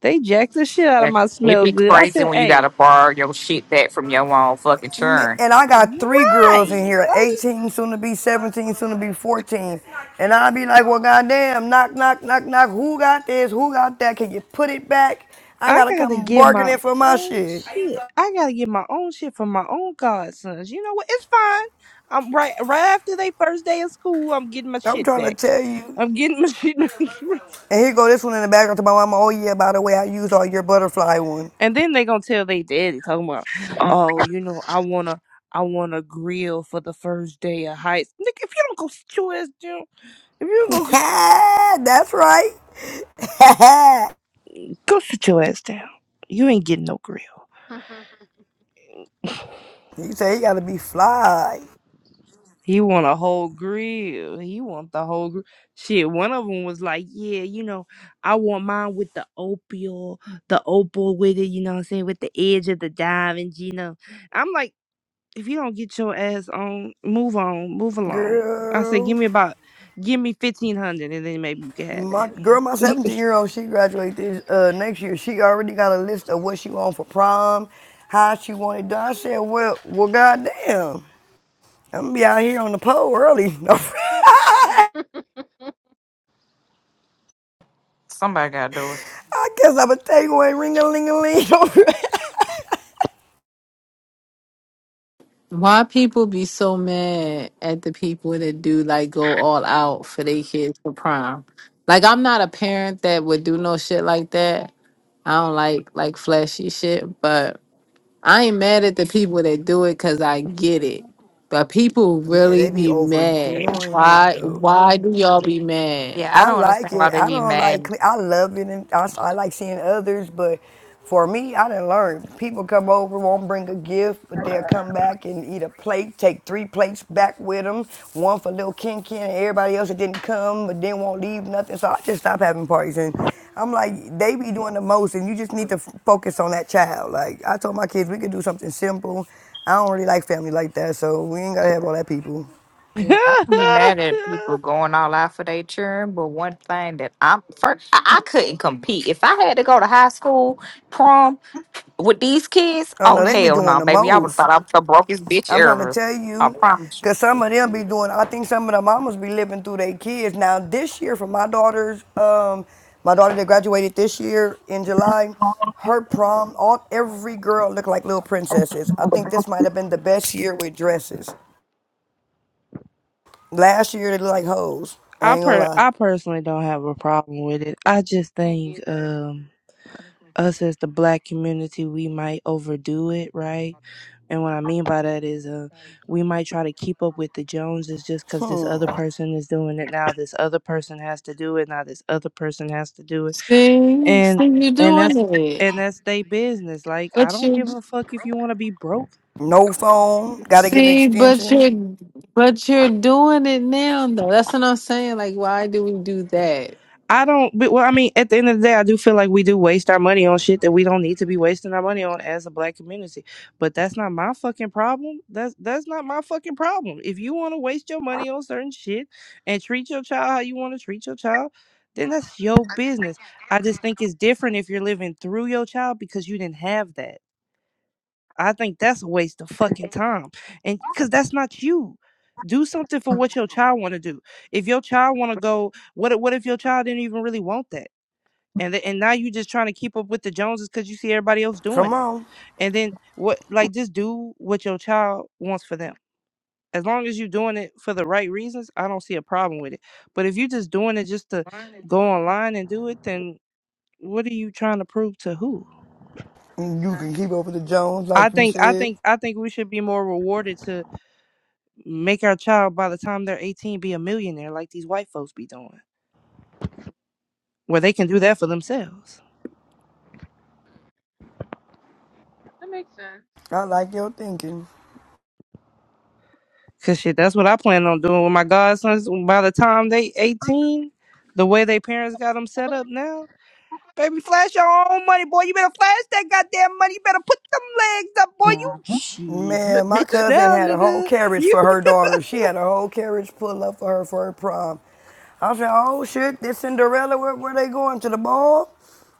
Speaker 10: they jacked the shit out of my
Speaker 12: It'd
Speaker 10: smell
Speaker 12: be
Speaker 10: good. I
Speaker 12: crazy
Speaker 10: said,
Speaker 12: when you
Speaker 10: hey,
Speaker 12: gotta borrow your shit back from your own fucking churn.
Speaker 16: And I got three girls in
Speaker 10: right.
Speaker 16: here
Speaker 10: like."
Speaker 16: 18, soon to be 17, soon to be 14. And i be like, well, goddamn, knock, knock, knock, knock. Who got this? Who got that? Can you put it back? I
Speaker 10: I
Speaker 16: gotta
Speaker 10: gotta
Speaker 16: come
Speaker 10: get my
Speaker 16: bargaining for my
Speaker 10: own
Speaker 16: shit.
Speaker 10: shit. I gotta get my own shit from my own godsons. You know what? It's fine. I'm right right after they first day of school. I'm getting my
Speaker 16: I'm
Speaker 10: shit
Speaker 16: trying to
Speaker 10: back.
Speaker 16: tell you.
Speaker 10: I'm getting my shit back.
Speaker 16: And here go this one in the background to my mama. Oh, yeah, by the way, I used all your butterfly one.
Speaker 10: and then they gonna tell they daddy talking about, oh, you know, I wanna, I wanna grill for the first day of high. school. Nigga, if you don't go sit your ass down, if you don't go
Speaker 16: That's right.
Speaker 10: go sit your ass down, you ain't getting no grill.
Speaker 16: you say you gotta be fly.
Speaker 10: He want a whole grill. He want the whole grill. Shit, one of them was like, yeah, you know, I want mine with the opal, the opal with it, you know what I'm saying, with the edge of the diamond, you know. I'm like, if you don't get your ass on, move on, move along. I said, give
Speaker 16: Girl,
Speaker 10: me about, give me 1500 and then maybe you can have
Speaker 16: my
Speaker 10: that.
Speaker 16: girl, my 17 year old, she graduate this uh, next year. She already got a list of what she want for prom, how she want it done. I said, well, well, goddamn, I'm gonna be out here on the pole early. I
Speaker 12: Somebody gotta do it.
Speaker 16: guess I'm a takeaway ring a ling a ling.
Speaker 9: Why people be so mad at the people that do like go all out for their kids for prom? Like I'm not a parent that would do no shit like that. I don't like like flashy shit, but I ain't mad at the people that do it because I get it. But people
Speaker 16: Yeah,
Speaker 9: really
Speaker 16: they be
Speaker 9: be mad.
Speaker 16: overdoing it
Speaker 9: Why
Speaker 16: though.
Speaker 9: why do y'all be mad?
Speaker 12: yeah, I
Speaker 16: I
Speaker 12: don't
Speaker 16: like
Speaker 12: understand why
Speaker 16: it.
Speaker 12: they
Speaker 16: I
Speaker 12: be
Speaker 16: don't like.
Speaker 12: mad.
Speaker 16: cle- I love it, and I, s- I like seeing others. But for me, I didn't learn. People come over, won't bring a gift, but they'll come back and eat a plate. Take three plates back with them. One for little Ken Ken and everybody else that didn't come, but then won't leave nothing. So I just stopped having parties, and I'm like, they be doing the most, and you just need to f- focus on that child. Like I told my kids, we could do something simple. I don't really like family like that, so we ain't gotta have all that
Speaker 15: God.
Speaker 16: people.
Speaker 12: I don't be mad at people going all out for their children, but one thing that I'm first, I, I couldn't compete. If I had to go to high school prom with these kids,
Speaker 16: Oh
Speaker 12: oh
Speaker 16: no, they be
Speaker 12: hell no,
Speaker 16: doing the
Speaker 12: baby, I would have
Speaker 16: most.
Speaker 12: thought I was the brokest bitch
Speaker 16: I'm trying to
Speaker 12: ever.
Speaker 16: tell
Speaker 12: I
Speaker 16: you,
Speaker 12: promise. you.
Speaker 16: because some of them be doing, I think some of the mamas be living through their kids. Now, this year, for my daughter's, um, my daughter that graduated this year in July, her prom, all every girl looked like little princesses. I think this might have been the best year with dresses. Last year, they looked like hoes. I
Speaker 10: I
Speaker 16: ain't gonna
Speaker 10: per
Speaker 16: lie.
Speaker 10: I personally don't have a problem with it. I just
Speaker 15: Me
Speaker 10: think,
Speaker 15: neither.
Speaker 10: um. us as the black community we might overdo it right and what i mean by that is uh we might try to keep up with the joneses just because this other
Speaker 16: Hmm.
Speaker 10: person is doing it now this other person has to do it now this other person has to do it
Speaker 9: See,
Speaker 10: and
Speaker 9: see you
Speaker 10: and that's
Speaker 9: doing it.
Speaker 10: and that's their business like i
Speaker 9: But
Speaker 10: don't give
Speaker 9: you
Speaker 10: a fuck if you want to be broke
Speaker 16: No phone, gotta get an
Speaker 9: see, but
Speaker 16: extension.
Speaker 9: you're but you're doing it now though. That's what I'm saying. Like why do we do that?
Speaker 10: I don't. but- Well, I mean, at the end of the day, I do feel like we do waste our money on shit that we don't need to be wasting our money on as a black community. But that's not my fucking problem. That's that's not my fucking problem. If you want to waste your money on certain shit and treat your child how you want to treat your child, then that's your business. I just think it's different if you're living through your child because you didn't have that. I think that's a waste of fucking time, and because that's not you. Do something for what your child want to do. If your child want to go what if- what if your child didn't even really want that? and th- and now you just trying to keep up with the Joneses because you see everybody else doing
Speaker 16: Come
Speaker 10: it.
Speaker 16: on.
Speaker 10: And then what? Like, just do what your child wants for them. As long as you're doing it for the right reasons, I don't see a problem with it. But if you're just doing it just to go online and do it, then what are you trying to prove to who?
Speaker 15: Makes
Speaker 16: You can keep
Speaker 15: sense.
Speaker 16: up with the Jones,
Speaker 10: I
Speaker 16: like you
Speaker 10: think I
Speaker 16: said.
Speaker 10: think I think we should be more rewarded to make our child by the time they're 18 be a millionaire like these white folks be doing, where they can do that for themselves.
Speaker 15: That makes sense.
Speaker 16: I like your thinking.
Speaker 10: Cause shit, that's what I plan on doing with my godsons. By the time they eighteen, the way they parents got them set up now, baby, flash your own money, boy. You better flash that goddamn money. You better put them legs up, boy. You shit, you
Speaker 16: Man, my
Speaker 10: rich
Speaker 16: cousin
Speaker 10: now,
Speaker 16: had a whole
Speaker 10: nigga.
Speaker 16: carriage
Speaker 10: You
Speaker 16: for her daughter. She had a whole carriage pull up for her for her prom. I said, oh shit, this Cinderella, where, where they going to the ball?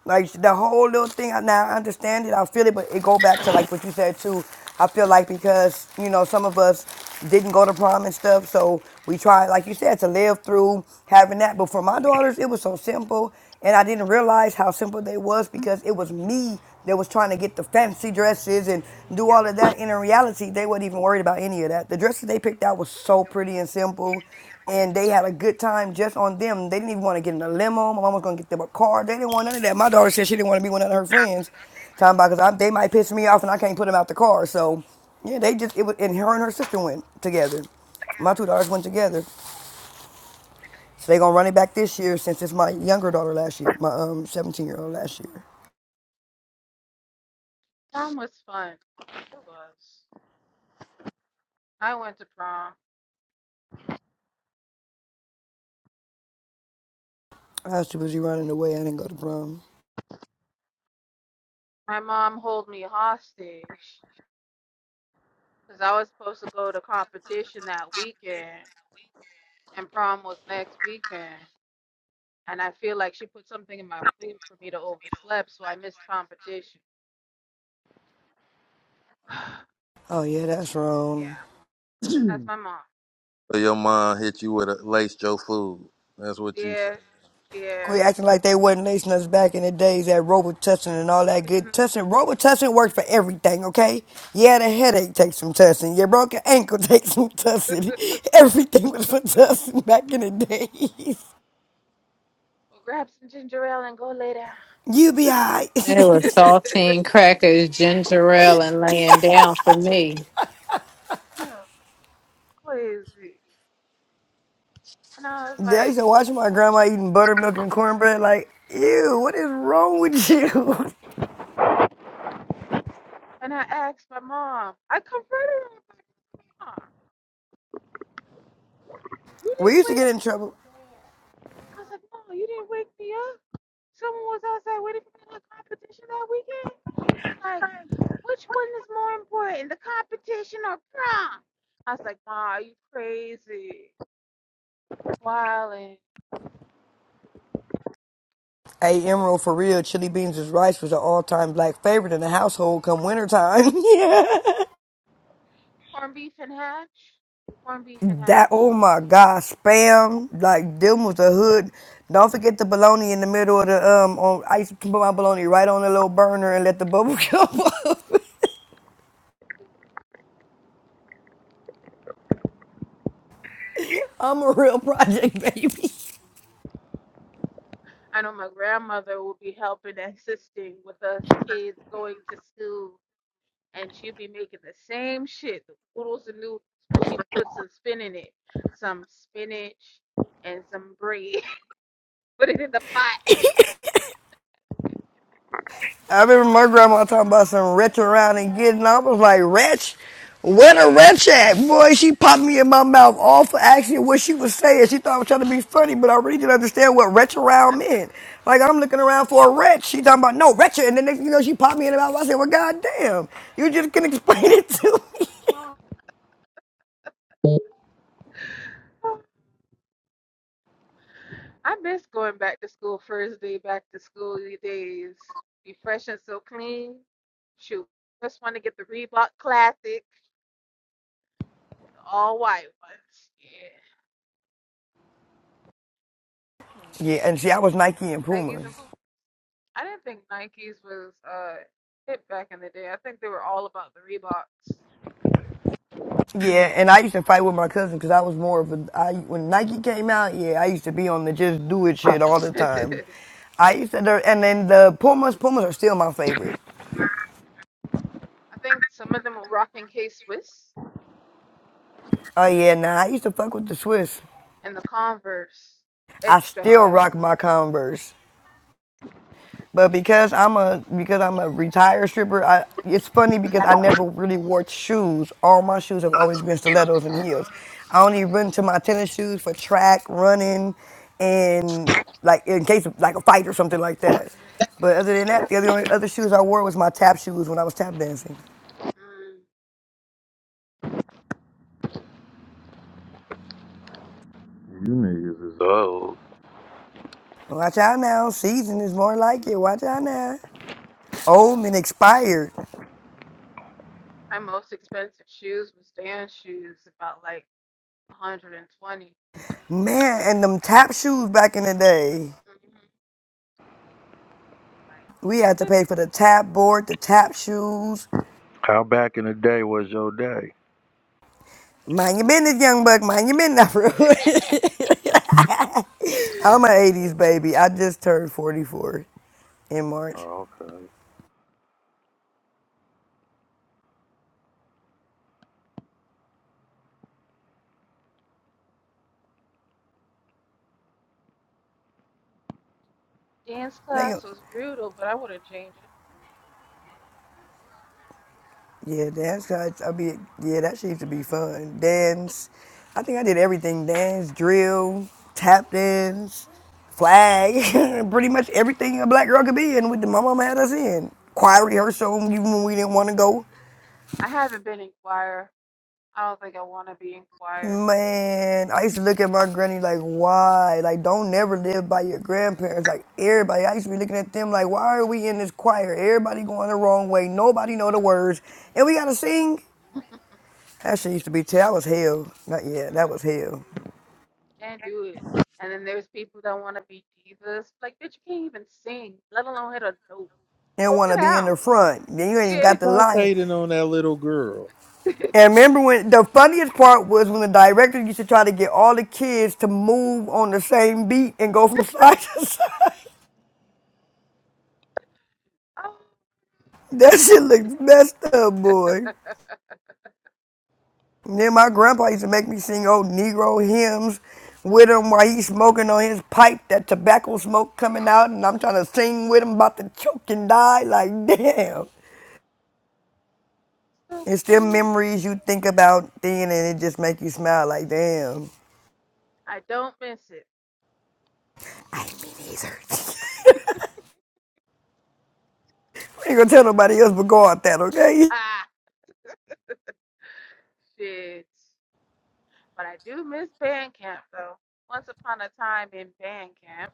Speaker 16: Like the whole little thing. Now I understand it, I feel it, but it go back to like what you said too. I feel like because you know some of us didn't go to prom and stuff, so we tried, like you said, to live through having that. But for my daughters, it was so simple and I didn't realize how simple they was because it was me that was trying to get the fancy dresses and do all of that. And in reality, they weren't even worried about any of that. The dresses they picked out was so pretty and simple, and they had a good time just on them. They didn't even want to get in a limo. My mom was gonna get them a car. They didn't want none of that. My daughter said she didn't want to be one of her friends. Talking about because they might piss me off and I can't put them out the car. So yeah, they just it was and her and her sister went together. My two daughters went together. So they gonna run it back this year since it's my younger daughter last year, my um 17 year old last year.
Speaker 15: prom was fun. It was. I went to prom.
Speaker 16: I was too busy running away. I didn't go to prom.
Speaker 15: My mom hold me hostage because I was supposed to go to competition that weekend, and prom was next weekend. And I feel like she put something in my food for me to oversleep, so I missed competition.
Speaker 16: Oh yeah, that's
Speaker 15: yeah,
Speaker 16: wrong.
Speaker 15: that's my mom.
Speaker 13: So your mom hit you with a laced your food. That's what you say.
Speaker 15: Yeah, yeah.
Speaker 16: Quit acting like they wasn't lacing us back in the days that Robitussin and all that
Speaker 15: hmm
Speaker 16: good tussin. Robitussin works for everything, okay? Yeah, the headache takes some tussin. Your broken ankle takes some tussin. Everything was for tussin back in the days.
Speaker 15: Well, grab some ginger ale and go lay down.
Speaker 16: You be alright.
Speaker 9: It was saltine crackers, ginger ale, and laying down for me.
Speaker 15: yeah. crazy. And I was
Speaker 16: I
Speaker 15: like,
Speaker 16: used to watch my grandma eating buttermilk and cornbread like, ew, what is wrong with you?
Speaker 15: and I asked my mom, I confronted her, mom, you
Speaker 16: We
Speaker 15: didn't
Speaker 16: used to
Speaker 15: wake
Speaker 16: get in
Speaker 15: me.
Speaker 16: trouble.
Speaker 15: I was like, mom, you didn't wake me up. Someone was outside waiting for me in the competition that weekend. She's like, which one is more important, the competition or prom? I was like, mom, are you crazy. Wildin'.
Speaker 16: Hey, Emerald, for real, chili beans and rice was an all-time black favorite in the household come wintertime. yeah.
Speaker 15: Corned beef and hash? Corned beef and
Speaker 16: That,
Speaker 15: hash.
Speaker 16: oh my God, spam, like, them was the hood. Don't forget the bologna in the middle of the, um, on, I used to put my bologna right on the little burner and let the bubble come up. I'm a real project baby.
Speaker 15: I know my grandmother will be helping, and assisting with us kids going to school and she'll be making the same shit, the oodles and noodles, but she puts some spin in it, some spinach and some bread. Put it in the pot.
Speaker 16: I remember my grandma talking about some wretch around and getting. I was like, wretch? Where the wretch at? Boy, she popped me in my mouth all for asking what she was saying. She thought I was trying to be funny, but I really didn't understand what wretch around meant. Like, I'm looking around for a wretch. She talking about, no, wretch. And then next thing you know, she popped me in the mouth. I said, well, goddamn, you just can explain it to me.
Speaker 15: I miss going back to school first day back to school days. Be fresh and so clean. Shoot, just want to get the Reebok Classic, the all white ones. Yeah,
Speaker 16: Yeah, and see, I was Nike and Puma.
Speaker 15: Nikes and poop. I didn't think Nikes was uh hit back in the day. I think they were all about the
Speaker 16: Yeah, and I used to fight with my cousin because I was more of a. I when Nike came out, yeah, I used to be on the just do it shit all the time. I used to, there- and then the Pumas, Pumas are still my favorite.
Speaker 15: Reeboks. I think some of them were rocking K Swiss
Speaker 16: Oh yeah, nah, I used to fuck with the Swiss.
Speaker 15: and the Converse
Speaker 16: I
Speaker 15: extra
Speaker 16: still
Speaker 15: hard.
Speaker 16: rock my Converse. But because I'm a because I'm a retired stripper, I, it's funny because I never really wore shoes. All my shoes have always been stilettos and heels. I only run to my tennis shoes for track running, and like in case of like a fight or something like that. But other than that, the other only other shoes I wore was my tap shoes when I was tap dancing.
Speaker 15: Mm-mm.
Speaker 13: You niggas is old.
Speaker 16: Well, Watch out now, season is more like it. Watch out now. Old and expired,
Speaker 15: My most expensive shoes was Dan's shoes, about like 120.
Speaker 16: man. And them tap shoes back in the day. We had to
Speaker 15: Mm-hmm.
Speaker 16: pay for the tap board, the tap shoes,
Speaker 13: How back in the day was your day?
Speaker 16: Mind your business, young buck. Mind your business, bro.
Speaker 15: Like,
Speaker 16: I'm an 80s baby. I just turned 44 in March.
Speaker 13: Oh, okay.
Speaker 15: dance
Speaker 16: Nigga,
Speaker 15: class was brutal, but I wouldn't change it.
Speaker 16: yeah, dance cuts. I be yeah, that shit used to be fun. Dance. I think I did everything. Dance, drill, tap dance, flag. Pretty much everything a black girl could be in with the my mama had us in. Choir rehearsal even when we didn't want to go.
Speaker 15: I haven't been in choir. I don't think I want to be in choir.
Speaker 16: Man, I used to look at my granny like, why? Like, don't never live by your grandparents. Like, everybody, I used to be looking at them like, why are we in this choir? Everybody going the wrong way. Nobody know the words. And we got to sing? That shit used to be, that was hell. Not yeah, that
Speaker 15: Mm,
Speaker 16: was hell.
Speaker 15: Can't do it. And then there's people that want to be divas. Like, bitch, you can't even sing, let alone hit a note. Go
Speaker 16: And want
Speaker 15: sit
Speaker 16: to be in
Speaker 15: down.
Speaker 16: the front. Then you ain't even
Speaker 15: Yeah.
Speaker 16: got the
Speaker 13: Stop
Speaker 16: line.
Speaker 13: hating on that little girl.
Speaker 16: And remember when, the funniest part was when the director used to try to get all the kids to move on the same beat and go from side to side.
Speaker 15: oh,
Speaker 16: That shit looks messed up, boy. And Then my grandpa used to make me sing old Negro hymns with him while he's smoking on his pipe, that tobacco smoke coming out, and I'm trying to sing with him about to choke and die. Like, damn.
Speaker 15: so
Speaker 16: It's still
Speaker 15: please.
Speaker 16: memories you think about then, and it just make you smile. Like, damn.
Speaker 15: I don't miss it.
Speaker 16: I didn't mean either. I ain't gonna tell nobody else but God that, okay?
Speaker 15: Ah, shit. But I do miss band camp though. Once upon a time in band camp.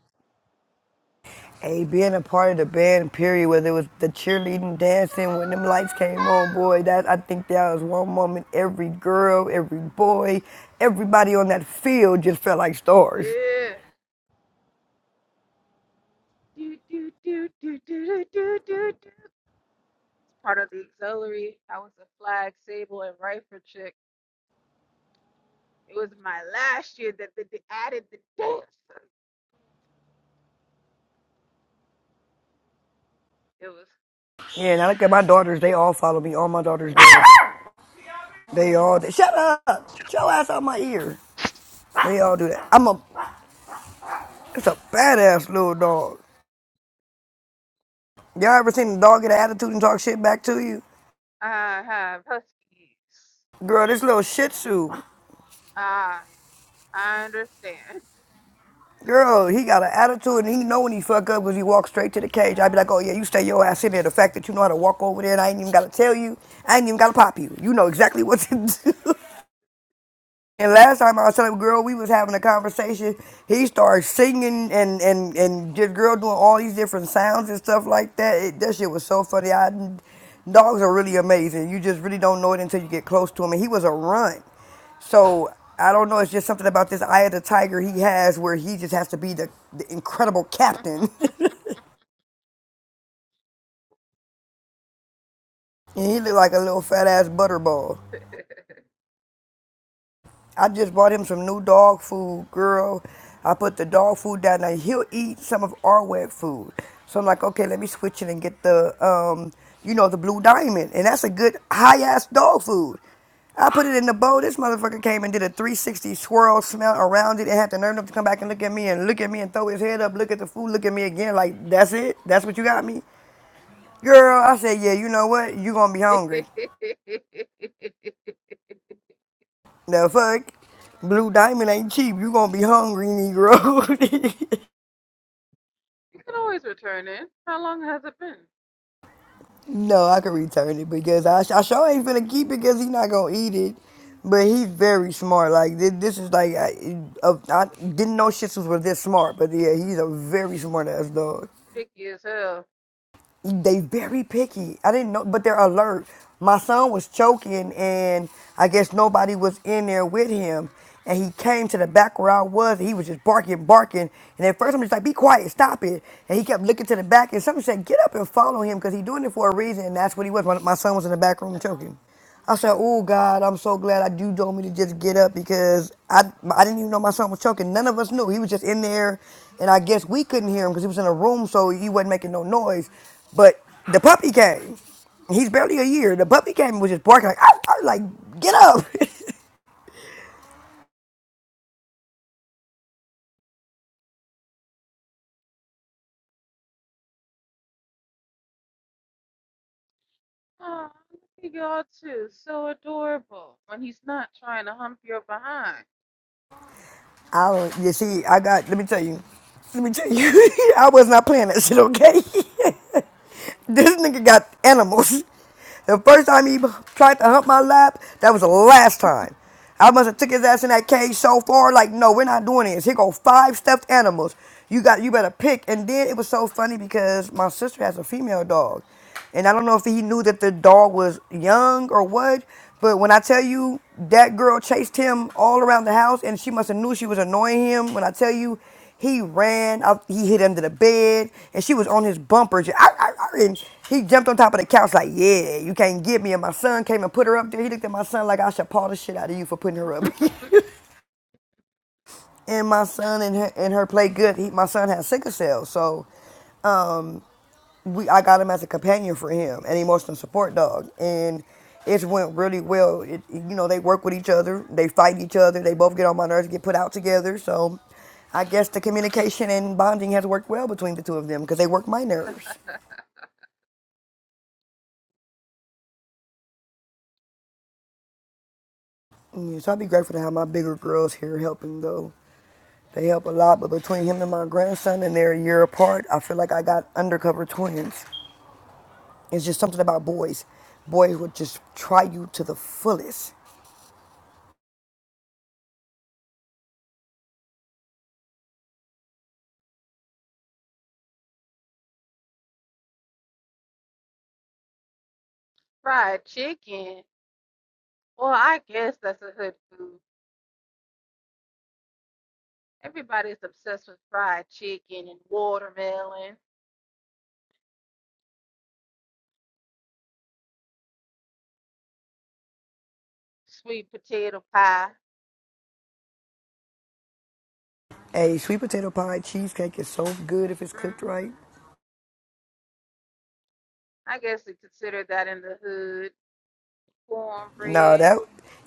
Speaker 16: Hey, being a part of the band, period, whether it was the cheerleading, dancing, when them lights came on, boy, that I think that was one moment every girl, every boy, everybody on that field just felt like stars.
Speaker 15: Yeah. Do, do, do, do, do, do, do, do, do. Part of the auxiliary. I was a flag, sable, and rifle chick. It was my last year that they they added the dance. It was,
Speaker 16: Yeah, and I look at my daughters, they all follow me. All my daughters do. They all, they, shut up! show ass out my ear. They all do that. I'm a, it's a badass little dog. Y'all ever seen a dog get an attitude and talk shit back to you?
Speaker 15: I have huskies.
Speaker 16: Girl, this little shih tzu.
Speaker 15: Ah, I understand.
Speaker 16: Girl, he got an attitude and he know when he fuck up because he walks straight to the cage. I'd be like, oh yeah, you stay your ass in there. The fact that you know how to walk over there and I ain't even got to tell you, I ain't even got to pop you. You know exactly what to do. And last time I was telling a girl we was having a conversation, he started singing and and and just girl doing all these different sounds and stuff like that. It, that shit was so funny. I dogs are really amazing. You just really don't know it until you get close to him. And he was a runt, so I don't know. It's just something about this eye of the tiger he has where he just has to be the, the incredible captain. and he looked like a little fat ass butterball. I just bought him some new dog food, girl. I put the dog food down there. He'll eat some of our wet food. So I'm like, okay, let me switch it and get the, um, you know, the blue diamond. And that's a good high ass dog food. I put it in the bowl. This motherfucker came and did a 360 swirl smell around it and had the nerve enough to come back and look at me and look at me and throw his head up, look at the food, look at me again. Like, that's it? That's what you got me? Girl, I said, yeah, you know what? you are going to be
Speaker 15: You can
Speaker 16: hungry. The fuck? Blue Diamond ain't cheap. You gonna be hungry, Negro.
Speaker 15: always return it. How long has it been?
Speaker 16: no, I can return it because I, I sure ain't finna keep it because he not gonna eat it. But he's very smart. Like this, this is like I, uh, I didn't know shits was this smart. But yeah, he's a very smart ass dog.
Speaker 15: Picky as hell.
Speaker 16: they very picky. I didn't know, but they're alert. My son was choking, and I guess nobody was in there with him. And he came to the back where I was, and he was just barking, barking. And at first, I'm just like, "Be quiet, stop it!" And he kept looking to the back, and somebody said, "Get up and follow him, because he's doing it for a reason." And that's what he was. My, my son was in the back room choking. I said, "Oh God, I'm so glad I do told me to just get up because I I didn't even know my son was choking. None of us knew. He was just in there, and I guess we couldn't hear him because he was in a room, so he wasn't making no noise. But the puppy came. He's barely a year. The puppy came and was just barking like, "Ow, ow," like get up.
Speaker 15: Oh, look at y'all too. So adorable. When he's not trying to hump your behind.
Speaker 16: I don't. You see, I got. Let me tell you. Let me tell you. I was not playing that shit. Okay. This nigga got animals. The first time he tried to hump my lap, that was the last time. I must have took his ass in that cage so far, like, no, we're not doing this. Here go five stuffed animals. You got, you better pick. And then it was so funny because my sister has a female dog, and I don't know if he knew that the dog was young or what. But when I tell you that girl chased him all around the house, and she must have knew she was annoying him. When I tell you, he ran, out, he hid under the bed, and she was on his bumper. Just, I didn't. He jumped on top of the couch like, yeah, you can't get me. And my son came and put her up there. He looked at my son like I should paw the shit out of you for putting her up. and my son and her, and her played good. He, my son has sickle cell, so we I got him as a companion for him, an emotional support dog, and it went really well. It, you know, they work with each other, they fight each other, they both get on my nerves, get put out together. So, I guess the communication and bonding has worked well between the two of them because they work my nerves. Yeah, so I'd be grateful to have my bigger girls here helping though. They help a lot, but between him and my grandson, and they're a year apart, I feel like I got undercover twins. It's just something about boys. Boys would just try you to the fullest.
Speaker 15: Fried chicken. Well, I guess that's a hood food. Everybody's obsessed with fried chicken and watermelon, sweet potato pie.
Speaker 16: Hey, sweet potato pie cheesecake is so good if it's cooked
Speaker 15: Mm,
Speaker 16: right.
Speaker 15: I guess they consider that in the hood.
Speaker 16: No,
Speaker 15: Cornbread.
Speaker 16: that,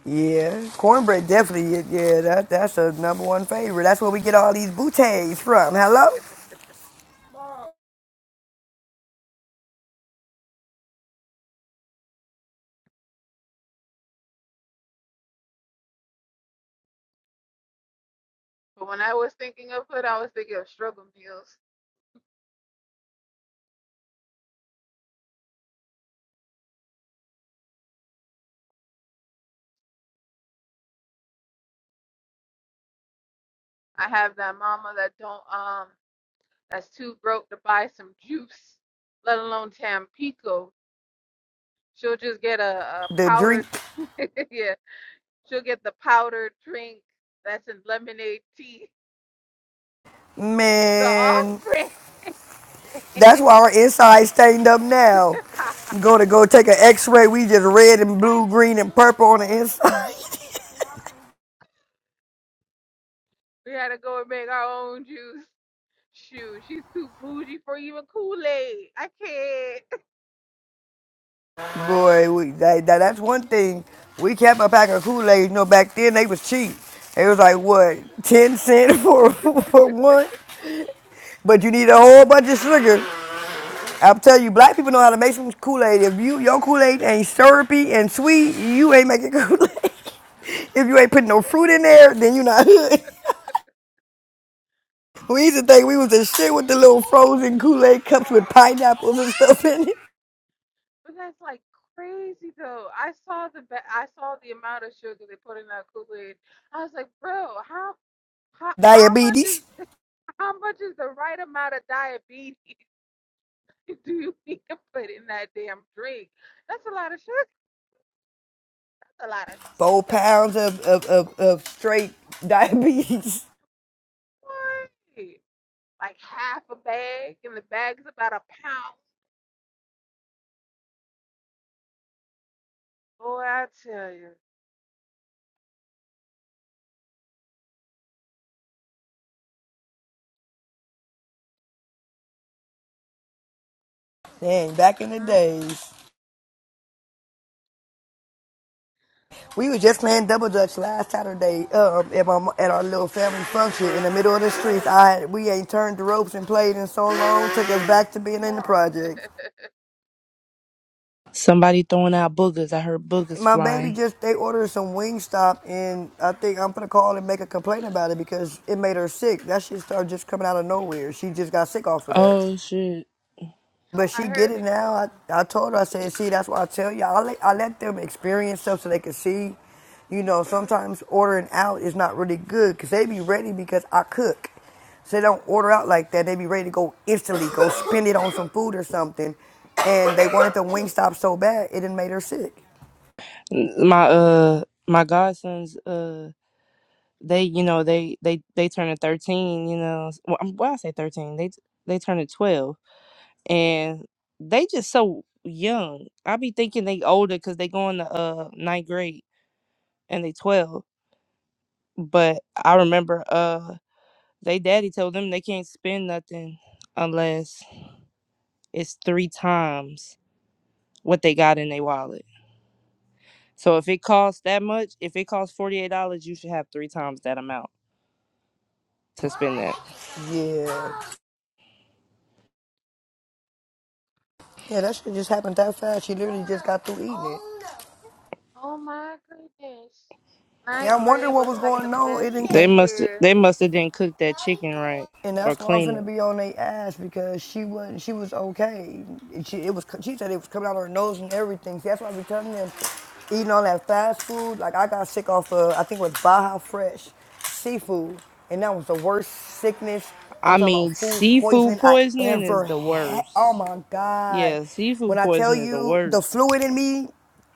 Speaker 16: yeah, cornbread definitely. Yeah, yeah, that that's a number one favorite. That's where we get all these bouteilles from. Hello,
Speaker 15: But when I was thinking of hood, I was thinking of struggle meals. I have that mama that don't um that's too broke to buy some juice, let alone Tampico. She'll just get a, a
Speaker 16: the drink
Speaker 15: powdered yeah, she'll get the powdered drink that's in lemonade tea. The off
Speaker 16: man.
Speaker 15: brand.
Speaker 16: That's why our inside stained up now. Go to go take an X-ray. We just red and blue, green and purple on the inside.
Speaker 15: we had to go and make our own juice. Shoot, she's too bougie for even Kool-Aid. I can't.
Speaker 16: Boy, we that, that- that's one thing. We kept a pack of Kool-Aid. You know, back then they was cheap. It was like what ten cent for for one. But you need a whole bunch of sugar. i will tell you, black people know how to make some Kool-Aid. If you your Kool-Aid ain't syrupy and sweet, you ain't making Kool-Aid. If you ain't putting no fruit in there, then you not hood. We used to think we was the shit with the little frozen Kool-Aid cups with pineapples and stuff in it.
Speaker 15: But that's like crazy though. I saw the ba- I saw the amount of sugar they put in that Kool-Aid. I was like, bro, how how how much is
Speaker 16: Diabetes.
Speaker 15: how much is the right amount of diabetes do you need to put in that damn drink? That's a lot of sugar. That's a lot of
Speaker 16: Four
Speaker 15: sugar.
Speaker 16: pounds of, of, of, of straight diabetes.
Speaker 15: What? Like half a bag, and the bag's about a pound. Boy, I tell you.
Speaker 16: Dang, back in the
Speaker 15: Mm-mm.
Speaker 16: days. We was just playing double dutch last Saturday um, at, my, at our little family function in the middle of the streets. I had, we ain't turned the ropes and played in so long. Took us back to being in the projects.
Speaker 10: somebody throwing out boogers. I heard boogers
Speaker 16: My baby
Speaker 10: flying.
Speaker 16: just they ordered some Wingstop and I think I'm gonna call and make a complaint about it because it made her sick. That shit started just coming out of nowhere. She just got sick off of that.
Speaker 10: Oh shit.
Speaker 16: But
Speaker 15: I
Speaker 16: she get
Speaker 15: heard
Speaker 16: it
Speaker 15: it.
Speaker 16: now. I, I told her I said, see, that's why I tell you I let I let them experience stuff so they can see. You know, sometimes ordering out is not really good because they be ready because I cook. So they don't order out like that. They be ready to go instantly, go spend it on some food or something. And they wanted the Wingstop so bad, it done made her sick.
Speaker 10: My uh, my godsons uh. They, you know, they they they turning thirteen. You know, well, I'm- why I say thirteen? They they turning twelve and they just so young. I be thinking they older because they going to uh ninth grade and they twelve. But I remember uh they daddy told them they can't spend nothing unless it's three times what they got in their wallet. So if it costs that much, if it costs forty eight dollars, you should have three times that amount to spend that.
Speaker 16: Yeah. Yeah, that shit just happened that fast. She literally just got through eating it.
Speaker 15: Oh my goodness. Ninth
Speaker 16: Yeah, I'm wondering
Speaker 15: grade
Speaker 16: what
Speaker 15: was
Speaker 16: was
Speaker 15: like the
Speaker 16: going on. It
Speaker 15: best
Speaker 16: didn't
Speaker 10: They
Speaker 16: came.
Speaker 10: must
Speaker 15: year
Speaker 10: they must have didn't cook that chicken right
Speaker 16: And
Speaker 10: or
Speaker 16: that's why I'm
Speaker 10: clean
Speaker 16: finna
Speaker 10: it.
Speaker 16: be on their ass because she wasn't. She was okay. She it was. She said it was coming out of her nose and everything. See, that's why I be telling them, eating all that fast food. Like I got sick off of I think it was Baja Fresh seafood, and that was the worst sickness.
Speaker 10: I
Speaker 16: I'm talking about
Speaker 10: mean,
Speaker 16: food
Speaker 10: seafood
Speaker 16: poisoning I
Speaker 10: poisoning is
Speaker 16: ever
Speaker 10: the
Speaker 16: had. Oh
Speaker 10: worst.
Speaker 16: my god!
Speaker 10: Yeah,
Speaker 16: When
Speaker 10: seafood
Speaker 16: I tell
Speaker 10: poisoning is the
Speaker 16: you the
Speaker 10: worst.
Speaker 16: fluid in me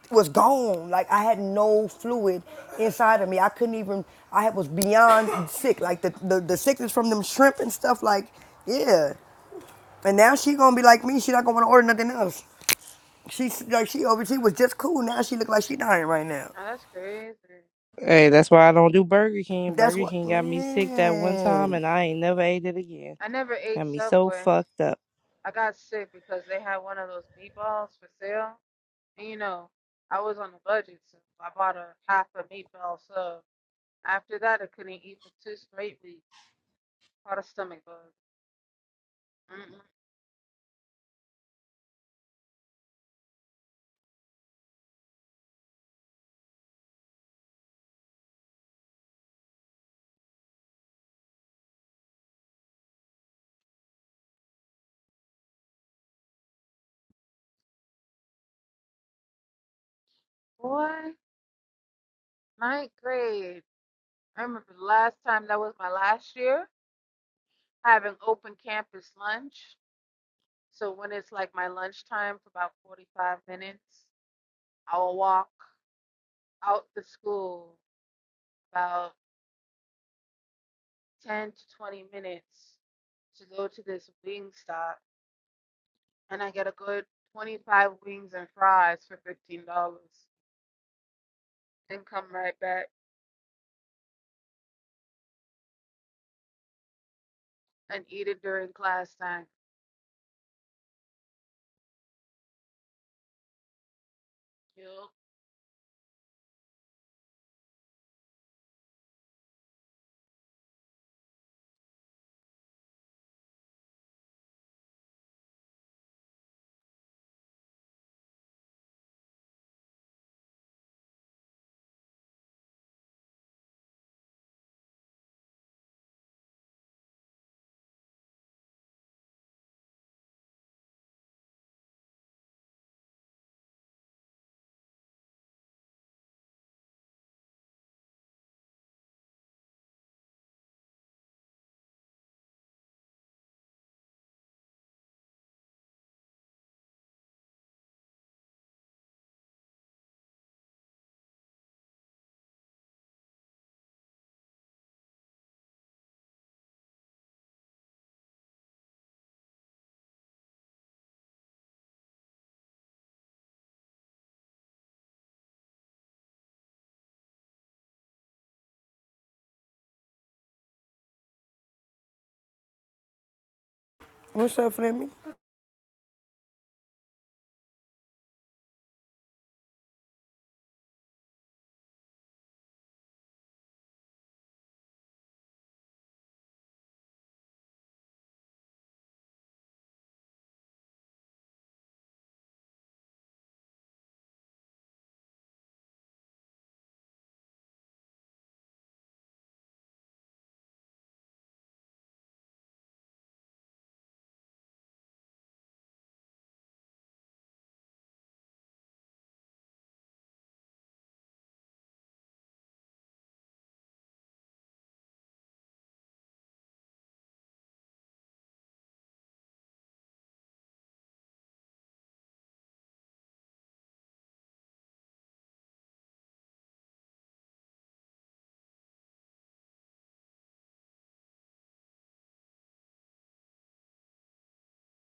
Speaker 16: was gone. Like I had no fluid inside of me. I couldn't even. I was beyond sick. Like the the, the sickness from them shrimp and stuff. Like yeah. And now she gonna be like me. She not gonna wanna order nothing else. She's like she over. She was just cool. Now she look like she dying right now.
Speaker 15: Oh, that's crazy.
Speaker 10: Hey, that's why I don't do Burger King.
Speaker 16: That's
Speaker 10: Burger
Speaker 16: what
Speaker 10: King got me sick that one time
Speaker 16: man.
Speaker 10: and I ain't never ate it again.
Speaker 15: I never ate
Speaker 10: Got me so
Speaker 15: Subway.
Speaker 10: fucked up.
Speaker 15: I got sick because they had one of those meatballs for sale. And you know, I was on a budget, so I bought a half a meatball sub. After that, I couldn't eat for two straight weeks. Caught a stomach bug. Mm-mm. Boy, ninth grade. I remember the last time that was my last year having open campus lunch. So when it's like my lunchtime for about 45 minutes, I'll walk out the school about 10 to 20 minutes to go to this wing stop and I get a good 25 wings and fries for $15 and come right back and eat it during class time. Yup.
Speaker 16: What's up, Flemmy?